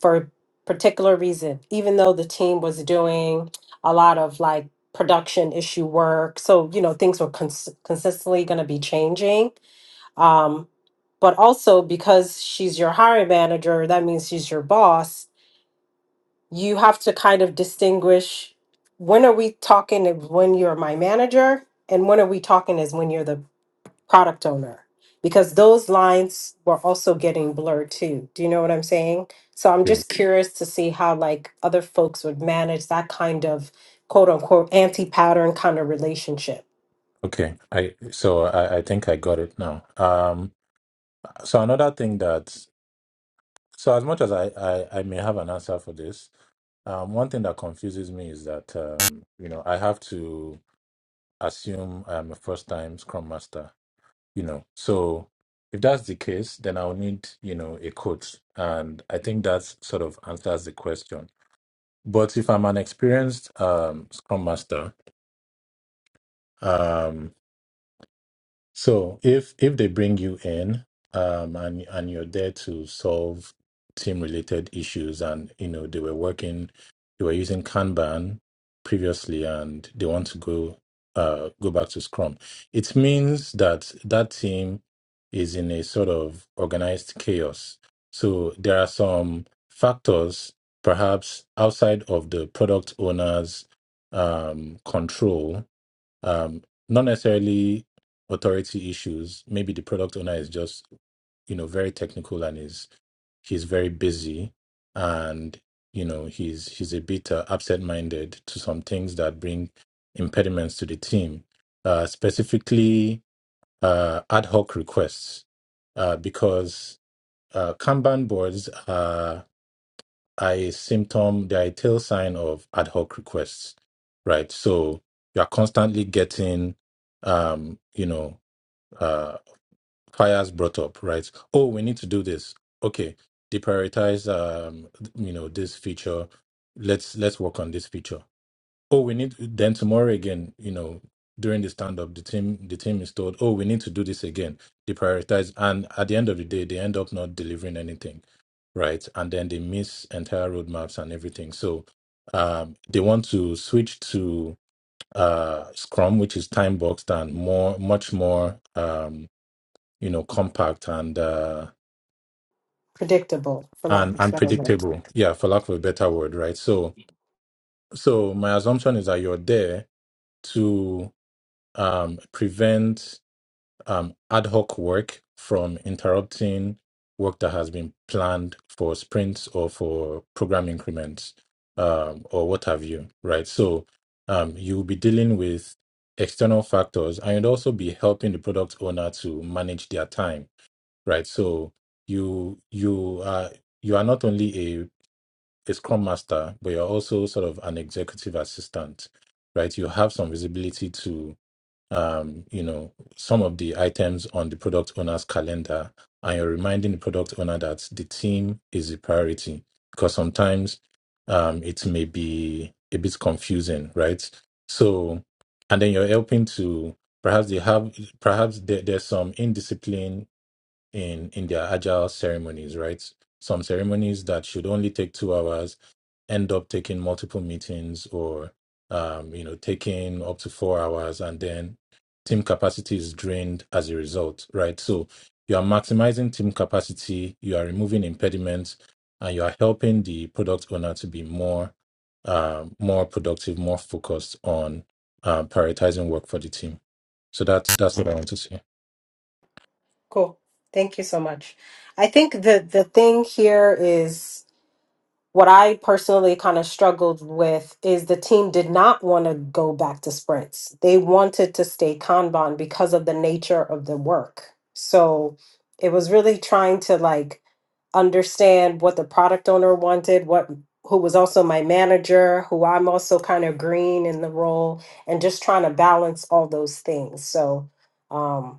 for a particular reason, even though the team was doing a lot of like production issue work. So, you know, things were cons- consistently going to be changing. Um, but also because she's your hiring manager, that means she's your boss you have to kind of distinguish when are we talking of when you're my manager and when are we talking is when you're the product owner because those lines were also getting blurred too do you know what i'm saying so i'm Yeah. just curious to see how like other folks would manage that kind of quote unquote anti-pattern kind of relationship Okay. I so I, I think I got it now. Um, So another thing that, so as much as I, I, I may have an answer for this, um, one thing that confuses me is that um, you know I have to assume I'm a first-time Scrum Master. You know, so if that's the case, then I'll need you know a coach, and I think that sort of answers the question. But if I'm an experienced um, Scrum Master, um, So if if they bring you in, um, and and you're there to solve team related issues, and you know they were working, they were using Kanban previously, and they want to go uh go back to Scrum, it means that that team is in a sort of organized chaos. So there are some factors, perhaps outside of the product owner's um, control, um, not necessarily authority issues. Maybe the product owner is just you know very technical and is he's very busy, and you know he's he's a bit uh, absent minded to some things that bring impediments to the team, uh, specifically uh, ad hoc requests, uh, because uh, Kanban boards are a symptom, they are a tail sign of ad hoc requests, right? So you are constantly getting, um, you know, uh, fires brought up, right? Oh, we need to do this. Okay, deprioritize, um, you know, this feature. Let's let's work on this feature oh we need then tomorrow again you know during the stand up the team the team is told oh we need to do this again they prioritize and at the end of the day they end up not delivering anything right and then they miss entire roadmaps and everything so um they want to switch to uh scrum which is time boxed and more much more um you know compact and uh predictable for lack and of a better word unpredictable yeah for lack of a better word right so so my assumption is that you're there to um, prevent um, ad hoc work from interrupting work that has been planned for sprints or for program increments um, or what have you, right? So um, you'll be dealing with external factors and you'd also be helping the product owner to manage their time, right? So you you are you are not only a, a scrum master, but you're also sort of an executive assistant, right? You have some visibility to um, you know, some of the items on the product owner's calendar, and you're reminding the product owner that the team is a priority because sometimes um, it may be a bit confusing, right? So, and then you're helping to perhaps they have perhaps there, there's some indiscipline in in their agile ceremonies right some ceremonies that should only take two hours end up taking multiple meetings or um, you know taking up to four hours and then team capacity is drained as a result right so you are maximizing team capacity you are removing impediments and you are helping the product owner to be more um more productive more focused on uh, prioritizing work for the team so that's that's what i want to say cool thank you so much i think the the thing here is What I personally kind of struggled with is the team did not want to go back to sprints. They wanted to stay Kanban because of the nature of the work. So it was really trying to like understand what the product owner wanted, what who was also my manager, who I'm also kind of green in the role, and just trying to balance all those things. So, um,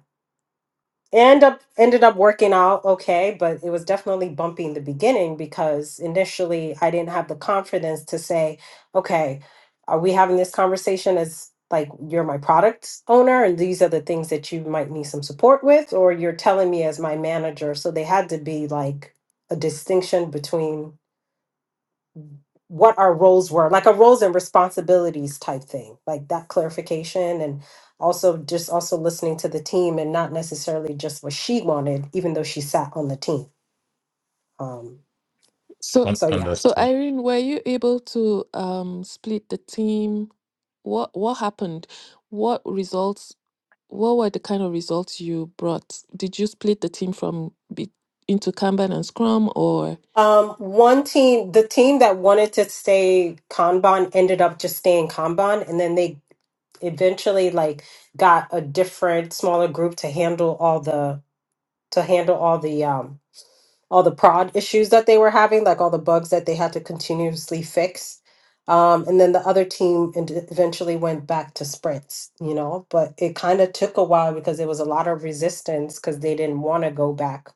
end up ended up working out okay but it was definitely bumpy in the beginning because initially i didn't have the confidence to say okay are we having this conversation as like you're my product owner and these are the things that you might need some support with or you're telling me as my manager so they had to be like a distinction between what our roles were, like a roles and responsibilities type thing, like that clarification and also just also listening to the team and not necessarily just what she wanted, even though she sat on the team. Um, So, on so yeah. so understood Irene, were you able to um, split the team? What what happened? What results? What were the kind of results you brought? Did you split the team from be, into Kanban and Scrum, or Um, one team, the team that wanted to stay Kanban ended up just staying Kanban and then they eventually like got a different smaller group to handle all the to handle all the um all the prod issues that they were having, like all the bugs that they had to continuously fix. Um, and then the other team and eventually went back to sprints, you know, but it kind of took a while because there was a lot of resistance because they didn't want to go back.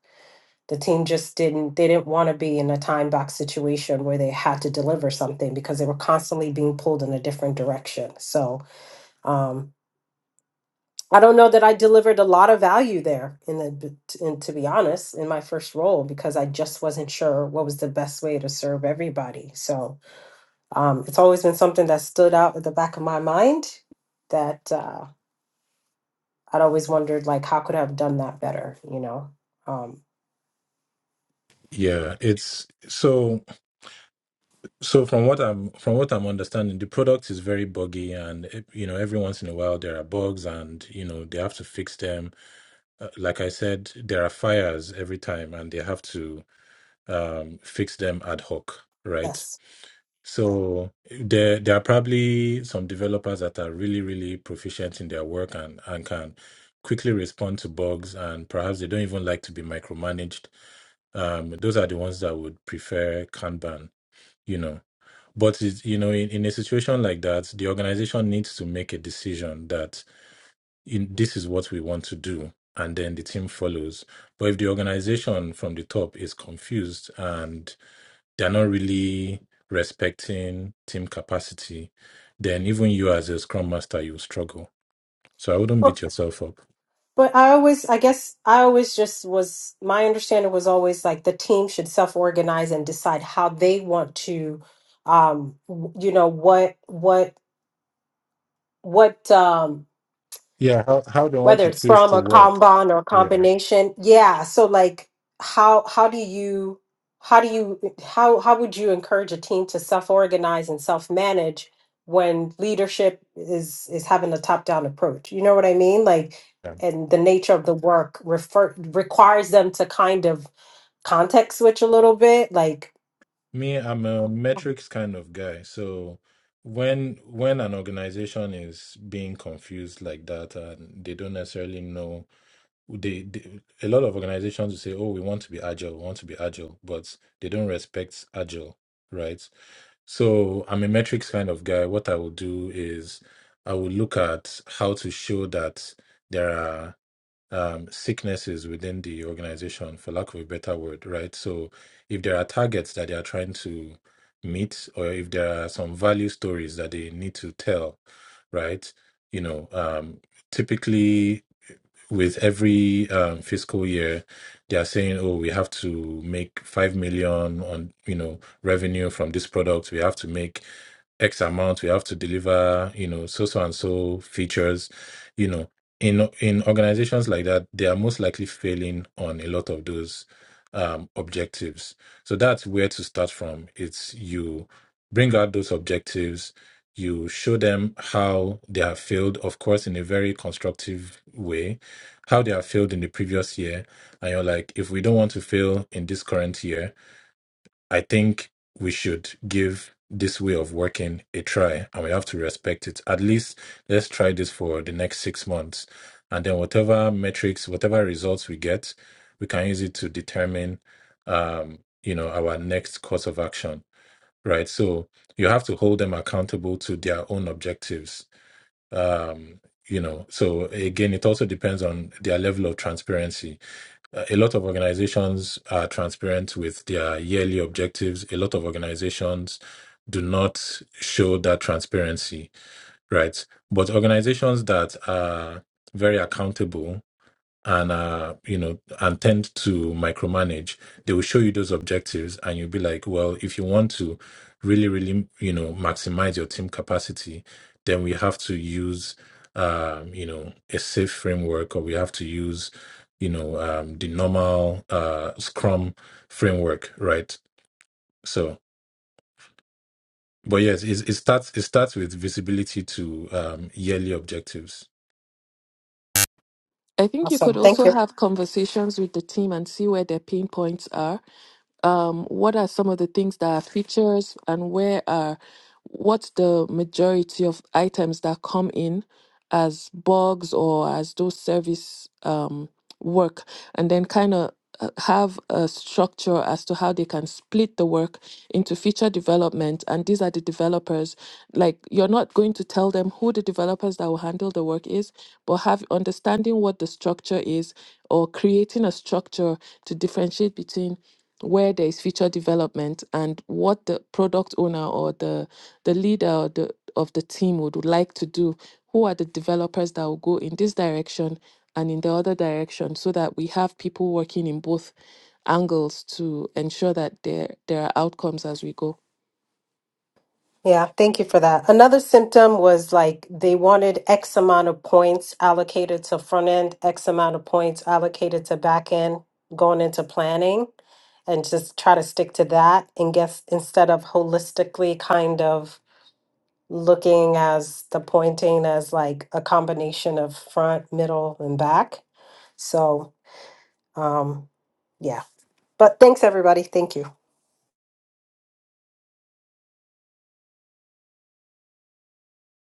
The team just didn't, they didn't want to be in a time box situation where they had to deliver something because they were constantly being pulled in a different direction. So, um, I don't know that I delivered a lot of value there in the and to be honest in my first role because I just wasn't sure what was the best way to serve everybody. So um, it's always been something that stood out at the back of my mind that uh, I'd always wondered like how could I have done that better, you know? Um, Yeah, it's so so from what I'm from what I'm understanding, the product is very buggy and eh, you know every once in a while there are bugs and you know they have to fix them. Uh, like I said, there are fires every time and they have to um fix them ad hoc, right? Yes. So there there are probably some developers that are really really proficient in their work and and can quickly respond to bugs and perhaps they don't even like to be micromanaged. Um, those are the ones that would prefer Kanban you know but it's, you know in, in a situation like that the organization needs to make a decision that in, this is what we want to do and then the team follows but if the organization from the top is confused and they're not really respecting team capacity then even you as a scrum master you struggle so i wouldn't But beat yourself up but I always I guess I always just was my understanding was always like the team should self-organize and decide how they want to um w- you know what what what um yeah how, how they want whether to it's choose from to a work Kanban or yeah combination. Yeah. So like how how do you how do you how how would you encourage a team to self-organize and self-manage when leadership is is having a top-down approach? You know what I mean? Like and the nature of the work refer requires them to kind of context switch a little bit. Like Me, I'm a metrics kind of guy. So when when an organization is being confused like that and they don't necessarily know they, they a lot of organizations will say, "Oh, we want to be agile, we want to be agile," but they don't respect agile, right? So I'm a metrics kind of guy. What I will do is I will look at how to show that there are um, sicknesses within the organization, for lack of a better word, right? So if there are targets that they are trying to meet, or if there are some value stories that they need to tell, right? You know, um, typically with every um, fiscal year they are saying oh we have to make 5 million on you know revenue from this product we have to make x amount we have to deliver you know so so and so features you know in in organizations like that they are most likely failing on a lot of those um, objectives so that's where to start from it's you bring out those objectives you show them how they have failed of course in a very constructive way how they have failed in the previous year and you're like if we don't want to fail in this current year i think we should give this way of working a try and we have to respect it at least let's try this for the next six months and then whatever metrics whatever results we get we can use it to determine um you know our next course of action right so you have to hold them accountable to their own objectives um you know so again it also depends on their level of transparency Uh, a lot of organizations are transparent with their yearly objectives a lot of organizations do not show that transparency right but organizations that are very accountable and uh you know and tend to micromanage they will show you those objectives and you'll be like well if you want to really really you know maximize your team capacity then we have to use um you know a safe framework or we have to use you know um the normal uh scrum framework right so but yes it, it starts it starts with visibility to um yearly objectives I think you could awesome. also Thank you. have conversations with the team and see where their pain points are um, what are some of the things that are features and where are what's the majority of items that come in as bugs or as those service um, work and then kind of uh, have a structure as to how they can split the work into feature development and these are the developers like you're not going to tell them who the developers that will handle the work is but have understanding what the structure is or creating a structure to differentiate between where there is future development and what the product owner or the the leader or the, of the team would, would like to do who are the developers that will go in this direction and in the other direction so that we have people working in both angles to ensure that there there are outcomes as we go Yeah, thank you for that. Another symptom was like they wanted X amount of points allocated to front end, X amount of points allocated to back end going into planning and just try to stick to that and guess instead of holistically kind of looking as the pointing as like a combination of front, middle, and back. So, um, yeah. But thanks everybody. Thank you.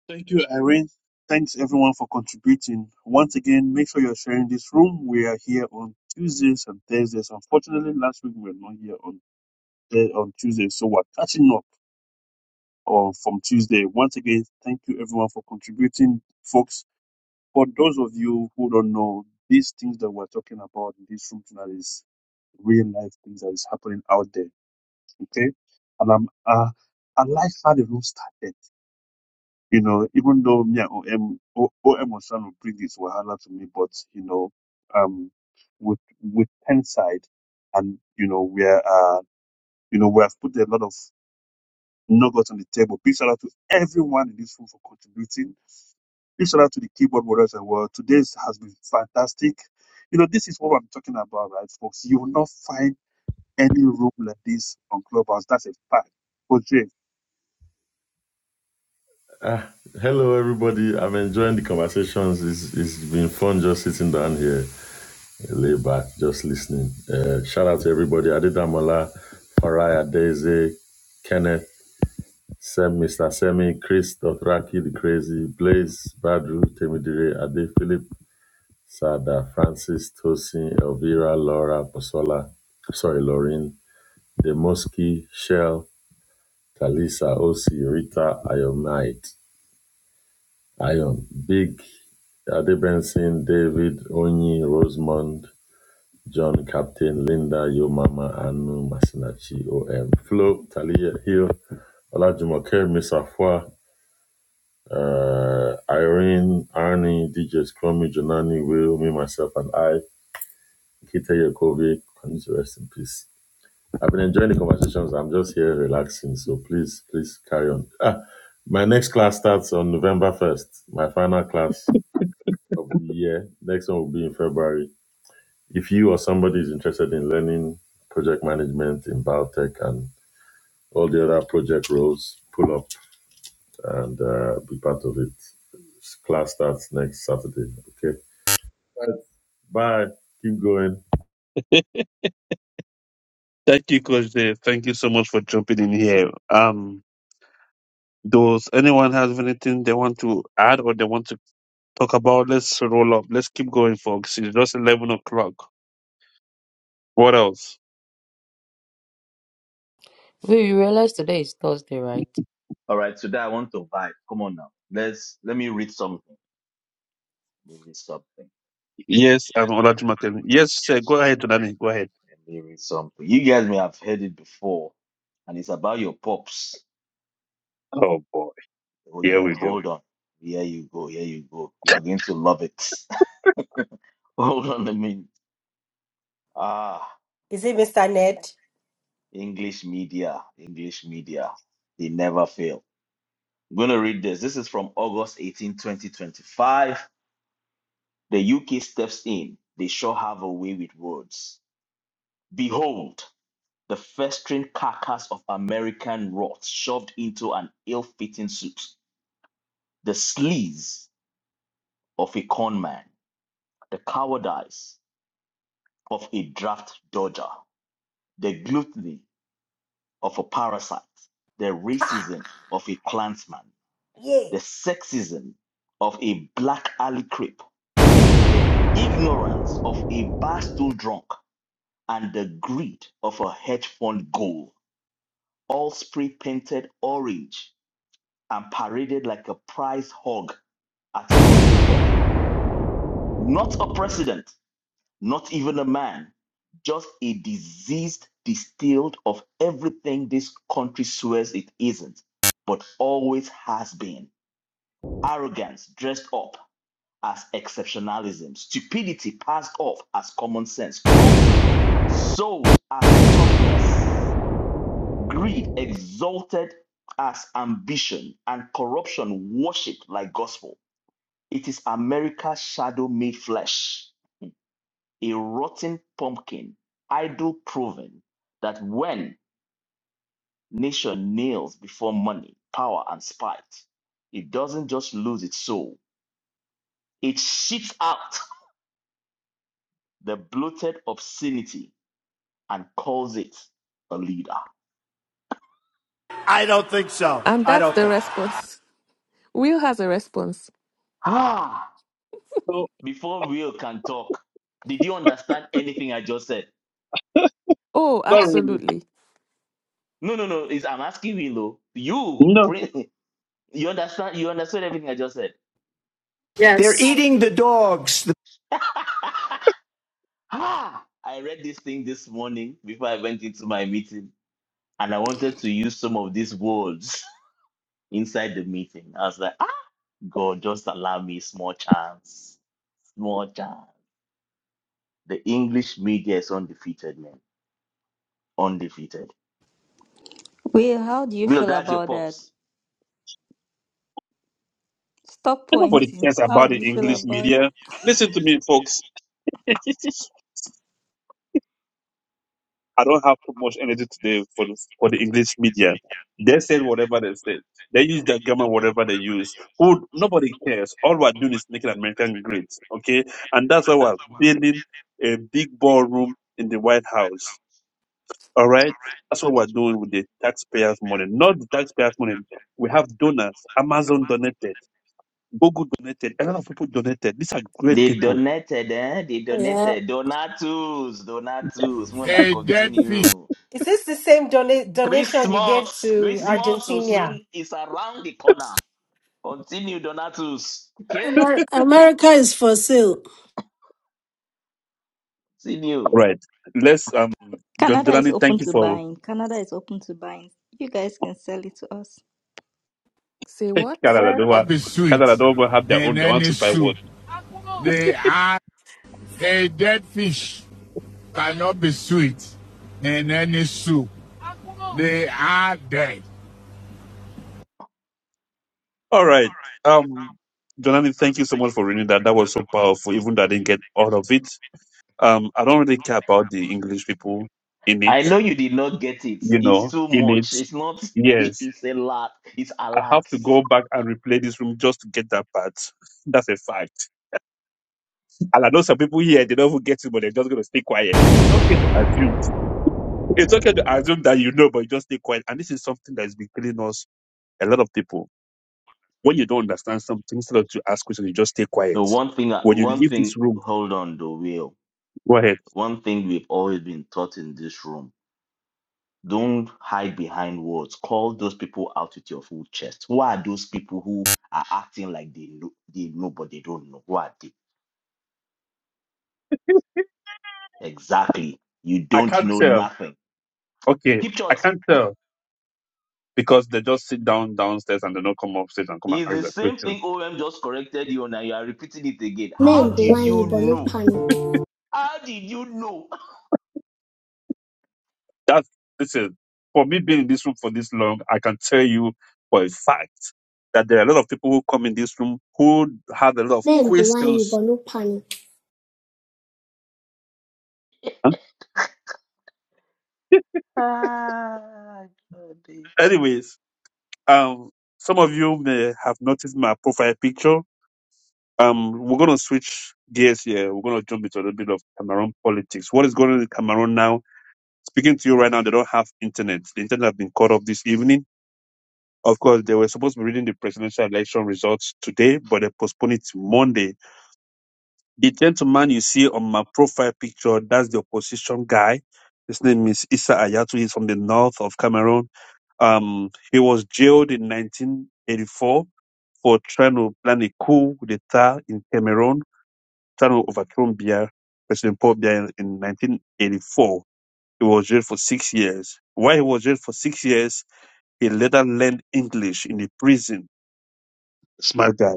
Thank you, Irene. Thanks everyone for contributing. Once again, make sure you're sharing this room. We are here on Tuesdays and Thursdays. Unfortunately, last week we were not here on Thur- on Tuesday, so we're catching up or from Tuesday. Once again, thank you everyone for contributing, folks. For those of you who don't know, these things that we're talking about in this room tonight is real life things that is happening out there. Okay, and I'm uh, I like how the room started. You know, even though me and OM O- OM was trying to bring this wahala to me, but you know, um, with with Penside, and you know, we're uh, you know, we have put a lot of nuggets on the table. Big shout out to everyone in this room for contributing Big shout out to the keyboard warriors as well. Today's has been fantastic. You know, this is what I'm talking about, right, folks? You will not find any room like this on Clubhouse. That's a fact. Coach Jay. Ah, hello, everybody. I'm enjoying the conversations. It's, it's been fun just sitting down here, lay back, just listening. Uh, shout out to everybody. Adedamola, Faraya, Daisy, Kenneth, Sam, Mr. Semi, Chris, Dothraki, The Crazy, Blaze, Badru, Temidire, Ade, Philip, Sada, Francis, Tosin, Elvira, Laura, Posola, sorry, Lauren, Demoski, Shell, Talisa, Osi, Rita, Ayomite. Ion, Big, Adebensin, David, Onyi, Rosemond, John Captain, Linda, Yo Mama, Anu, Masinachi, OM, Flo, Talia, Hill, Olajumoke, Miss Afua, uh, Irene, Arnie, DJ Scrummy, Jonani, Will, me, myself, and I, Kita Yakovic, continue to rest in peace. I've been enjoying the conversations. I'm just here relaxing. So please, please carry on. Ah, my next class starts on November 1st, my final class. of the year. Next one will be in February. If you or somebody is interested in learning project management in biotech and all the other project roles, pull up and uh, be part of it. Class starts next Saturday. Okay. Bye. Keep going. Thank you, Coach Dave. Thank you so much for jumping in here. Um, does anyone have anything they want to add or they want to talk about? Let's roll up. Let's keep going, folks. It's just eleven o'clock. What else? Wait, you realize today is Thursday, right? All right, today I want to vibe. Come on now, let's let me read something. Let me read something. Yes, I'm Olajumaken. Yes, sir. Go ahead, Tonani. Go ahead. Let me read something. You guys may have heard it before, and it's about your pops. Oh boy, Oh here yeah, we go. hold on. Here you go. Here you go. You are going to love it. (laughs) hold on a minute. Ah. Is it Mr. Ned? English media, English media, they never fail. I'm going to read this. This is from August 18, 2025. The UK steps in. They sure have a way with words. Behold, the festering carcass of American rot shoved into an ill fitting suit, the sleaze of a con man, the cowardice of a draft dodger, the gluttony of a parasite, the racism of a clansman Yeah. the sexism of a black alley creep, the ignorance of a bar stool drunk, and the greed of a hedge fund ghoul, all spray painted orange and paraded like a prize hog at a country fair. Not a president, not even a man, just a diseased distilled of everything this country swears it isn't, but always has been. Arrogance dressed up as exceptionalism, stupidity passed off as common sense, cruelty sold as toughness, greed exalted as ambition, and corruption worshipped like gospel. It is America's shadow made flesh, a rotten pumpkin, idol proven that when nation kneels before money, power, and spite, it doesn't just lose its soul, it shits out the bloated obscenity and calls it a leader. and that's the response will has a response Ah, No, before Will can talk, did you understand anything I just said? oh not really. absolutely No, no, no. It's, I'm asking Will. though. You, No. Prince, (laughs) you understand? You understood everything I just said. Yeah, (laughs) ah, I read this thing this morning before I went into my meeting, and I wanted to use some of these words (laughs) inside the meeting. I was like, ah, God, just allow me small chance, small chance. The English media is undefeated, man, undefeated Will, how do you No, feel that's your about that? pops. Stop Nobody pointing. cares How about do the you feel English about it? media. Listen to me, folks. (laughs) I don't have too much energy today for the, for the English media. They said whatever they said. They use their grammar, whatever they use. Who nobody cares. All we're doing is making American great, okay? And that's why we're building a big ballroom in the White House. All right, that's what we're doing with the taxpayers' money, not the taxpayers' money. We have donors. Amazon donated, Google donated, a lot of people donated. These are great They people. donated, eh? They Yeah. donated. Donatus, donatus. Muna continue. Is this the same dona- donation you gave Christmas, to Christmas will Argentina? soon is around the corner. Continue, donatus. Okay, Amer- America is for sale. continue. Right. Let's um John Canada is Durani, open thank you to for buying. Canada is open to buying. You guys can sell it to us. say (laughs) what Canada. Yeah. They were Up is sweet Canada they will have their in own they want any to buy soup. wood. They (laughs) are. A dead fish cannot be sweet in any soup. They are dead. All right. Um Jonani, thank you so much for reading that. That was so powerful, even though I didn't get all of it. Um I don't really care about the English people in it, I know you did not get it. you It's know, too in it. much. It's not. (laughs) Yes. It's a lot. It's a I have lot. to go back and replay this room just to get that part. (laughs) That's a fact. And I know some people here, they don't even get it, but they're just going to stay quiet. It's okay to assume. It's okay to assume that you know, but you just stay quiet. And this is something that has been killing us, a lot of people. When you don't understand something, instead of to ask questions, you just stay quiet. The one thing, When you one leave this thing. room, Hold on, though, Will. go ahead. One thing we've always been taught in this room. Don't hide behind words. Call those people out with your full chest. Who are those people who are acting like they know, they know but they don't know? Who are they? Exactly. You I don't can't know tell. nothing. Okay, Keep I short. can't tell. Because they just sit down downstairs and they don't come upstairs and come and It's ask the that same question. thing OM just corrected you on and you are repeating it again. How did you know? How did you know? That's listen, for me being in this room for this long, I can tell you for a fact that there are a lot of people who come in this room who have a lot of questions. Huh? Ah, Anyways, um, some of you may have noticed my profile picture. Um, we're gonna switch gears here. We're gonna jump into a little bit of Cameroon politics. What is going on in Cameroon now? Speaking to you right now, they don't have internet. The internet have been cut off this evening. Of course, they were supposed to be reading the presidential election results today, but they postponed it to Monday The gentleman you see on my profile picture, that's the opposition guy. His name is Issa Ayatu. He's from the north of Cameroon. Um, he was jailed in 1984 for trying to plan a coup d'etat in Cameroon, trying to overthrow Biya, President Paul Biya in, in 1984. He was jailed for six years. While he was jailed for six years, he later learned English in the prison. Smart guy.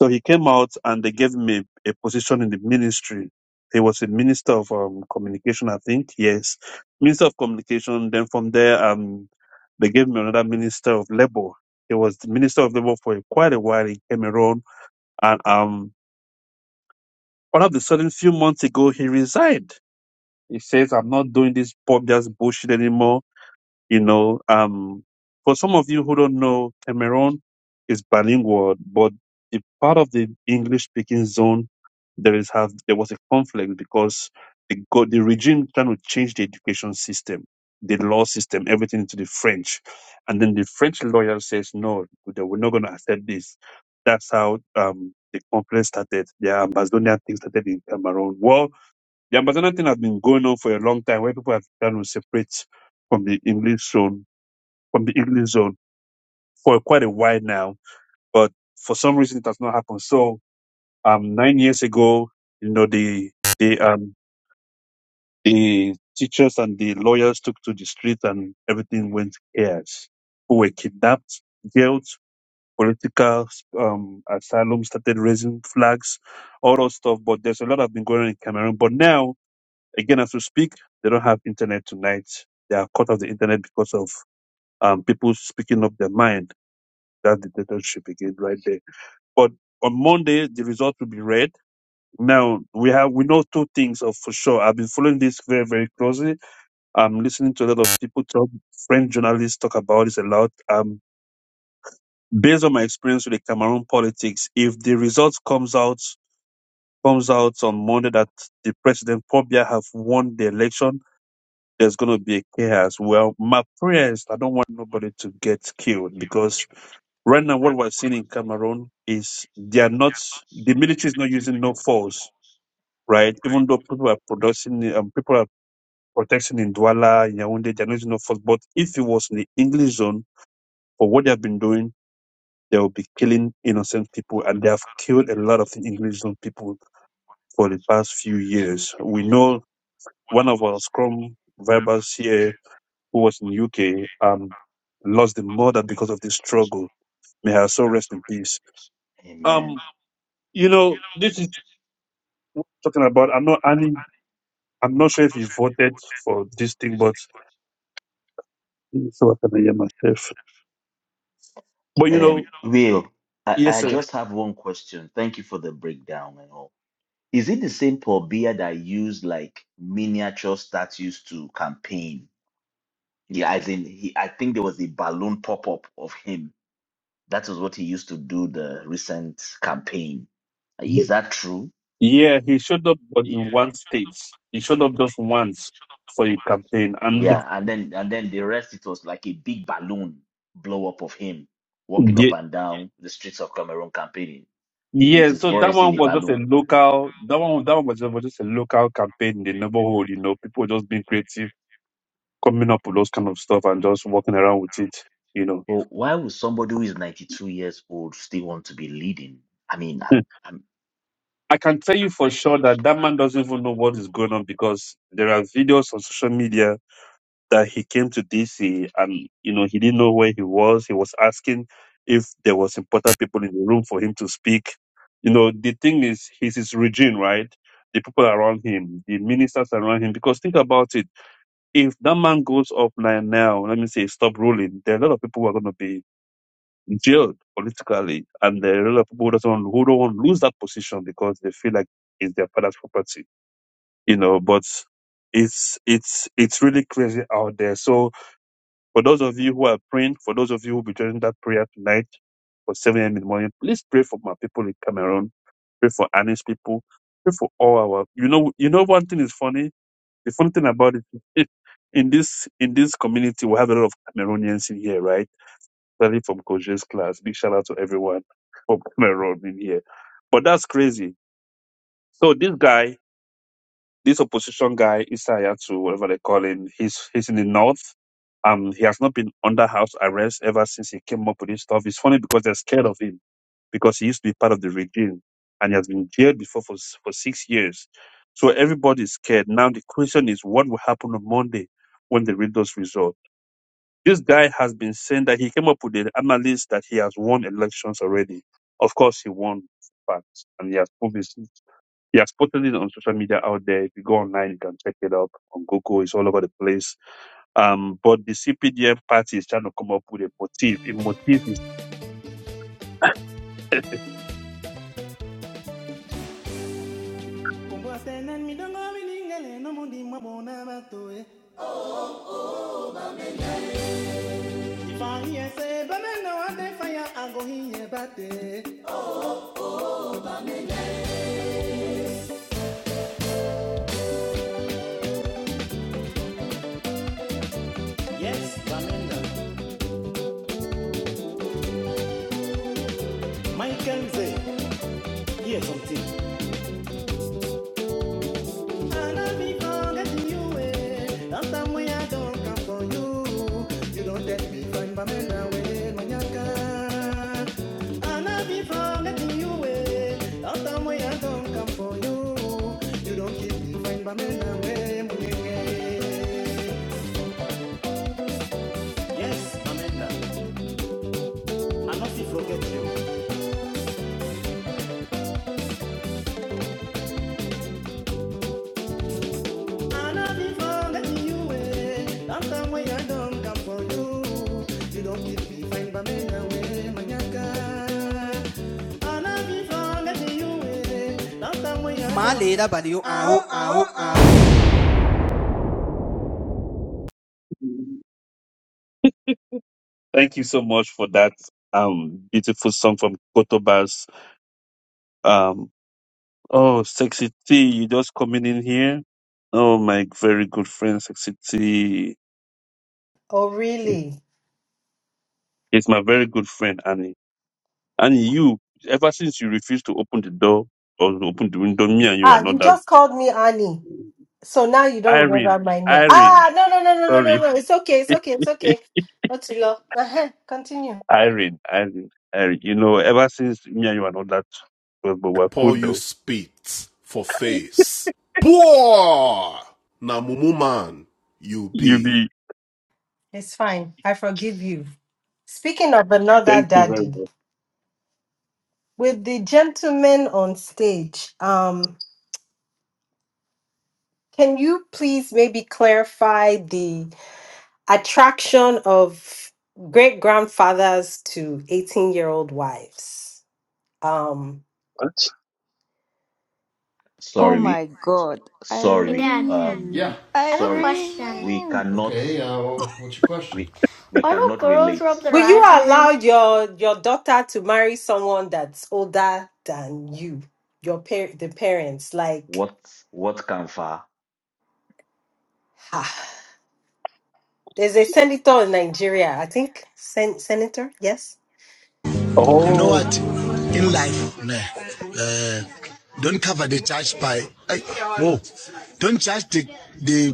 So he came out and they gave him a, a position in the ministry. He was a minister of um, communication, I think. Yes, minister of communication. Then from there, um, they gave him another minister of labor. He was the minister of labor for quite a while in Cameroon, and um, all of a sudden, few months ago, he resigned. He says, "I'm not doing this pop just bullshit anymore." You know, um, for some of you who don't know, Cameroon is bilingual, but the part of the English speaking zone there is have there was a conflict because the go- the regime trying to change the education system, the law system, everything into the French, and then the French lawyer says no, they we're not going to accept this. That's how um, the conflict started. The Amazonian thing started in Cameroon. Well, the Amazonian thing has been going on for a long time, where people have been trying to separate from the English zone, from the English zone for quite a while now. But for some reason, it has not happened. So, um, nine years ago, you know, the the um the teachers and the lawyers took to the street, and everything went chaos. Who were kidnapped, jailed, political um asylum started raising flags, all those stuff. But there's a lot that has been going on in Cameroon. But now Again, as we speak, they don't have internet tonight. They are cut off the internet because of um, people speaking up their mind. That dictatorship again, right there. But on Monday, the result will be read. Now we have we know two things of for sure. I've been following this very very closely. I'm listening to a lot of people talk. French journalists talk about this a lot. Um, based on my experience with the Cameroon politics, if the results comes out comes out on Monday that the president probably have won the election, there's going to be a chaos. Well, my prayers, I don't want nobody to get killed because right now what we're seeing in Cameroon is they are not, the military is not using no force, right? Even though people are producing, um, people are protecting in Douala, in Yaoundé, they're not using no force. But if it was in the English zone for what they have been doing, they will be killing innocent people and they have killed a lot of the English zone people for the past few years. We know one of our scrum vibers here who was in UK, um, lost the mother because of this struggle. May her soul rest in peace. Amen. Um, you know, this is what I'm talking about. I'm not any, I'm not sure if you voted for this thing, but so I can hear myself. But you Um, know, Will, I, yes, I sir. just have one question. Thank you for the breakdown and all. Is it the same Paul Biya that used like miniature statues to campaign? Yeah, as in he, I think there was a balloon pop up of him. That was what he used to do the recent campaign. Is that true? Yeah, he showed up, but Y- in one state. He showed up just once for a campaign, and Yeah, and then and then the rest it was like a big balloon blow up of him walking up yeah, and down the streets of Cameroon campaigning with yeah, his so that voice one in a was just a balloon. local. That one, that one was just was just a local campaign in the neighborhood. You know, people were just being creative coming up with those kind of stuff and just walking around with it, you know. But why would somebody who is 92 years old still want to be leading? I mean, Hmm. I'm I'm I can tell you for sure that that man doesn't even know what is going on because there are videos on social media that he came to DC and, you know, he didn't know where he was. He was asking if there was important people in the room for him to speak. You know, the thing is, he's his regime, right? The people around him, the ministers around him, because think about it. If that man goes up now, now, let me say, stop ruling, there are a lot of people who are going to be jailed politically, and the lot of people who don't, want- who don't want to lose that position because they feel like it's their father's property, you know. But it's it's it's really crazy out there. So for those of you who are praying, for those of you who will be joining that prayer tonight for 7 a.m. in the morning, please pray for my people in Cameroon. Pray for Anish people. Pray for all our. You know, you know one thing is funny. The funny thing about it, (laughs) in this in this community, we have a lot of Cameroonians in here, right? especially from Koje's class. Big shout out to everyone (laughs) from Cameroon in here. But that's crazy. So this guy, this opposition guy, Isayatu, whatever they call him, he's he's in the north. Um, he has not been under house arrest ever since he came up with this stuff. It's funny because they're scared of him because he used to be part of the regime and he has been jailed before for s- for six years. So everybody's scared. Now the question is, what will happen on Monday when they read those results? This guy has been saying that he came up with the analysis that he has won elections already. Of course, he won facts, and he has proved his, he has posted it on social media out there. If you go online, you can check it up on Google. It's all over the place. Um, but the CPDF party is trying to come up with a motive. A motive is. (laughs) Yes, Amanda. Michael Z. Here's something. I love me forgetting you. eh. After me, I don't come for you. You don't let me find Pamela way, Manyaka. I love me forgetting you. eh. After me, I don't come for you. You don't Pamela way. Yes, Amanda. I must forget you. Malera balió. Ow, ow, ow. Thank you so much for that um beautiful song from Kotobas. Um, oh, sexy T, you just coming in here. Oh, my very good friend, sexy T. Oh, really? is my very good friend Annie. And you, ever since you refused to open the door or to open the window, me and you are Ah, not you that. just called me Annie. So now you don't remember Irene, my name. Irene, Ah, no, no, no, no, no, no, sorry, no. It's okay. It's (laughs) okay. It's okay. Otilo, uh-huh. continue. Irene, Irene, Irene. You know, ever since me and you are not that, close, but we're cool though. Poor na mumu man. You. You be. Hey, It's fine. I forgive you. Speaking of another Thank you very daddy, much. with the gentleman on stage, um, can you please maybe clarify the attraction of great grandfathers to 18 year old wives? Um, What? Oh sorry, we my God. sorry, we Dad. um Yeah. Irene. I have a sorry, question. we Irene. cannot Okay. Uh, well, what's your question? we we cannot relate. will you allow your your daughter to marry someone that's older than you? Your par- the parents, like, What what Kanfa? ha. There's a senator in Nigeria, I think, sen- senator, yes. You know Oh, what in life nah, uh, don't cover the charge by eh, oh don't charge the, the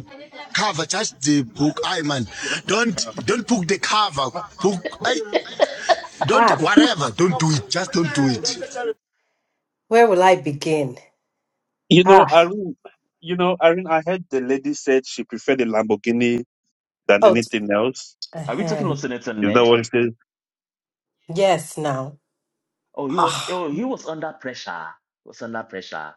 Ha. Where will I begin? you know, Ah, Irene. You know, Irene. I heard the lady said she preferred the Lamborghini than Oh, anything else. Are we uh-huh. talking of Senator Is that Ned? what she said? yes, now. Oh, he was Ah. oh he was under pressure. He was under pressure.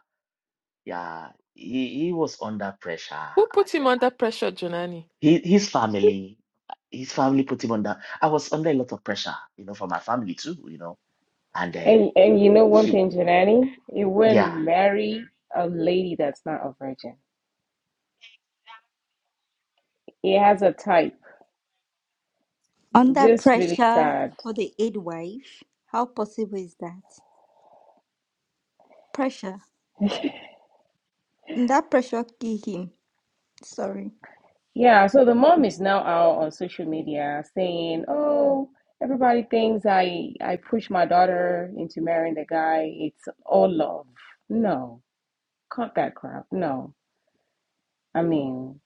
Yeah, he he was under pressure. who put him And, uh, under pressure jonani he, his family, his family put him under. I was under a lot of pressure, you know, from my family too, you know and uh, And you and know you know one she thing, Janani, you wouldn't yeah marry a lady that's not a virgin. It has a type. Under Just really pressure sad. for the aid wife. How possible is that? Pressure. That pressure killed him. Sorry. Yeah, so the mom is now out on social media saying, "Oh, everybody thinks I I push my daughter into marrying the guy. It's all love." No, cut that crap. No. I mean,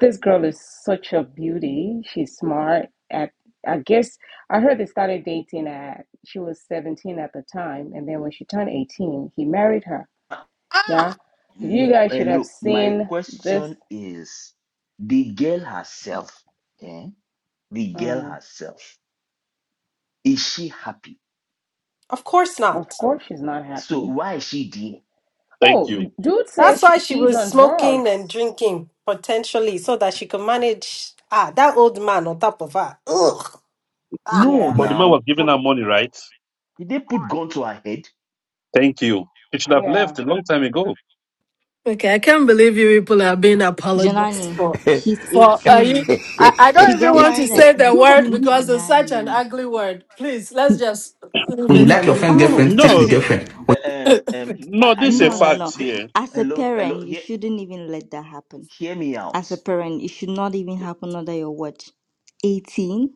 this girl is such a beauty. She's smart. At I guess I heard they started dating at she was 17 at the time, and then when she turned 18, he married her. Uh, Yeah, ah, you M- guys eh, should have look my seen this. question is the girl herself eh? the girl Mm, herself is she happy of course of not. course, she's not so happy. why is she there Thank Oh, you. dude That's says why sh- she she's was on smoking and drugs. drinking potentially so that she could manage ah that old man on top of her. Ugh. Ah. no Yeah, But the man now was giving for, her money, right? did they put gun to her head Thank you. You should have yeah. left a long time ago. Okay, I can't believe you people are being apologized Junani, for. she's For uh, you, 18. I, I don't She even got want to married at say the No, but- word 18, n- because it's such an Junani. ugly word. Please, let's just leave When you it like your n- alone. friend's no no girlfriend, take the no, Honestly, see girlfriend. When, eh, (laughs) um and um i no, i this is a no, no, know no. fact they, here. As a hello hello parent, you hear shouldn't even let that happen. hear me out As a parent, it should not even happen under your watch. 18?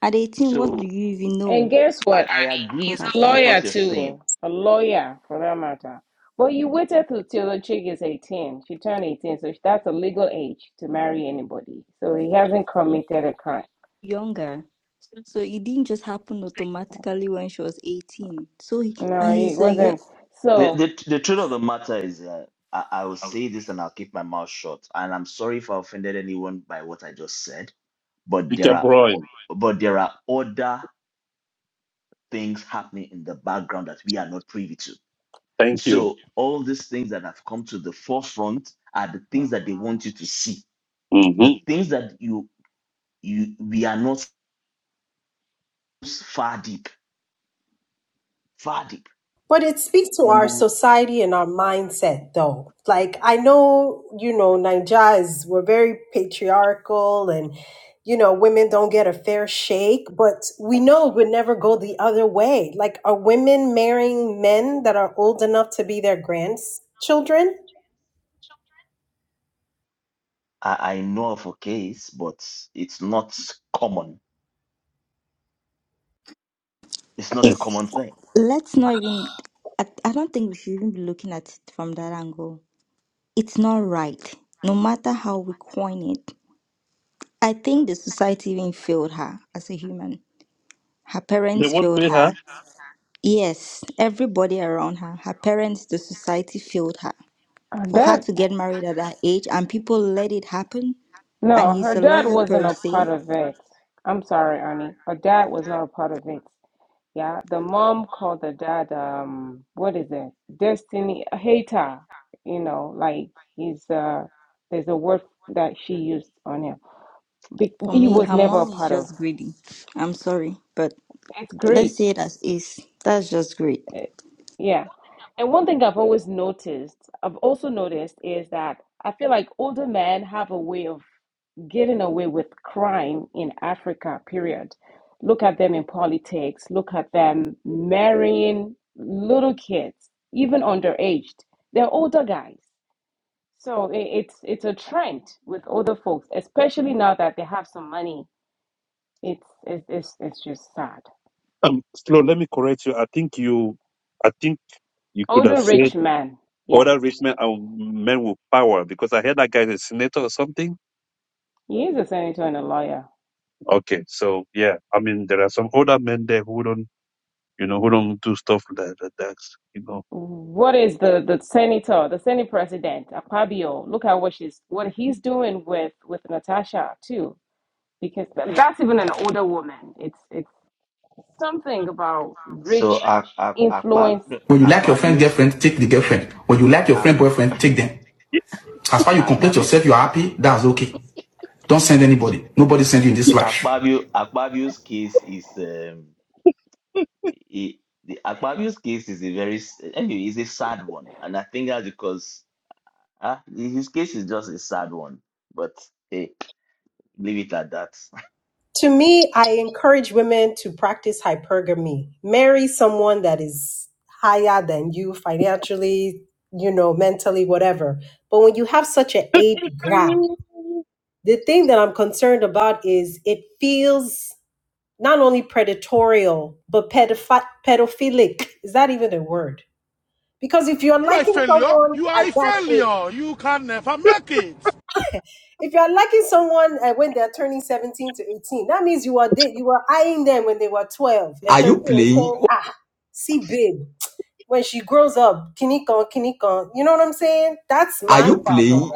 At 18, what do so you even And know? guess i what? i God, agree I A beg. with lawyer what you're saying too. A lawyer for that matter. But you waited till, till the chick is 18. She turned 18, so that's a legal age to marry anybody. So he hasn't committed a crime. Younger. So it didn't just happen automatically when she was 18. So, he- No, and he he's a yo- wasn't. The, So the the truth of the matter is that I, I will say this and I'll keep my mouth shut. And I'm sorry if I offended anyone by what I just said, but there Speaker are Brown. o- but there are other things happening in the background that we are not privy to. And Thank you. so all these things that have come to the forefront are the things that they want you to see. The hmm things that you you we are not s- far deep. Far deep. But it speaks to Number our one, society and our mindset, though. Like, I know, you know, Naija is, we're very patriarchal and, you know, women don't get a fair shake, but we know it would never go the other way. Like, are women marrying men that are old enough to be their grandchildren? I, I know of a case, but it's not common. It's not (laughs) a It's common thing let's not even. I, I don't think we should even be looking at it from that angle. It's not right, no matter how we coin it. I think the society even failed her as a human. Her They parents won't failed pay her. her. Yes, everybody around her. Her parents, the society failed her. her For her dad, to get married at that age and people let it happen, and no, he's her a dad lawyer wasn't per a se. part of it. I'm sorry, Annie. Her dad was not a part of it. Yeah, the mom called the dad, um, what is it? Destiny a hater. You know, like he's uh, there's a word that she used on him. Be- For He me, was her never a mom is part of. just greedy. I'm sorry, but It's let's great. say it as is. That's just great. Eh, Yeah. And one thing I've always noticed, I've also noticed is that I feel like older men have a way of getting away with crime in Africa, period. Look at them in politics, look at them marrying little kids, even underaged. They're older guys. So i- it's it's a trend with older folks, especially now that they have some money. It's it's it's, it's just sad. Um, Flo, let me correct you. I think you, I think you could have Older said rich man. Yeah, other rich men are men with power because I heard that guy is a senator or something. he is a senator and a lawyer. Okay, so yeah, I mean there are some older men there who don't, you know, who don't do stuff like that. That's you know. What is the the senator, the senate president, Akpabio? Look at what she's what he's doing with with Natasha too, because th- that's even an older woman. It's it's something about So rich Ak- Ak- Akpab- influence. no, when you like your friend's Akpabio's girlfriend, take the girlfriend. When you like your Ak- friend's boyfriend, take them. Yeah. As far as you complete Akpabio- yourself, you're happy, that's okay. Don't send anybody. Nobody send you in this life. Akpabio- Akpabio's case is um, i- the Akpabio's case is a very s- anyway, it's a sad one, and I think that's because uh, his case is just a sad one. But hey, leave it at that. (laughs) To me, I encourage women to practice hypergamy. Marry someone that is higher than you financially, you know, mentally, whatever. But when you have such an age gap, the thing that I'm concerned about is it feels not only predatorial, but pedophi- pedophilic. Is that even a word? Because if you're liking someone at that if you are liking someone uh, when they are turning 17 to 18 that means you are da- you were eyeing them when they were 12 and 13 and saying ah see babe when she grows up kinikon kinikon you know what i'm saying that's my problem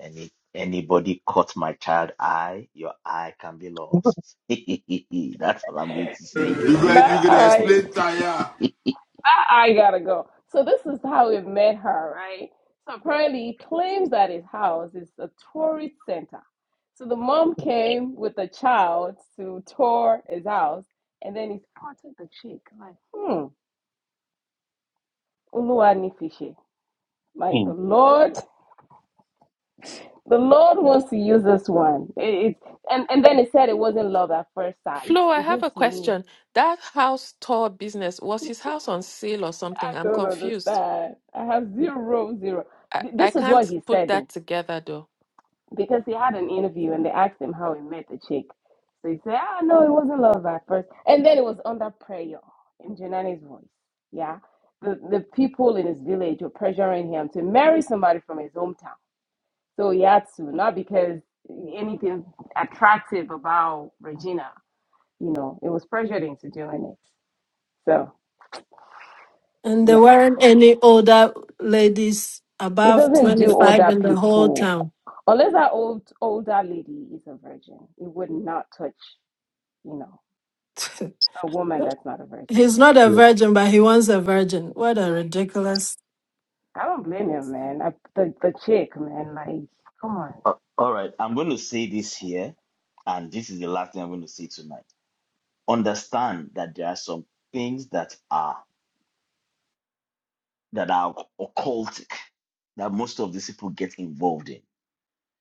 Any anybody caught my child eye, your eye can be lost. (laughs) That's all I'm going to say. My eyes. I, I gotta go. So this is how we met her, right? So apparently he claims that his house is a tourist center. So the mom came with the child to tour his house, and then he spotted the chick, like, hmm, Uluwanifishi. Like the Mm. Lord, the Lord wants to use this one. It, it, and, and then he said it wasn't love at first sight. Flo, I It have a just means, question. That house tour business, was his house on sale or I something? I'm don't confused. understand. I have zero, zero. I, I This is can't what he put said, though. that together though. because he had an interview and they asked him how he met the chick. So he said, "Ah, no, it wasn't love at first, and then it was under prayer in Janani's voice." Yeah, the the people in his village were pressuring him to marry somebody from his hometown. So he had to, not because anything attractive about Regina. You know, it was pressured into doing it. So yeah, there weren't any older ladies it above doesn't do 25 older in the whole people town. (laughs) unless that old older lady is a virgin. It would not touch. You know. A woman that's not a virgin. He's not a virgin, but he wants a virgin. What a ridiculous. I don't blame him, man. I, the the chick, man. Like, come on. (laughs) Uh, All right, I'm going to say this here, and this is the last thing I'm going to say tonight. understand that there are some things that are that are occultic that most of these people get involved in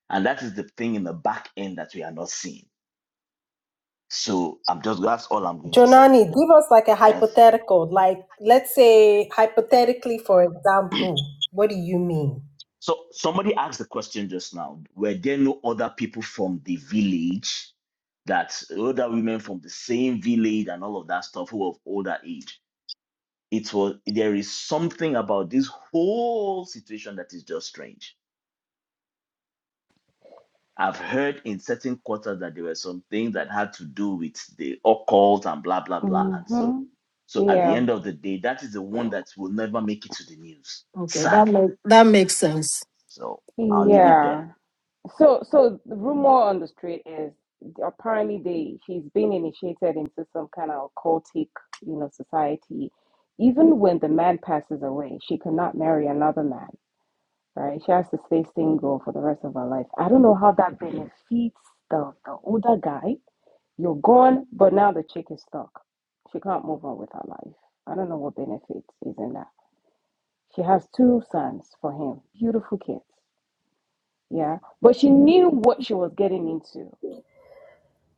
and that is the thing in the back end that we are not seeing so i'm just that's all i'm going to say jonani give us like a yes hypothetical like let's say hypothetically for example what do you mean so somebody asked the question just now were there no other people from the village that older women from the same village and all of that stuff who of older age it was there is something about this whole situation that is just strange I've heard in certain quarters that there were some things that had to do with the occult and blah blah blah and so. hmm So at the Yeah, end of the day, that is the one that will never make it to the news, Okay, that sadly. make, that makes sense. So I'll leave it there. yeah. (laughs) So, so the rumor on the street is apparently they she's been initiated into some kind of occultic, you know, society. Even when the man passes away, she cannot marry another man, right? She has to stay single for the rest of her life. I don't know how that benefits the the older guy You're gone, but now the chick is stuck. She can't move on with her life. I don't know what benefit is in that. She has two sons for him, beautiful kids. Yeah. But she knew what she was getting into.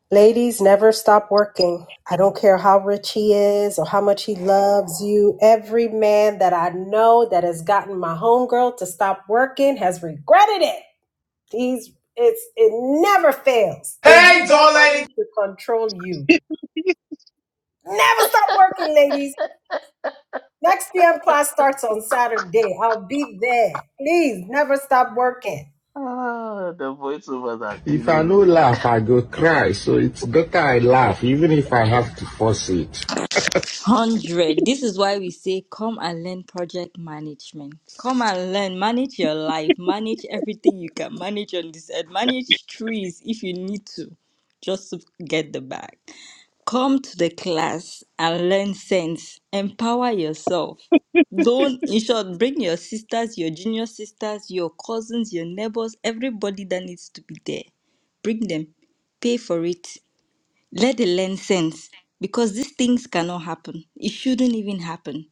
Ladies, never stop working. I don't care how rich he is or how much he loves you. Every man that I know that has gotten my homegirl to stop working has regretted it. He's it's it never fails. They use that money to control you. Never stop working, ladies. Next PM class starts on Saturday. I'll be there. Please never stop working. Oh, The voiceovers are If I killing no me. laugh, I go cry. So it's better I laugh, even if I have to force it. Hundred. This is why we say, come and learn project management. Come and learn, manage your life, manage everything you can manage on this earth, manage trees if you need to, just to get the bag. Come to the class and learn sense. Empower yourself. Don't, in short, bring your sisters, your junior sisters, your cousins, your neighbors, everybody that needs to be there. Bring them. Pay for it let the learn sense because these things cannot happen. It shouldn't even happen.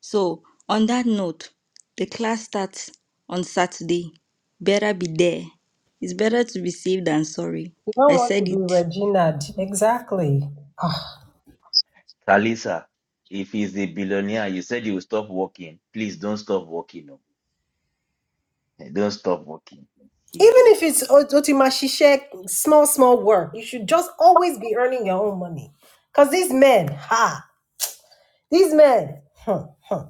So, on that note, the class starts on Saturday. Better be there. It's better to be safe than sorry. You don't I want to said be it. Regina. Exactly. Ah. Kalisa, if he's a billionaire, you said he will stop working. Please don't stop working. oh. Eh, Don't stop working. He- Even if it's o- otimashishek, small, small work, you should just always be earning your own money. Because these men, ha, these men, huh, huh.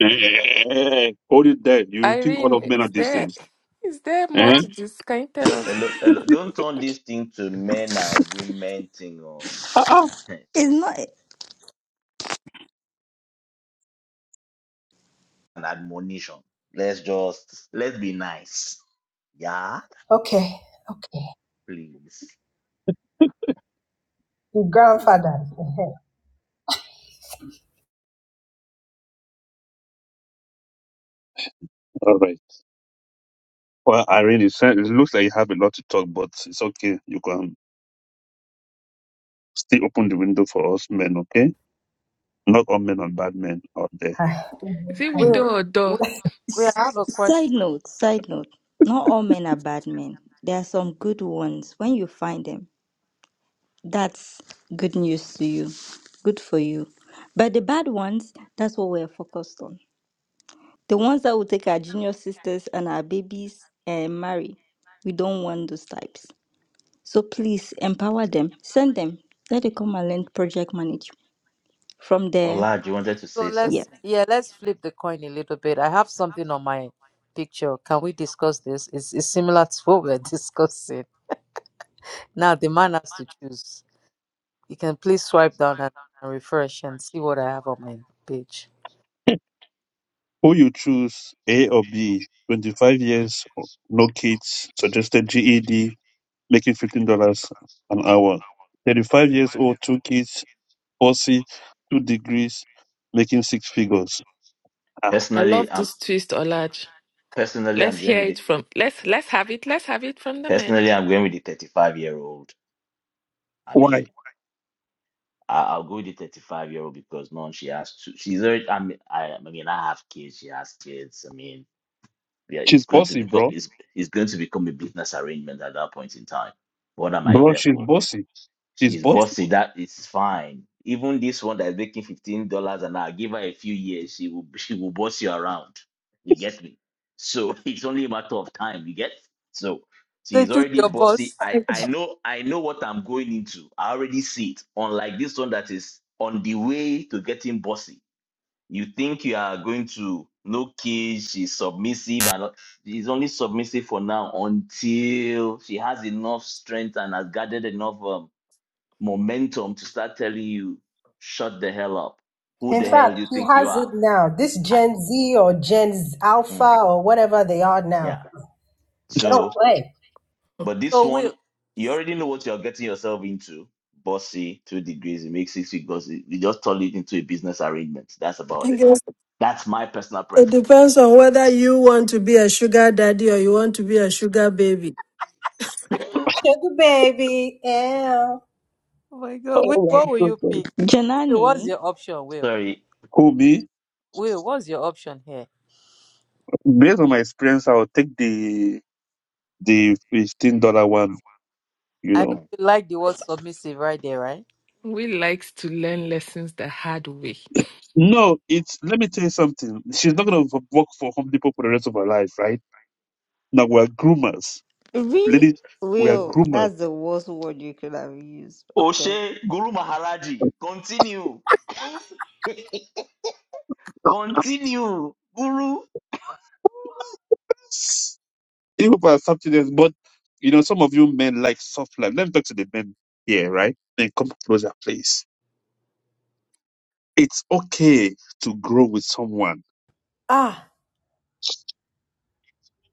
Eh, eh, eh, eh, Hold it there. You think all Irene, of men are is the there same? is there more Eh? to this? Can you tell us? Hello, hello. Don't turn this thing to men and women thing. Oh. Uh-uh. (laughs) It's not. an admonition. Let's just let's be nice. Yeah, okay, okay. please. Your grandfather. eh, eh, All right. Well, Irene, it sound- it looks like you have a lot to talk, but it's okay. You can still open the window for us men, okay? Not all men are bad men out there. Is it ah. Well, window or well, door? well, I have a question. Side note, side note. Not all men are bad men. There are some good ones. When you find them, that's good news to you. Good for you. But the bad ones, that's what we're focused on. The ones that will take our junior sisters and our babies and marry, we don't want those types. So please empower them. Send them. Let them come and learn project management. From there, Olaj, you wanted to So say yeah. let's something. yeah, let's flip the coin a little bit. I have something on my picture. Can we discuss this? It's, it's similar to what we're (laughs) discussing. Now the man has to choose. You can please swipe down and, and refresh and see what I have on my page. Who you choose, A or B? 25 years, no kids, suggested GED, making $15 an hour. 35 years old, two kids, bossy, two degrees, making six figures. Ah, I Personally, love I'm this twist, Olaj. personally Let's I'm going hear with it the from let's let's have it. Let's have it from the men. personally I'm going with the 35 year old. I why? mean, I, I'll go with the 35 year old because none she has to. She's already. I mean, I, I mean, I have kids. She has kids. I mean, yeah, it's She's going to bossy, become bro. it's it's going to become a business arrangement at that point in time. What am I Bro, there she's for? bossy. She's She's bossy. bossy. That is fine. Even this one that is making fifteen dollars an hour, give her a few years, she will she will boss you around. You get me? So (laughs) it's only a matter of time. You get? So So she's choose already your boss. bossy. I (laughs) I know I know what I'm going into. I already see it. Unlike this one that is on the way to getting bossy. You think you are going to no kids, she's submissive and all- she's only submissive for now until she has enough strength and has gathered enough. Um, momentum to start telling you, shut the hell up. Who In the hell fact, you he think you has are? it now. This Ah, Gen Z or Gen Z mm, Alpha or whatever they are now, yeah. they don't So, play. but this So one, Will, you already know what you're getting yourself into. Bossy, two degrees, it makes six figures. You you just turn it into a business arrangement. That's about it. Okay. That's my personal It preference. depends on whether you want to be a sugar daddy or you want to be a sugar baby. (coughs) (laughs) Sugar baby, ew. oh my (laughs) God, Will, Oh what my will you goodness. pick? Will, what's Janani, your option? Will, Sorry. Who me? Will, what's your option here? Based on my experience, I'll take the the fifteen dollar one. You I know know. you like the word submissive right there, right? Will likes to learn lessons the hard way. No, it's let me tell you something. She's not gonna work for Home Depot for the rest of her life, right? Now we are groomers, really? ladies. We are Will, groomers. that's the worst word you could have used. Okay. Oshe Guru Maharaji, continue. (laughs) (laughs) Continue. Guru, Yes. Even for our subsidies, but you know, some of you men like soft life. Let me talk to the men here, right? Then come closer, please. It's okay to grow with someone. Ah,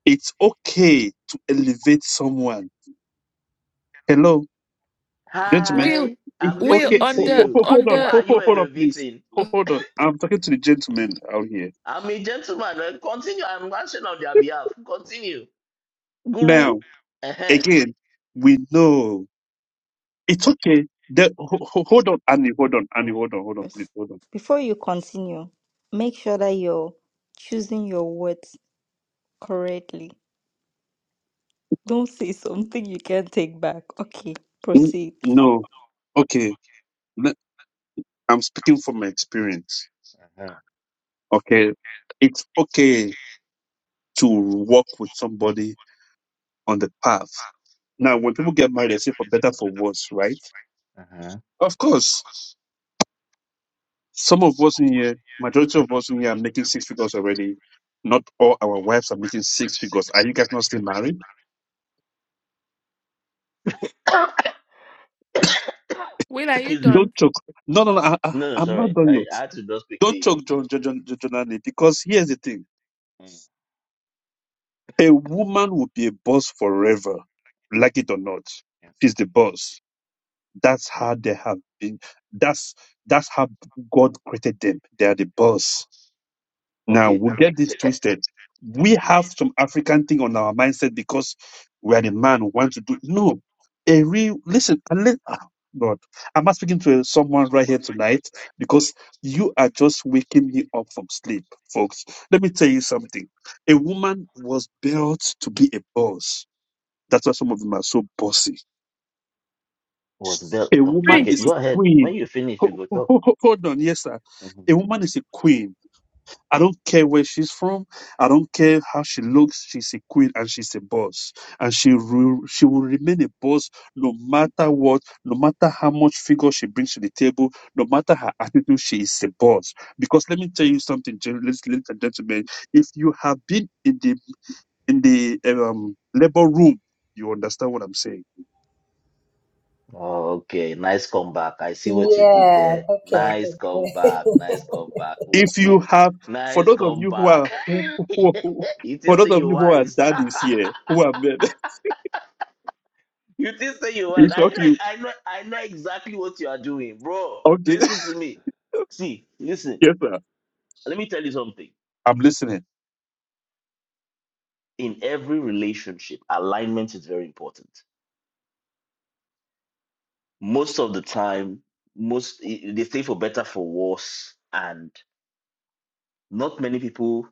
It's okay to elevate someone. Hello, gentlemen. Will, hi. It's I'm Will, okay. listening to on ho- the ho- you. ho- Hold on Who on. the ho- are you ho- Hold on, please. elevating? Ho- Hold on. I'm talking to the gentlemen out here. I'm a gentleman. Uh, Continue. I'm answering on their behalf. Continue. Guru. Now, uh again, we know it's okay. That, ho- ho- hold on, Annie. Hold on, Annie. Hold on. Hold on, please. Hold on. Before you continue, make sure that you're choosing your words correctly. Don't say something you can't take back. Okay, N- proceed. No. Okay. let- I'm speaking from my experience. Okay. It's okay to walk with somebody on the path. Now, when people get married, they say for better, for worse, right? Of course Some of us in here, majority of us in here are making six figures already. Not all our wives are making six figures. Are you guys not still married? (coughs) Will, are you Excuse me. done? Don't choke. No, no, no. I, I, No, no, I'm not sorry. done I, yet. I had to just Don't quickly. choke, John, John, John, John Annie, because here's the thing. Mm, A woman will be a boss forever, like it or not. yeah. She's the boss. That's how they have been. That's that's how God created them. They are the boss Now, Okay. we get Ca- this twisted. ca- We mhm. have some African thing on our mindset because we are the man who wants to do. No, a real listen. Unless, ah, God, I'm not speaking to someone right here tonight because you are just waking me up from sleep, folks. Let me tell you something. A woman was built to be a boss. That's why some of them are so bossy. Was built. A Um, woman Free. Okay, is a go ahead. When queen. you finish, we Ho- go ho- talk. ho- ho- Hold on, yes, sir. Mhm. A woman is a queen I don't care where she's from. I don't care how she looks. She's a queen and she's a boss, and she re- she will remain a boss no matter what, no matter how much figure she brings to the table, no matter her attitude. She is a boss because let me tell you something, gen- ladies ladies and gentlemen. If you have been in the in the um, labor room, you understand what I'm saying. Okay, nice comeback. I see what you did Yeah, there. okay. Nice comeback. (laughs) Nice comeback. Oh, If oh. you have, for Nice those of you who are comeback. (laughs) (laughs) who, who, who- it for is those to of you you who are wise. daddies here, who (laughs) are men, You did say you (laughs) was. it's I know, okay. I know, I know exactly what you are doing, bro. Okay, Listen to me. See, listen. Yes, sir. Let me tell you something. I'm listening. In every relationship, alignment is very important. Most of the time, most i- they say for better for worse, and not many people.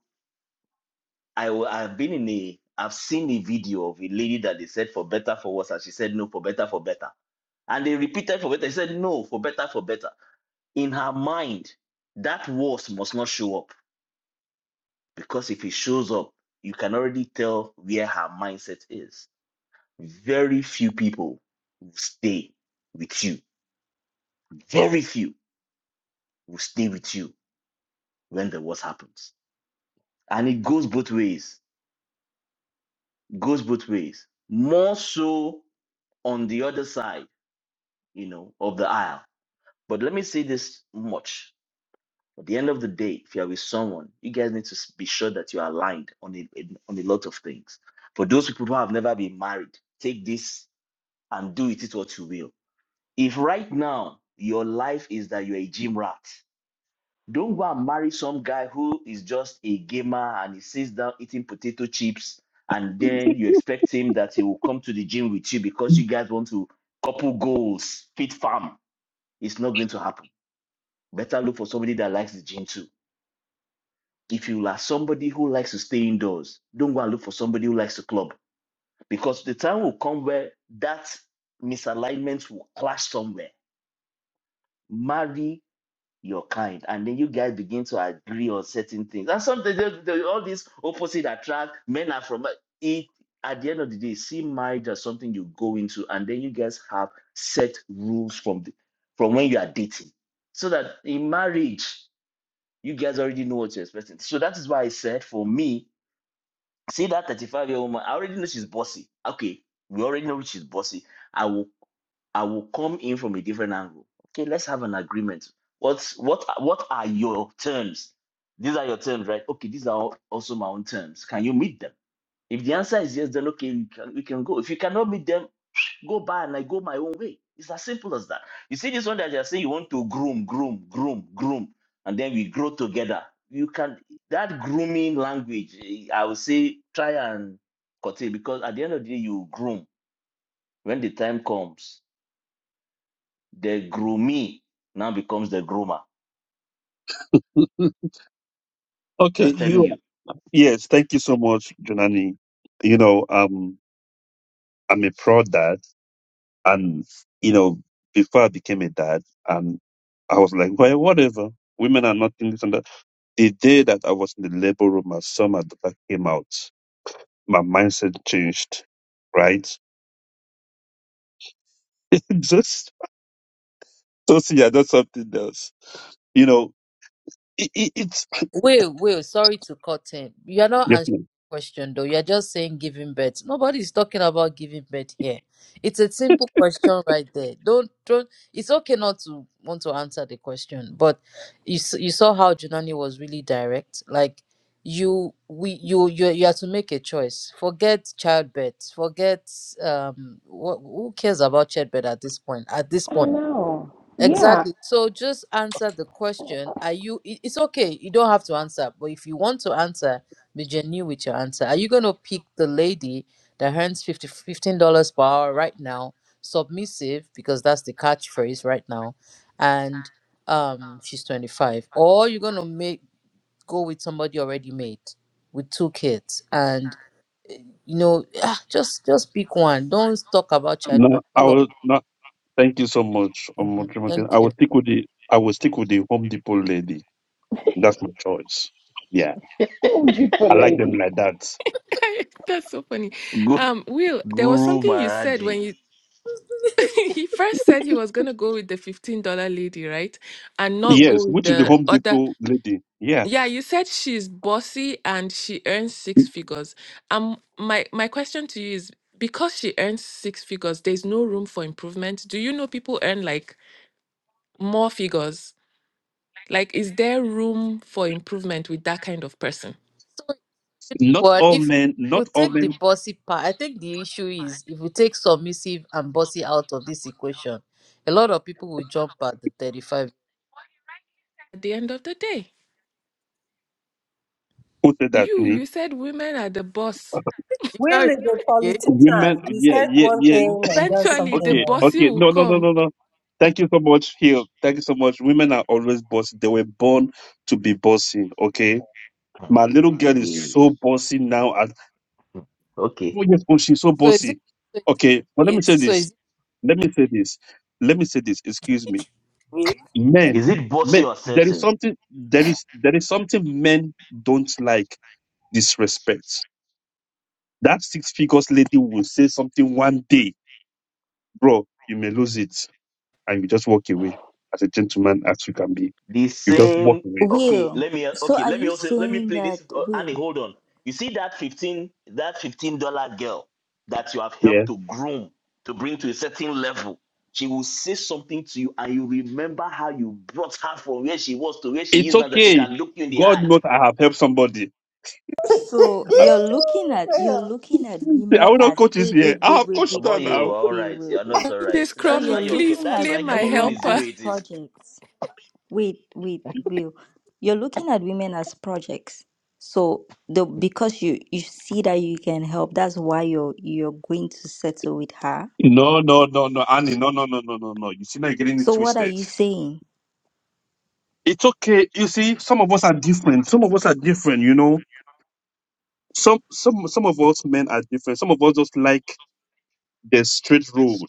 I w- I've been in a. I've seen a video of a lady that they said for better for worse, and she said no for better for better, and they repeated for better. She said no for better for better. In her mind, that worse must not show up because if it shows up, you can already tell where her mindset is. Very few people will stay with you. Very few will stay with you when the worst happens. And it goes both ways. It Goes both ways. More so on the other side, you know, of the aisle. But let me say this much. At the end of the day, if you're with someone, you guys need to be sure that you're aligned on a, on a lot of things. For those people who have never been married, take this and do with it what you will. If right now your life is that you're a gym rat, don't go and marry some guy who is just a gamer and he sits down eating potato chips, and then you expect him that he will come to the gym with you because you guys want to couple goals, fit farm. It's not going to happen. Better look for somebody that likes the gym too. If you are somebody who likes to stay indoors, don't go and look for somebody who likes to club because the time will come where that misalignment will clash somewhere. Marry your kind and then you guys begin to agree on certain things and sometimes they- they- all these opposite attract men are from it at the end of the day see marriage as something you go into and then you guys have set rules from the from when you are dating so that in marriage you guys already know what you're expecting so that is why i said for me see that 35 year old woman i already know she's bossy okay we already know she's bossy I will. I will come in from a different angle. Okay, let's have an agreement. What's what what are your terms? These are your terms, right? Okay, these are also my own terms. Can you meet them? If the answer is yes, then okay, we can, we can go. If you cannot meet them, go by and I go my own way. It's as simple as that. You see this one that you're saying you want to groom, groom, groom, groom, and then we grow together. You can that grooming language, eh, I would say try and curtail because at the end of the day, you groom when the time comes the groomee now becomes the groomer. (laughs) I'm okay, just telling you. you. Yes, thank you so much, Junani. You know, um, I'm a proud dad, and you know, before I became a dad, and I was like, well, whatever. Women are nothing this and that. The day that I was in the labor room, my son, my daughter came out. My mindset changed, right? (laughs) just, just yeah, that's something else. You know, it, it, it's Will, Will, sorry to cut in. You're not yes, answering ma'am. the question though. You're just saying giving birth. Nobody's talking about giving birth here. It's a simple question right there. Don't don't it's okay not to want to answer the question, but you s- you saw how Junani was really direct. Like you we you you you have to make a choice. Forget childbirth. Forget um wh- who cares about childbirth at this point? At this I point know. Yeah. Exactly. (laughs) So just answer the question. Are you, it- it's okay. You don't have to answer, but if you want to answer, be genuine with your answer. Are you going to pick the lady that earns fifty fifteen dollars per hour right now, submissive, because that's the catchphrase right now, and um, she's 25? Or you're going to make go with somebody already made with two kids and eh, you know ah, just just pick one don't talk about childbirth no. I all of was not. Thank you so much, um, Mhm. thank I you will stick with the I will stick with the Home Depot lady. That's my choice. Yeah, Oh, I beautiful like them lady. like that. (laughs) That's so funny. Gu- Um, Will, there was Guru something you said Maharaji. when you (laughs) he first said he was gonna go with the fifteen dollar lady, right? And not go Yes, with which is the the Home other. Depot lady. Yeah, Yeah, you said she's bossy and she earns six figures. Um, my my question to you is because she earns six figures, there's no room for improvement. Do you know people earn like more figures? Like, is there room for improvement with that kind of person? So, not But all if men, we not all take the men bossy part, I think the issue is if we take submissive and bossy out of this equation, a lot of people will jump at the 35. At the end of the day, quoted at you me. you said women are the boss. You can't Will remember is a again. Women, politician. He yeah, says yeah, one thing yeah. and does Eventually, the something Okay, else. bossy okay. will No, no, no, come. no, no. Thank you so much, Hill. Thank you so much. Women are always bossy. They were born to be bossy. Okay, Hmm. my little girl is Eh, so bossy now. At hmm. Okay. four years old, she's so So is it bossy. so is it Okay, but let me it? say So this. is it let me say this let me say this excuse me will? men Is it bossy men or there is assertive? something there is there is something men don't like disrespect that six figures lady will say something one day bro you may lose it and you just walk away as a gentleman as you can be The you just walk same. away Okay, let Will, me so okay, are let me you also let me saying play that this. Oh, Annie, Will? hold on. You see that 15 that $15 girl that you have yeah helped to groom to bring to a certain level. She will say something to you and you remember how you brought her from where she was to where she it's is now that she okay can look you in the god eye. knows i have helped somebody (laughs) So (laughs) you're looking at you're well, looking at i women will not as coach this wait here wait i wait have wait coached wait her About you, Will now all Will right. Will You're Will. not all right. This So That's crummy, you're why you're. ca- please looking That's at play why my Cameroon women is the helper. way as it is. projects. Wait wait Will. You're looking at women as projects. So the because you you see that you can help, that's why you're you're going to settle with her. no no no no annie no no no no no no you see now you're getting it So what are twisted you saying? It's okay. You see, some of us are different. Some of us are different, you know. Some some some of us men are different. Some of us just like the straight road.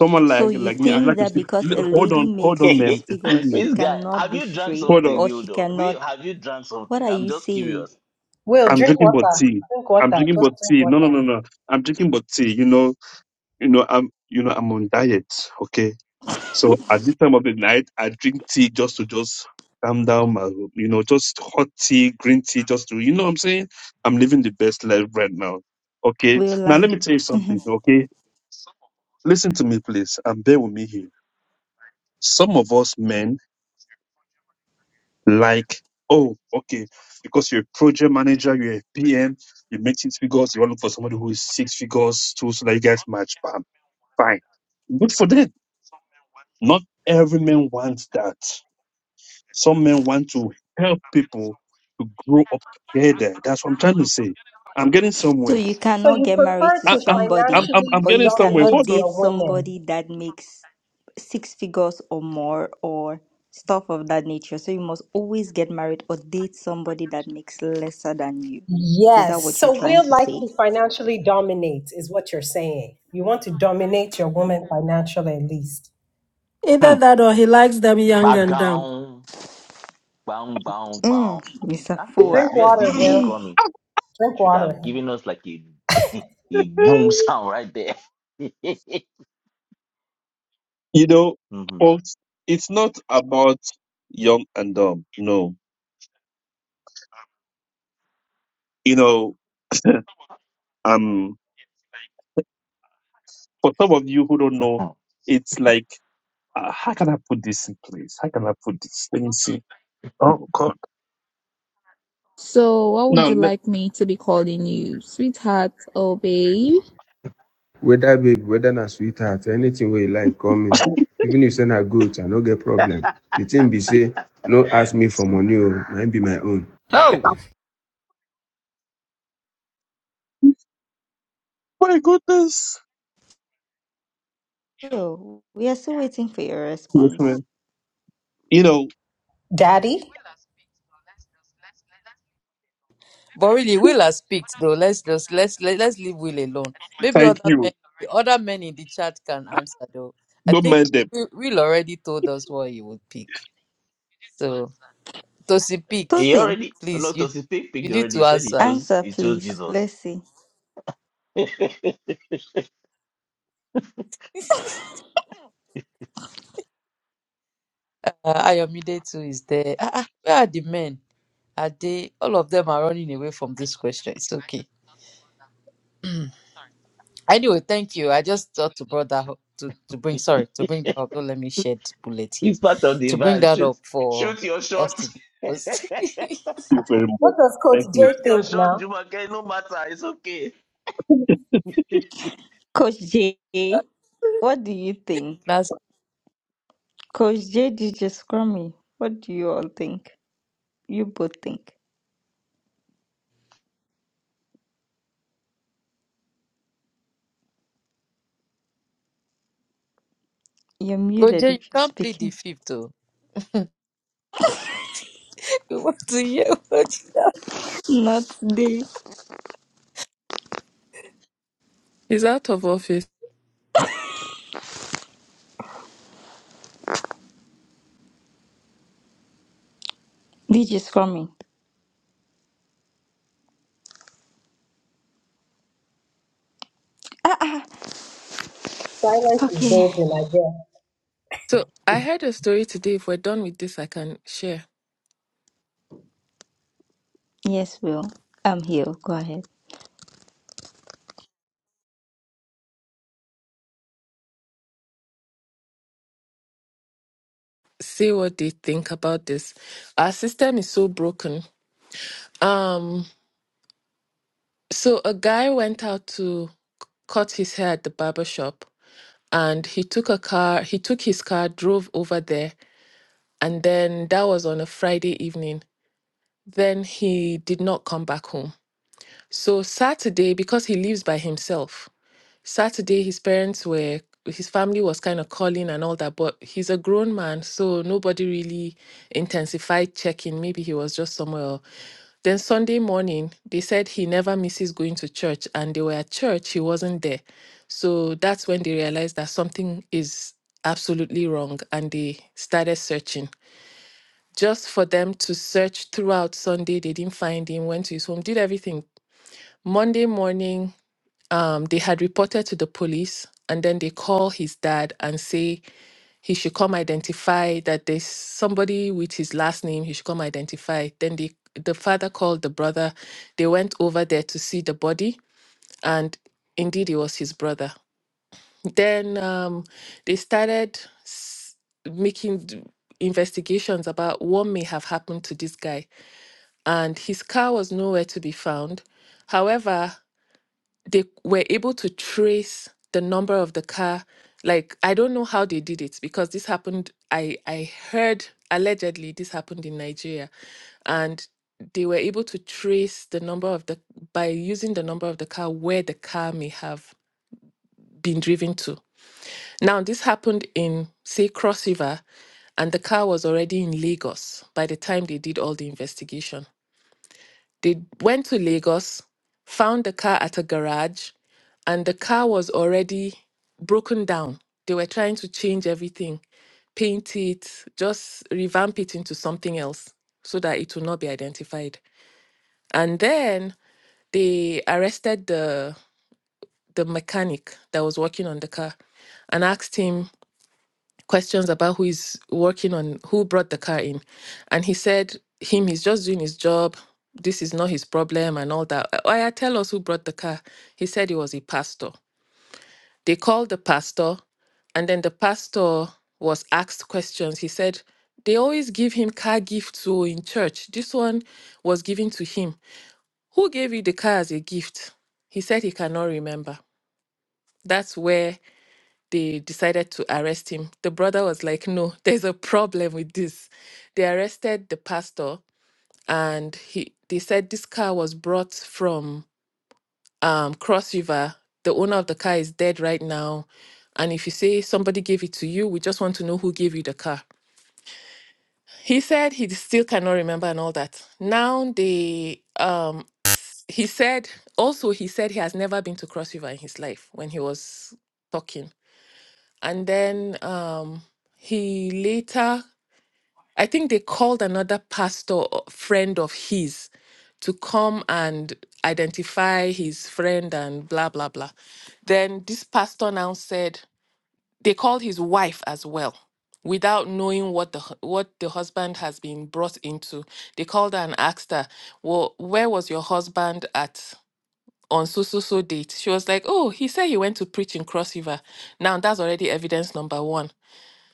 Someone So like you like me, i think like to that sit. because a L- hold lady on, hold makes on, six ma'am. Excuse (laughs) figures, me. she this guy, cannot have be you drank straight Hold something, on. or she Wildo? We cannot? have you drank What something? are I'm you just saying, curious. Will, I'm drink drinking but water. tea. Drink I'm water. drinking Just but drink tea. No, no, water. no, no. I'm drinking but tea. You know, you know, I'm you know, I'm on diet. okay? So at this time of the night, I drink tea just to just calm down my, you know, just hot tea, green tea, just to, you know what I'm saying? I'm living the best life right now. Okay. Now let Willan? me tell you something. Okay. Listen to me, please, and bear with me here. Some of us men like, oh, okay, because you're a project manager, you're a PM, you make six figures, you want to look for somebody who is six figures too, so that you guys match. Bam, fine. Good for them. Not every man wants that. Some men want to help people to grow up together. That's what I'm trying to say. I'm getting So somewhere. you So cannot you get married prefer to I, to I'm, I'm, somebody I'm, financially I'm or you getting somewhere. dominate cannot Hold on. date your women? somebody that makes six figures or more or stuff of that nature. So you must always get married or date somebody that makes lesser than you. Is that Yes. what you're So trying Will to likes say? to financially dominate, is what you're saying. You want to dominate your woman financially at least. Either Hmm. that or he likes them young and dumb. Bagown, bang, bang, bang. Mm, Mr. Ah, yes, Drink Fua. yes. water, DJ Will. Scrummy Drink should water. have given us like a (laughs) a boom sound right there. (laughs) You know, hmm folks, it's not about young and dumb. No. You know, (laughs) um, for some of you who don't know, it's like, uh, how can I put this in place? How can I put this? Let me see. Oh, God. No, let- Whether babe, whether na sweetheart, anything where you like, call me. (laughs) Even if send a goat, I no get problem. The thing be say, no ask me for money o, mine be my own. (coughs) my goodness. Yo, we are still waiting for your Yes, response. ma'am. You know, Daddy? But really, Will has picked though. Let's just let's let, let's leave Will alone. Maybe thank other men you. the other men in the chat can answer though. I Don't think mind them. Will Will already told us what he would pick. So Tosi pick, He Tosin. already no please you to speak you picked need already. He to said he answer. chose Answer, he chose please. Jesus. Let's see. Uh, Ayomide too is there. Ah, ah, where are the men? Are they? All of them are running away from this question. It's okay. Anyway, thank you. I just thought to bring that up, to, to bring sorry to (laughs) bring that up. Don't let me shed bullet here. It's part of the To bring vibe. that Shoot, up for shoot your us shot. to (laughs) discuss. you very What much. does Coach Thank you. J shoot your think shot, now? Jumake. No matter. It's okay. Coach J, what do you think? (laughs) That's Coach J, DJ Scrummy, what do you all think? You both think. You're muted Koje, if you you're can't plead the speaking. fifth. Oh, (laughs) we want to hear what. Not the (laughs) He's out of office. DJ Scrummy. Silence is Okay. golden, I guess. So I heard a story today. If we're done with this, I can share. Yes, Will. I'm here. Go ahead. See what they think about this. Our system is so broken. Um, so a guy went out to c- cut his hair at the barber shop, and he took a car. He took his car, drove over there, and then that was on a Friday evening. Then he did not come back home So Saturday, because he lives by himself, Saturday his parents were his family was kind of calling and all that, but he's a grown man, so nobody really intensified checking. Maybe he was just somewhere. Else. Then Sunday morning, they said he never misses going to church, and they were at church, he wasn't there. So that's when they realized that something is absolutely wrong, and they started searching. Just for them to search throughout Sunday, they didn't find him, went to his home, did everything. Monday morning, um, they had reported to the police and then they call his dad and say he should come identify that there's somebody with his last name he should come identify then they, the father called the brother they went over there to see the body and indeed it was his brother then um, they started s- making d- investigations about what may have happened to this guy and his car was nowhere to be found However they were able to trace the number of the car like i don't know how they did it because this happened i i heard allegedly this happened in nigeria and they were able to trace the number of the by using the number of the car where the car may have been driven to now this happened in say cross river and the car was already in lagos by the time they did all the investigation they went to Lagos, found the car at a garage, and the car was already broken down. They were trying to change everything, paint it, just revamp it into something else so that it will not be identified. And then they arrested the the mechanic that was working on the car and asked him questions about who is working on who brought the car in and he said him he's just doing his job this is not his problem and all that i I tell us who brought the car he said he was a pastor they called the pastor and then the pastor was asked questions he said they always give him car gifts so in church this one was given to him who gave you the car as a gift he said he cannot remember that's where they decided to arrest him. The brother was like, "No, (laughs) there's a problem with this." They arrested the pastor, and he they said this car was brought from um, Cross River. The owner of the car is dead right now, and if you say somebody gave it to you, we just want to know who gave you the car. He said he still cannot remember and all that. Now they um s- he said also he said he has never been to Cross River in his life when he was talking and then um he later i think they called another pastor or friend of his to come and identify his friend and blah blah blah then this pastor now said they called his wife as well without knowing what the hu- what the husband has been brought into they called her and asked her well where was your husband at on so so so date she was like oh he said he went to preach in cross river now that's already evidence number one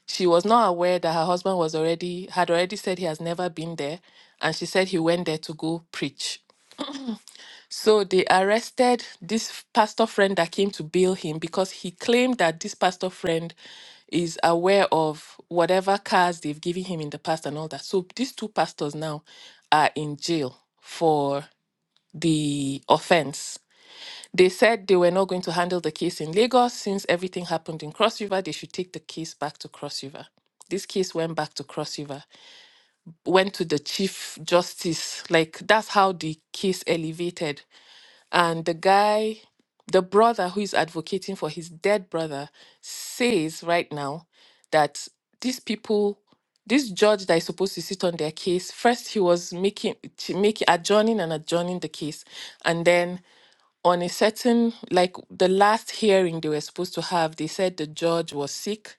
she was not aware that her husband was already had already said he has never been there, and she said he went there to go preach. So they arrested this pastor friend that came to bail him because he claimed that this pastor friend is aware of whatever cars they've given him in the past and all that. So these two pastors now are in jail for the offense. They said they were not going to handle the case in Lagos since everything happened in Cross River. They should take the case back to Cross River. This case went back to Cross River, went to the Chief Justice. Like that's how the case elevated. And the guy, the brother who is advocating for his dead brother, says right now that these people, this judge that is supposed to sit on their case, first he was making, making adjourning and adjourning the case, and then on a certain like the last hearing they were supposed to have they said the judge was sick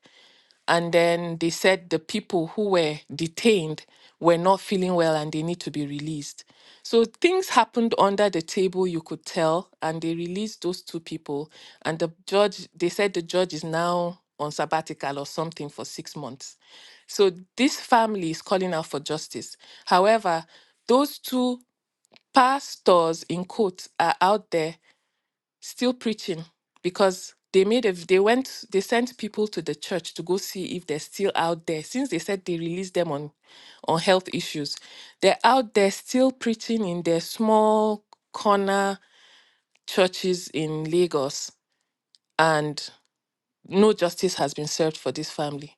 and then they said the people who were detained were not feeling well and they need to be released so things happened under the table you could tell and they released those two people and the judge they said the judge is now on sabbatical or something for 6 months so this family is calling out for justice however those two pastors in quotes are out there still preaching because they made a they went they sent people to the church to go see if they're still out there since they said they released them on on health issues they're out there still preaching in their small corner churches in Lagos and no justice has been served for this family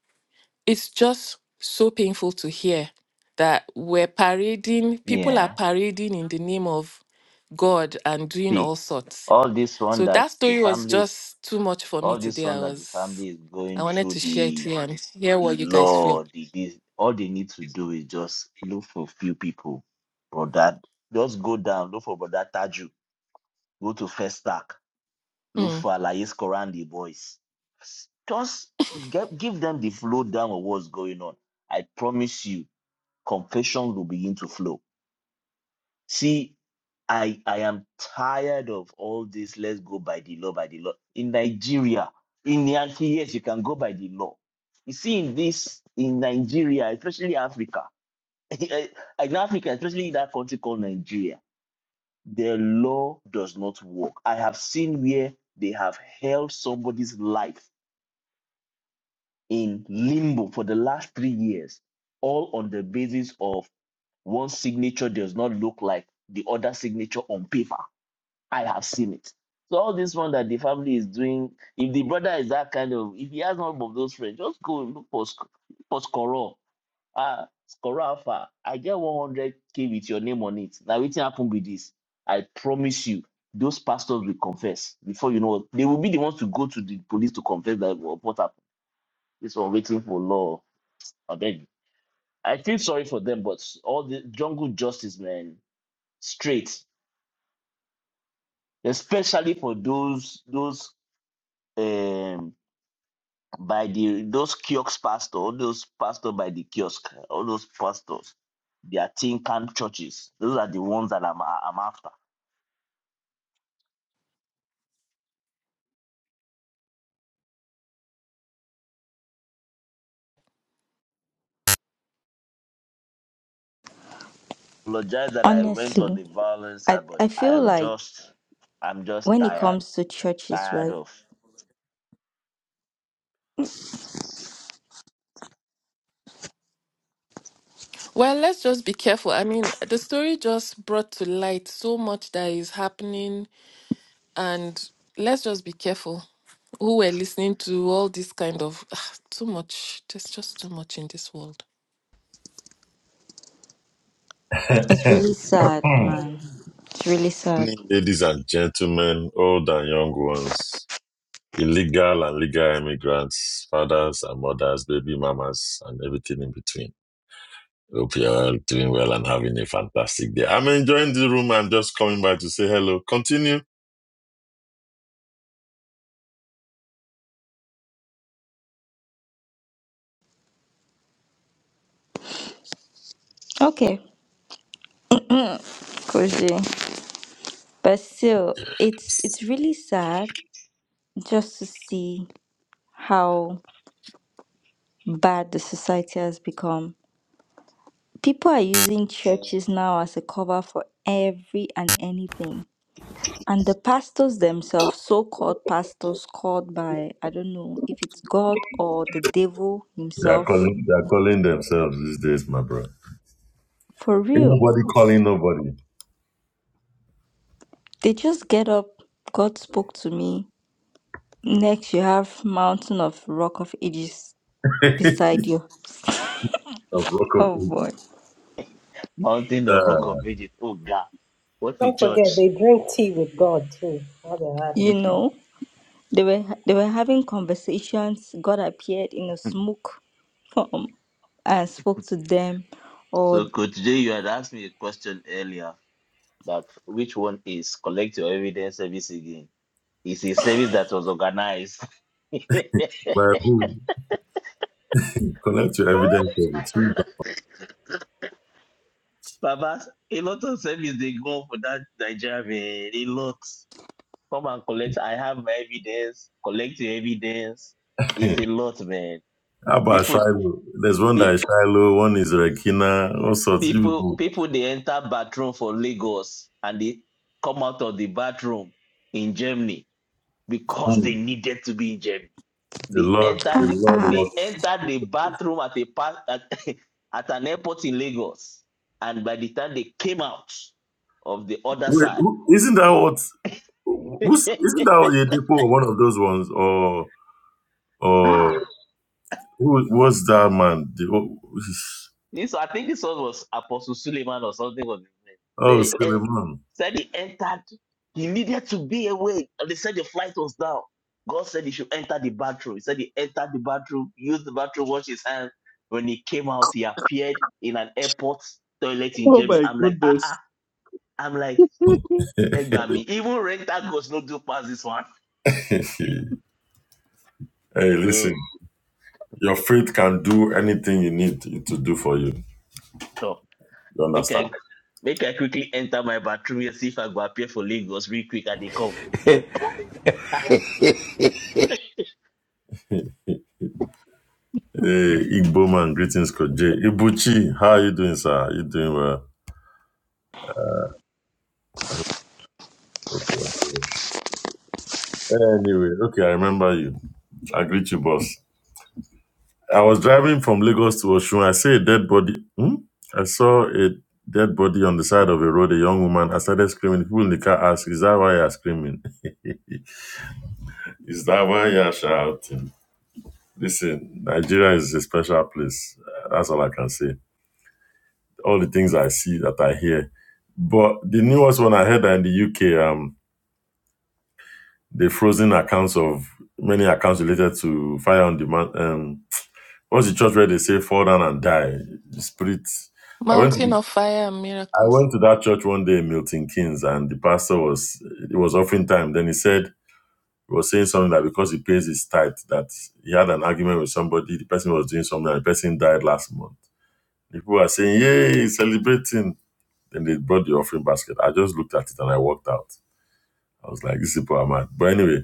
it's just so painful to hear that we're parading (laughs) people are yeah. parading in the name of God and doing See, all sorts all this one so that that the story was family is, just too much for me all this today. I one that the was family is I going wanted through to share it the here and hear the what you guys feel. law, the this. All they need to do is just look for few people, brother. Just go down. Look for brother Taju. Go to first stack. Look Hmm. Lufa, Lais, Corandi boys. Just get, give them the flow down of what's going on. I promise you, confessions will begin to flow. See, I I am tired of all this. Let's go by the law, by the law. In Nigeria, in the anti years, you can go by the law. You see, in this in Nigeria, especially Africa, (laughs) in Africa, especially in that country called Nigeria. The law does not work. I have seen where they have held somebody's life in limbo for the last three years, all on the basis of one signature does not look like the other signature on paper. I have seen it. So all this one that the family is doing, if the brother is that kind of, if he has none of those friends, just go and look for sc- for scorer ah Skoro Alpha, I get 100k with your name on it. Now what happen with this? I promise you, those pastors will confess before you know what- they will be the ones to go to the police to confess that "Oh, what happened. This one waiting for law. I beg you. I feel sorry for them, but all the jungle justice, man, straight, especially for those those um by the those kiosk pastor, all those pastor by the kiosk, all those pastors, they are tin can churches. Those are the ones that I'm I'm after. Apologize that I went on Honestly, the violent I, side, but I I feel am like just I'm just when it tired, comes to churches, tired right? of Well, let's just be careful. I mean, the story just brought to light so much that is happening, and let's just be careful who we're listening to. All this kind of (sighs) too much. There's just too much in this world. It's really sad, man. It's really (laughs) sad. Ladies and gentlemen, old and young ones, illegal and legal immigrants, fathers and mothers, baby mamas, and everything in between. Hope you're all doing well and having a fantastic day. I'm enjoying the room. I'm just coming by to say hello. Continue. Okay, Coach J. But still, it's it's really sad just to see how bad the society has become. People are using churches now as a cover for every and anything. And the pastors themselves, so called pastors called by, I don't know if it's God or the devil They are himself, calling they are calling themselves these days, my bro. Ain't for real, nobody calling nobody. they just get up. God spoke to me. Next, you have Mountain of Rock of Ages (laughs) beside you. of Rock of Oh boy. Ages. mountain the Uh, rock of ages. Oh God, what the Don't forget, church? they drink tea with God too while they're at it. (laughs) You know, they were they were having conversations. God appeared in a smoke. (laughs) I spoke to them or so, Coach Jay, you had asked me a question earlier that which one is collect your evidence service again? It's a service that was organized. (laughs) but who collect your evidence of it too? Baba, a lot of service they go for that Nigeria man. A lot. Come and collect. I have my evidence. Collect your evidence. It's but- a lot, man. (laughs) How about People, Shiloh? There's one that pe- is Shiloh, one is Rekina, all sorts. You people, go, people. They enter bathroom for Lagos and they come out of the bathroom in Germany because hmm, they needed to be in Germany. the They Lord, the entered. ah The, Lord ah. what they entered the bathroom at a pa- at, (laughs) at an airport in Lagos, and by the time they came out of the other wait, side who, isn't that what (laughs) this who's isn't that Oyedepo one of those ones or or Who was that man? The, oh, I think this one was Apostle Suleiman or something was his name. (laughs) oh, They en- Suleiman. said he entered. He needed to be awake, and they said the flight was down. God said he should enter the bathroom. He said he entered the bathroom, used the bathroom, washed his hands. When he came out, he appeared in an airport toilet in Oh Germany. my I'm like, ah goodness. ah. I'm (laughs) like, Do (laughs) Egbami. Even rental goes no do past this one. hey, listen, So, your faith can do anything you need it to do for you. so You make understand? I make I quickly enter my bathroom and see if I go appear for Lagos real quick and they come. (laughs) Hey, Igbo man, greetings, Coach Koje. Ibuchi, how are you doing, sir? Are You doing well? Okay. Anyway, okay, I remember you. I greet you, boss. I was driving from Lagos to Oshun. I saw a dead body. Hmm? I saw a dead body on the side of a road, a young woman. I started screaming. People in the car asked, Is that why you're screaming? (laughs) Is that why you're shouting? Listen, Nigeria is a special place. Uh, That's all I can say. All the things I see that I hear. But the newest one I heard that in the UK, um, they frozen accounts of many accounts related to fire on demand. Um, what's the church where they say fall down and die? The spirit. I went to Mountain the, of fire and I miracles. went to that church one day in Milton Keynes, and the pastor was it was offering time. Then he said He was saying something that because he pays his tithe, that he had an argument with somebody, the person was doing something, and the person died last month. The people are saying, Yay, celebrating. Then they brought the offering basket. I just looked at it and I walked out. I was like, these people are mad. But anyway,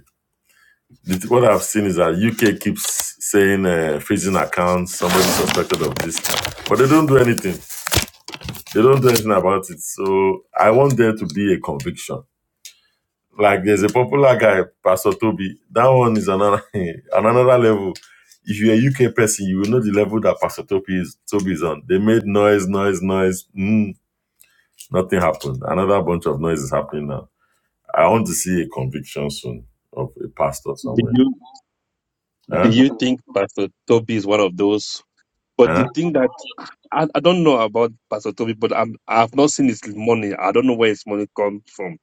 what I've seen is that UK keeps saying uh, freezing accounts, somebody suspected of this, but they don't do anything. They don't do anything about it. So I want there to be a conviction Like there's a popular guy, Pastor Toby. That one is another (laughs) another level. If you're a UK person, you will know the level that Pastor Toby is Toby is on. They made noise, noise, noise. Mm, nothing happened. Another bunch of noise is happening now. I want to see a conviction soon of a pastor somewhere. you do Huh? you think Pastor Toby is one of those? But Huh? the thing that I, I don't know about Pastor Toby, but I'm I've not seen his money. I don't know where his money comes from.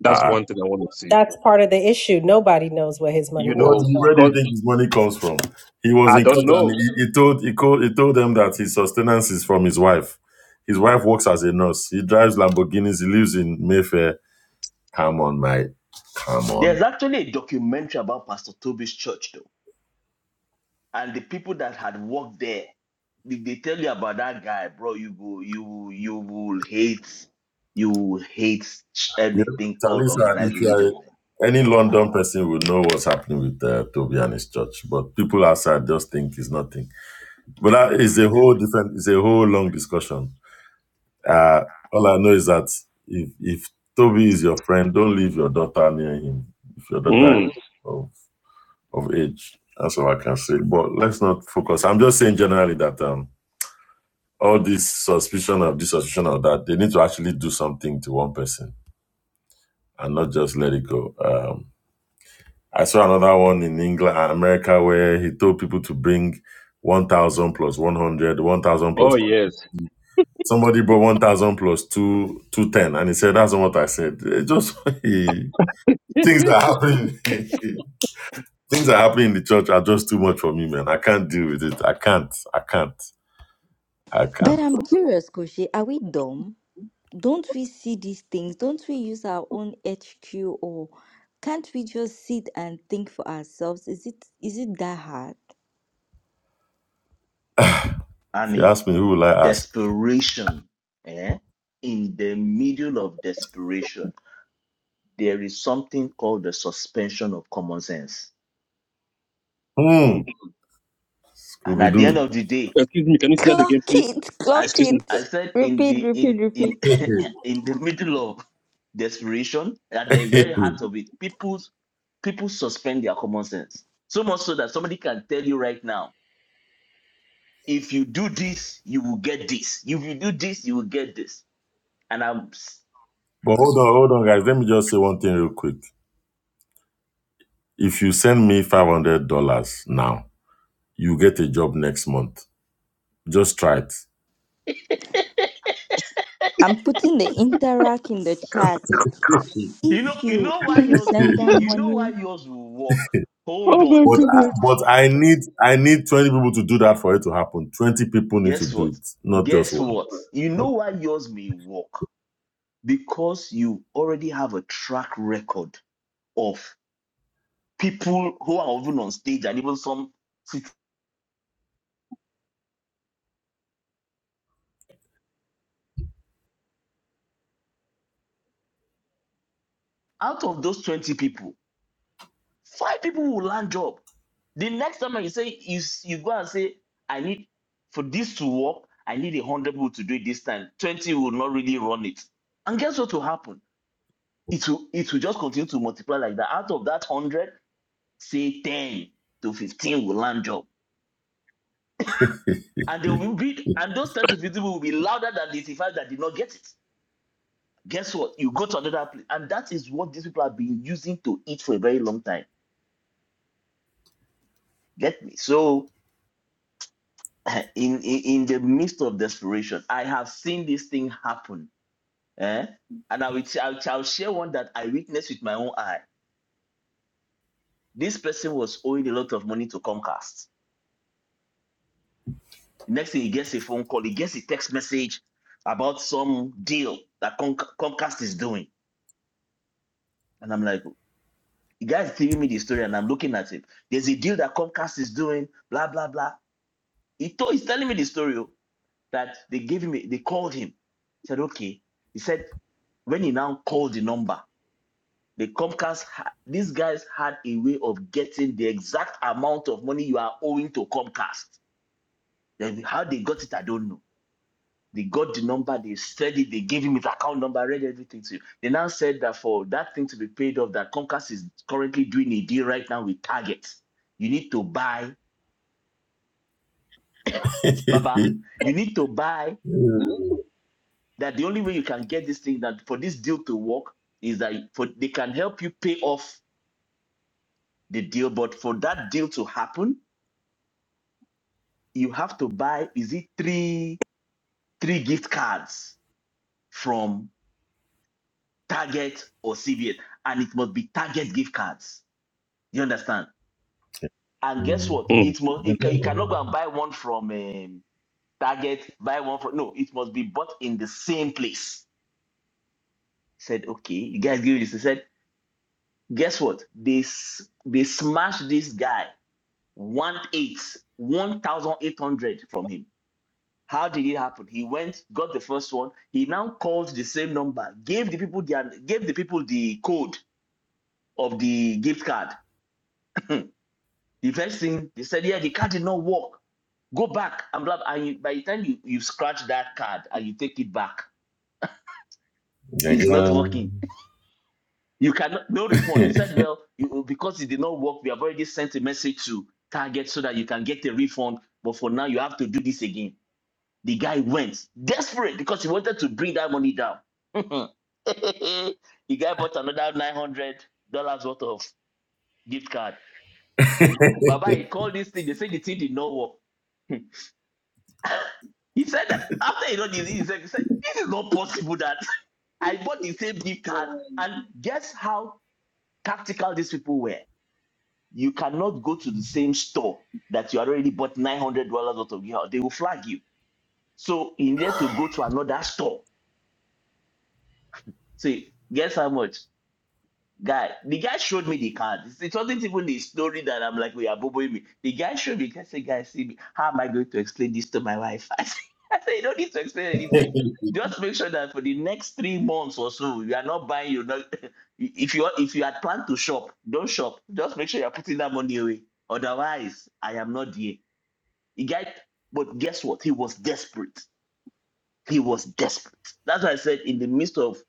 That's Uh, one thing I want to see. That's part of the issue. Nobody knows where his You money what comes know, do you, from. where do because you think his money comes from? He was I in court don't and know. he, he told he, called, he told them that his sustenance is from his wife. His wife works as a nurse. He drives Lamborghinis. He lives in Mayfair Come on, mate. Come on. There's actually a documentary about Pastor Toby's church, though, and the people that had worked there. Did they tell you about that guy, bro? You go, you will- you will hate, you will hate Yeah, anything called Talisa, organized it's religion, man. like any London person would know what's happening with uh, Toby and his church, but people outside just think it's nothing. But that is a whole different, it's a whole long discussion. Uh, all I know is that if, if Toby is your friend, don't leave your daughter near him. If your daughter is Mm. of, of age, that's all I can say. But let's not focus. I'm just saying generally that um, all this suspicion of this suspicion of that, they need to actually do something to one person and not just let it go. Um, I saw another one in England and America where he told people to bring 1,000 plus 100, 1,000 Oh plus. yes. Somebody brought 1,000 plus two, 210, and he said, That's not what I said. It just (laughs) things (laughs) are happening. (laughs) things are happening in the church are just too much for me, man. I can't deal with it. I can't. I can't. I But can't. I'm curious, Koshi, are we dumb? Don't we see these things? Don't we use our own HQ or can't we just sit and think for ourselves? Is it is it that hard? If And you ask me, who will I ask? desperation, eh? In the middle of desperation, there is something called the suspension of common sense. Hmm, Mm. And Scooby at the end Doo. of the day, Excuse me. Can you say that Clock again, please? it, I, clock s- Excuse me, I it. sir. said in Repeat, the repeat, in repeat. in (laughs) (laughs) in the middle of desperation, at the very heart of it, people people suspend their common sense. So much so that somebody can tell you right now, if you do this, you will get this. If you do this, you will get this. And I'm s- but hold on, hold on, guys. Let me just say one thing real quick. If you send me five hundred dollars now, you get a job next month. Just try it. I'm putting the interact in the chat. you know, If you you know why if you (laughs) yours send (laughs) that okay, you know why money yours will work. Hold oh my on. but I, goodness. but I need I need twenty people to do that for it to happen. Twenty people need to Guess do what? it, not just Guess one. what? You know why yours may work? Because you already have a track record of people who are even on stage and even some out of those 20 people, five people will land job. The next time you say you, you go and say, I need for this to work, I need a hundred people to do it this time. 20 will not really run it. And guess what will happen? It will it will just continue to multiply like that. Out of that hundred, say 10 to 15 will land job. And they will be and those 10 to 15 will be louder than the 85 that did not get it. guess what? You go to another place, and that is what these people have been using to eat for a very long time. Get me? So, (laughs) in in, in the midst of desperation, I have seen this thing happen, eh? And I will I'll, I'll share one that I witnessed with my own eye. This person was owing a lot of money to Comcast. The Next thing, he gets a phone call, he gets a text message about some deal that Com- Comcast is doing, and I'm like, the guy's giving me the story, and I'm looking at it. There's a deal that Comcast is doing, blah blah blah He told, he's telling me the story oh, that they gave him, a- they called him. said, okay. He said, when he now called the number, the Comcast, ha- these guys had a way of getting the exact amount of money you are owing to Comcast. Then how they got it, I don't know. They got the number, they said it, they gave him his account number, read everything to you. They now said that for that thing to be paid off, that Comcast is currently doing a deal right now with Target. You need to buy, Okay. Baba, (laughs) you need to buy that the only way you can get this thing that for this deal to work is that for they can help you pay off the deal but for that deal to happen you have to buy is it three three gift cards from target or CVS, and it must be target gift cards you understand and guess what Mm. it must it ca- you cannot go and buy one from um, target buy one from no it must be bought in the same place said okay you guys give me this he said guess what they s- they smashed this guy one eight, one thousand eight hundred from him. How did it happen? He went, got the first one. He now called the same number, gave the people the gave the people the code of the gift card. (clears throat) the first thing they said, yeah, the card did not work. Go back and blah. blah." And you, by the time you you scratch that card and you take it back, it's not working. Again. You cannot no (laughs) refund. They but said, well, you, because it did not work, we have already sent a message to Target so that you can get a refund. But for now, you have to do this again The guy went desperate because he wanted to bring that money down. (laughs) the guy bought another nine hundred dollars worth of gift card. Baba, he called this thing. They said the thing did not work. (laughs) he said that after he done this, he said, "This is not possible." That (laughs) I bought the same gift card, and guess how tactical these people were. You cannot go to the same store that you already bought nine hundred dollars worth of gift. card. They will flag you. So he needed to go to another store. Say, guess how much? Guy, the guy showed me the card. It's- It wasn't even the story that I'm like, we are boboing me. The guy showed me, I said, guy, see me. How am I going to explain this to my wife? (laughs) I said, I said, you don't need to explain anything. Just make sure that for the next three months or so, you are not buying, you not (laughs) if you if you had planned to shop, don't shop. Just make sure you're putting that money away. Otherwise, I am not there. The guy, but guess what? He was desperate. He was desperate. That's why I said in the midst of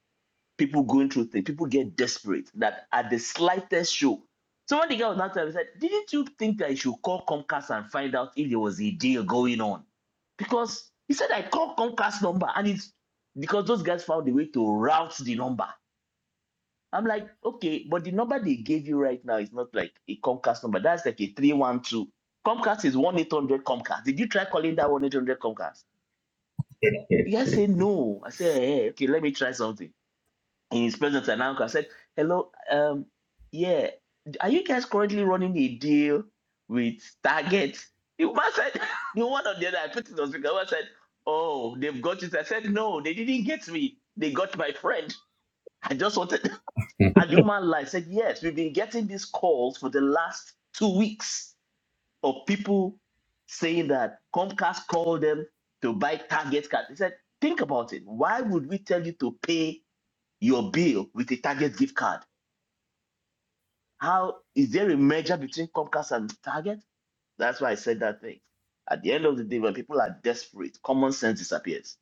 people going through things, people get desperate that at the slightest show. So when the guy was not there, he said, Didn't you think I should call Comcast and find out if there was a deal going on? Because he said I called Comcast number and it's because those guys found a way to route the number. I'm like, okay, but the number they gave you right now is not like a Comcast number. That's like a 312. Comcast is 1 800 Comcast. Did you try calling that 1 800 Comcast? You guys say no. I say, hey, okay, let me try something in his presence and uncle. I said, Hello, um, yeah, are you guys currently running a deal with Target? The woman said, (laughs) The one on the other, I put it on speaker. The woman said, Oh, they've got it. I said, No, they didn't get me. They got my friend. I just wanted, (laughs) and the woman lied. said, Yes, we've been getting these calls for the last two weeks of people saying that Comcast called them to buy Target cards. They said, Think about it. Why would we tell you to pay? your bill with a Target gift card. How is there a merger between Comcast and Target? That's why I said that thing. At the end of the day, when people are desperate, common sense disappears.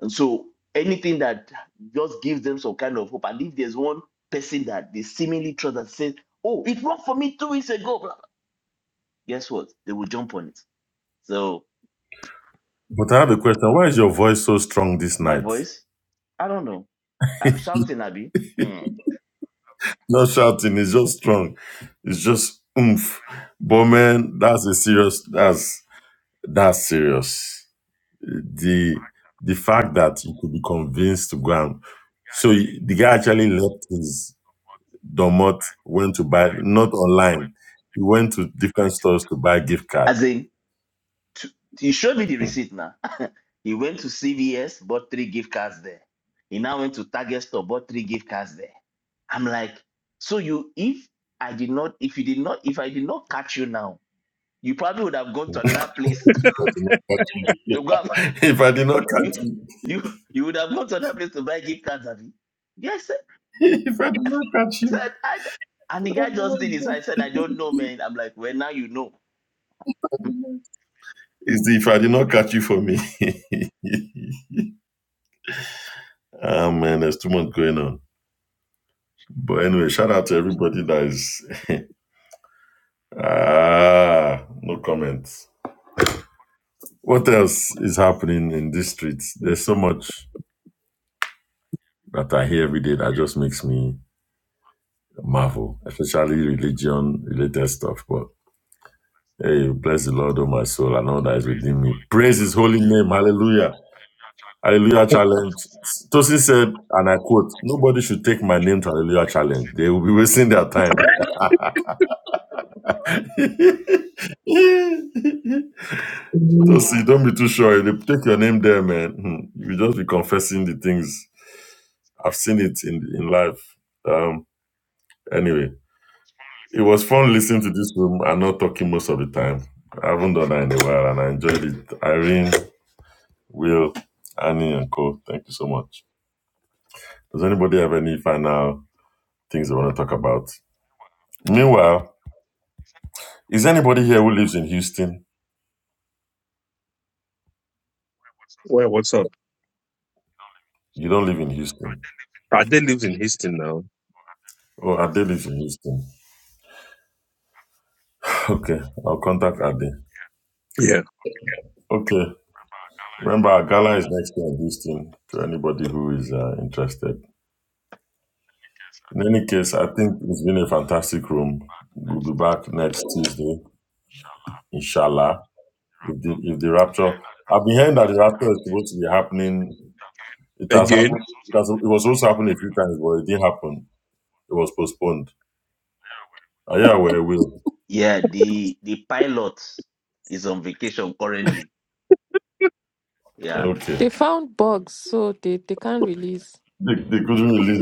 And so anything that just gives them some kind of hope, and if there's one person that they seemingly trust that says, Oh, it worked for me two weeks ago, blah, blah," guess what? They will jump on it. So I have a question. Why is your voice so strong this my night? voice, I don't know. I'm shouting, Abby. Mm. Not shouting, it's just strong. It's just oomph. But man, that's a serious that's that's serious. The the fact that you could be convinced to go and so y- the guy actually left his domot, went to buy not online. He went to different stores to buy gift card. As in, t- you showed me the Hmm. receipt now He went to CVS, bought three gift cards there. He now went to Target store, bought three gift cards there. I'm like, so you, if I did not, if you did not, if I did not catch you now, you probably would have gone to another place But (laughs) to go. and- (laughs) (laughs) if I did not You, catch you, you, you would have gone to another place to buy gift cards, have you? Yes, sir. (laughs) if I did not catch I you, said, I, and the (laughs) oh guy just did my this. God. I said, I don't know, man. I'm like, well, now you know. It's the if I did not catch you for me. (laughs) ah man, there's too much going on. But anyway, shout out to everybody that is ah no comments. What else is happening in these streets? There's so much that I hear every day that just makes me marvel, especially religion related stuff. But hey, bless the Lord, oh my soul, and all that is within me. Praise his holy name. Hallelujah. Hallelujah challenge. Tosin said, and I quote, nobody should take my name to Hallelujah challenge. They will be wasting their time. (laughs) So see, don't be too sure. they take your name there, man, hmm, you just be confessing the things. I've seen it in in life. Um, anyway, it was fun listening to this room and not talking most of the time. I haven't done that in a while, and I enjoyed it. Irene, Will, Annie, and Co. Thank you so much. Does anybody have any final things they want to talk about? Meanwhile, is anybody here who lives in Houston? Well, what's up? You don't live in Houston. Ade lives in Houston now. Oh, Ade lives in Houston. (laughs) Okay, I'll contact Ade. Yeah. Okay. Remember, our gala is next year, Houston, to anybody who is uh, interested. In any case, I think it's been a fantastic room. We'll be back next Tuesday, inshallah. If the, if the rapture, I've been hearing that the rapture is supposed to be happening. It has Again. happened. It, has, it was also happening a few times, but it didn't happen. It was postponed. Uh, yeah, well, it will. Yeah, the the pilot is on vacation currently. Yeah, Okay. They found Mm, bugs, so they, they can't mhm. release. They, they couldn't release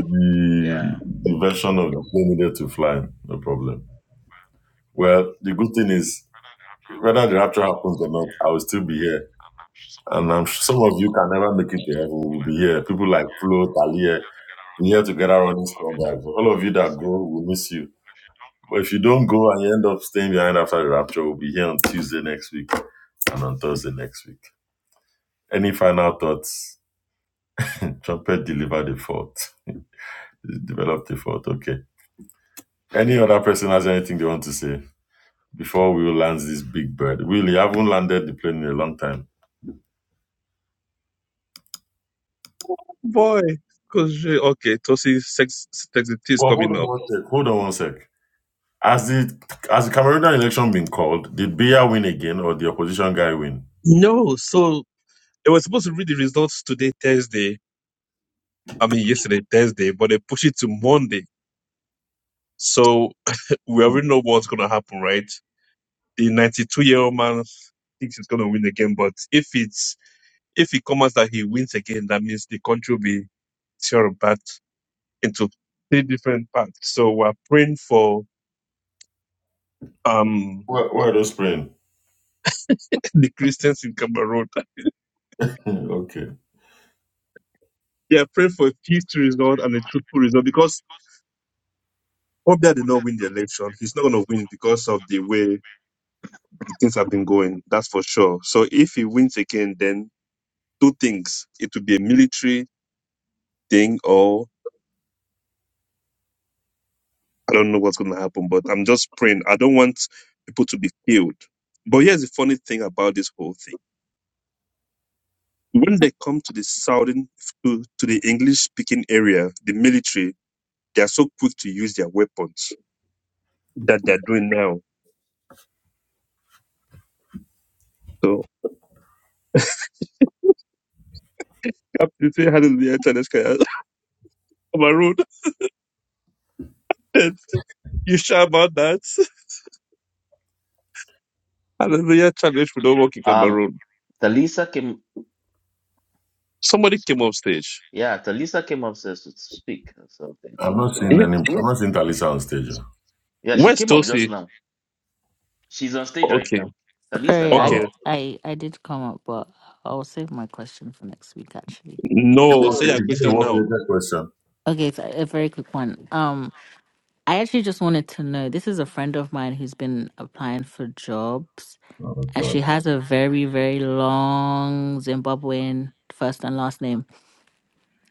yeah. the, the version of the plane needed to fly. No problem. Well, the good thing is, whether the rapture happens or not, I will still be here. And I'm sure some of you can never make it to heaven. We'll be here. People like Flo, Talia, we're here together on this club. All of you that go, we miss you. But if you don't go and you end up staying behind after the rapture, we'll be here on Tuesday next week and on Thursday next week. Any final thoughts? Trumpet delivered the fault. Developed the fault. Okay. Any other person has anything they want to say before we will land this big bird? Will you haven't landed the plane in a long time. Boy, because okay, Tosi sex sex is Well, hold coming on up. one sec. Hold on one sec. Has the has the Cameroonian election been called? Did Biya win again, or the opposition guy win? No, so they were supposed to read the results today, Thursday. I mean yesterday, Thursday, but they pushed it to Monday. So (laughs) we already know what's gonna happen, right? The ninety-two year old man thinks he's gonna win again, but if it's if it comes out that he wins again, that means the country will be tearing back into three different parts. So we're praying for um Where, where are those playing? (laughs) the Christians in Cameroon. (laughs) okay, They are praying for a peaceful result and a truthful result because Obia did not win the election. He's not going to win because of the way the things have been going. That's for sure. So if he wins again, then two things. It will be a military thing or I don't know what's going to happen, but I'm just praying. I don't want people to be killed. But here's the funny thing about this whole thing. When they come to the southern, to, to the English speaking area, the military, they are so quick to use their weapons that they're doing now. So Absolutely hallelujah challenge Kaya. (laughs) Cameroon. And you shout about that. Hallelujah challenge we don't work in Mm. Cameroon. Talisa came, Somebody came off stage. yeah, Talisa came upstairs to speak or something. I'm not So, seeing Yeah. any. I'm not seeing Talisa on stage. yeah, she Where's came up just Tosi? now. She's on stage right Okay. now. Talisa, Sorry, go I, ahead. Okay. Oh, I, I did come up, but I'll save my question for next week, actually. it No, was say your a question work now. question. Okay, so a very quick one. Um, I actually just wanted to know, this is a friend of mine who's been applying for jobs, Oh and God, she has a very, very long Zimbabwean first and last name.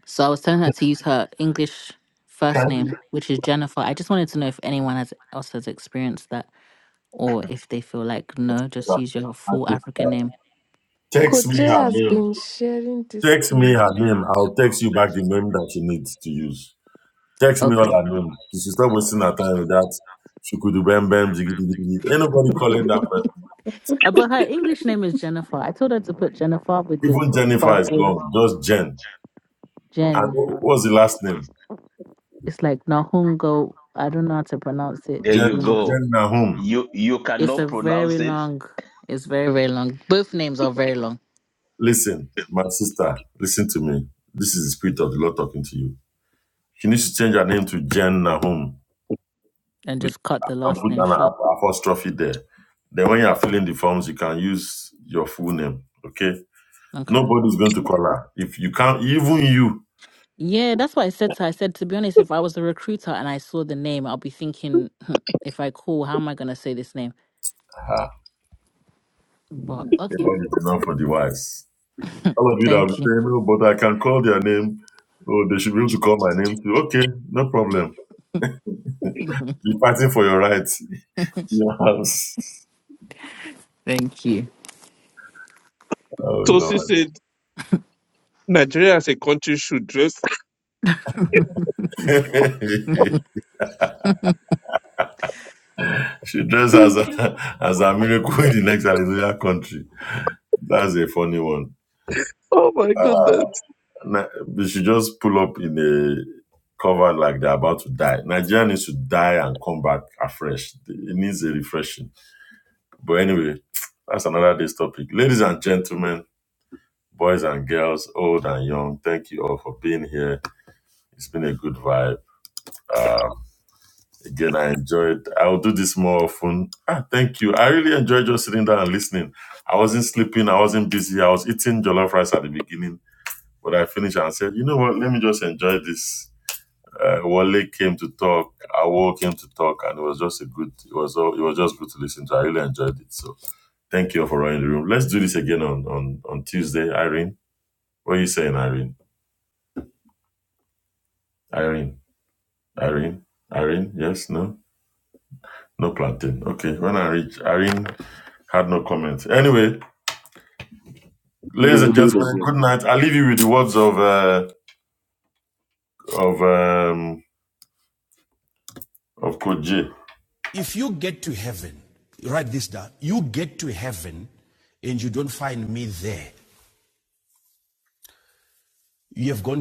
So I was telling her to use her English first can you name, which is Jennifer. I just wanted to know if anyone has else has experienced that, or if they feel like, no, just use your full uh, African name. text me Koje her has name? been sharing these Text me things. her name. I'll text you back the name that she needs to use. Text me all Okay. her name. She should stop wasting her time with that. She could do bam bam jiggy jiggy jiggy. Ain't nobody calling that person. Uh, but her English name is Jennifer. I told her to put Jennifer with the Even Jennifer is quadru gone. Just Jen. And Jen. wh- what's the last name? It's like Nahungo. I don't know how to pronounce it. There Jen, you go. Jen Nahum. You you It's a cannot very pronounce it. long. It's very very long. Both names are very long. Listen, my sister, listen to me. This is the spirit of the Lord talking to you. She needs to change her name to Jen Nahum And with, just cut the and last put name an short. ap- apostrophe there. Then when you are filling the forms, you can use your full name. Okay? Okay. Nobody's going to call her. If you can't, even you, Yeah, that's what I said to her. I said to be honest, if I was a recruiter and I saw the name, I'll be thinking, "Hmm, if I call, how am I gonna say this name? Ah, But the okay. Lord is enough for the wise. All of you that will Thank you. say, no, but I can call their name. Oh, they should be able to call my name too. Okay, no problem. Be fighting for your rights. (laughs) Yes. Thank you. Oh Tosi Lord. said Nigeria as a country should dress. (laughs) she dressed (laughs) as a as a miracle in the next Hallelujah country. That's a funny one. oh my goodness. Na- They just pull up in a cover like they're about to die. Nigeria needs to die and come back afresh. It needs a refreshing. But anyway, that's another day's topic. Ladies and gentlemen, boys and girls, old and young, thank you all for being here. It's been a good vibe. Um, Again, I enjoyed. I will do this more often. Ah, thank you. I really enjoyed just sitting down and listening. I wasn't sleeping. I wasn't busy. I was eating jollof rice at the beginning, but I finished and said, "You know what? Let me just enjoy this." Uh, Wale came to talk. Awo came to talk, and it was just a good. It was all. It was just good to listen to. I really enjoyed it. So, thank you all for running the room. Let's do this again on on on Tuesday, Irene. What are you saying, Irene? Irene, Irene, Irene. Yes, no, no planting. Okay, when I reach Irene. Had no comment. Anyway, We ladies will and do gentlemen, it again. good night. I leave you with the words of uh, of um, of Coach J. Yeah. You get to heaven and you don't find me there. You have gone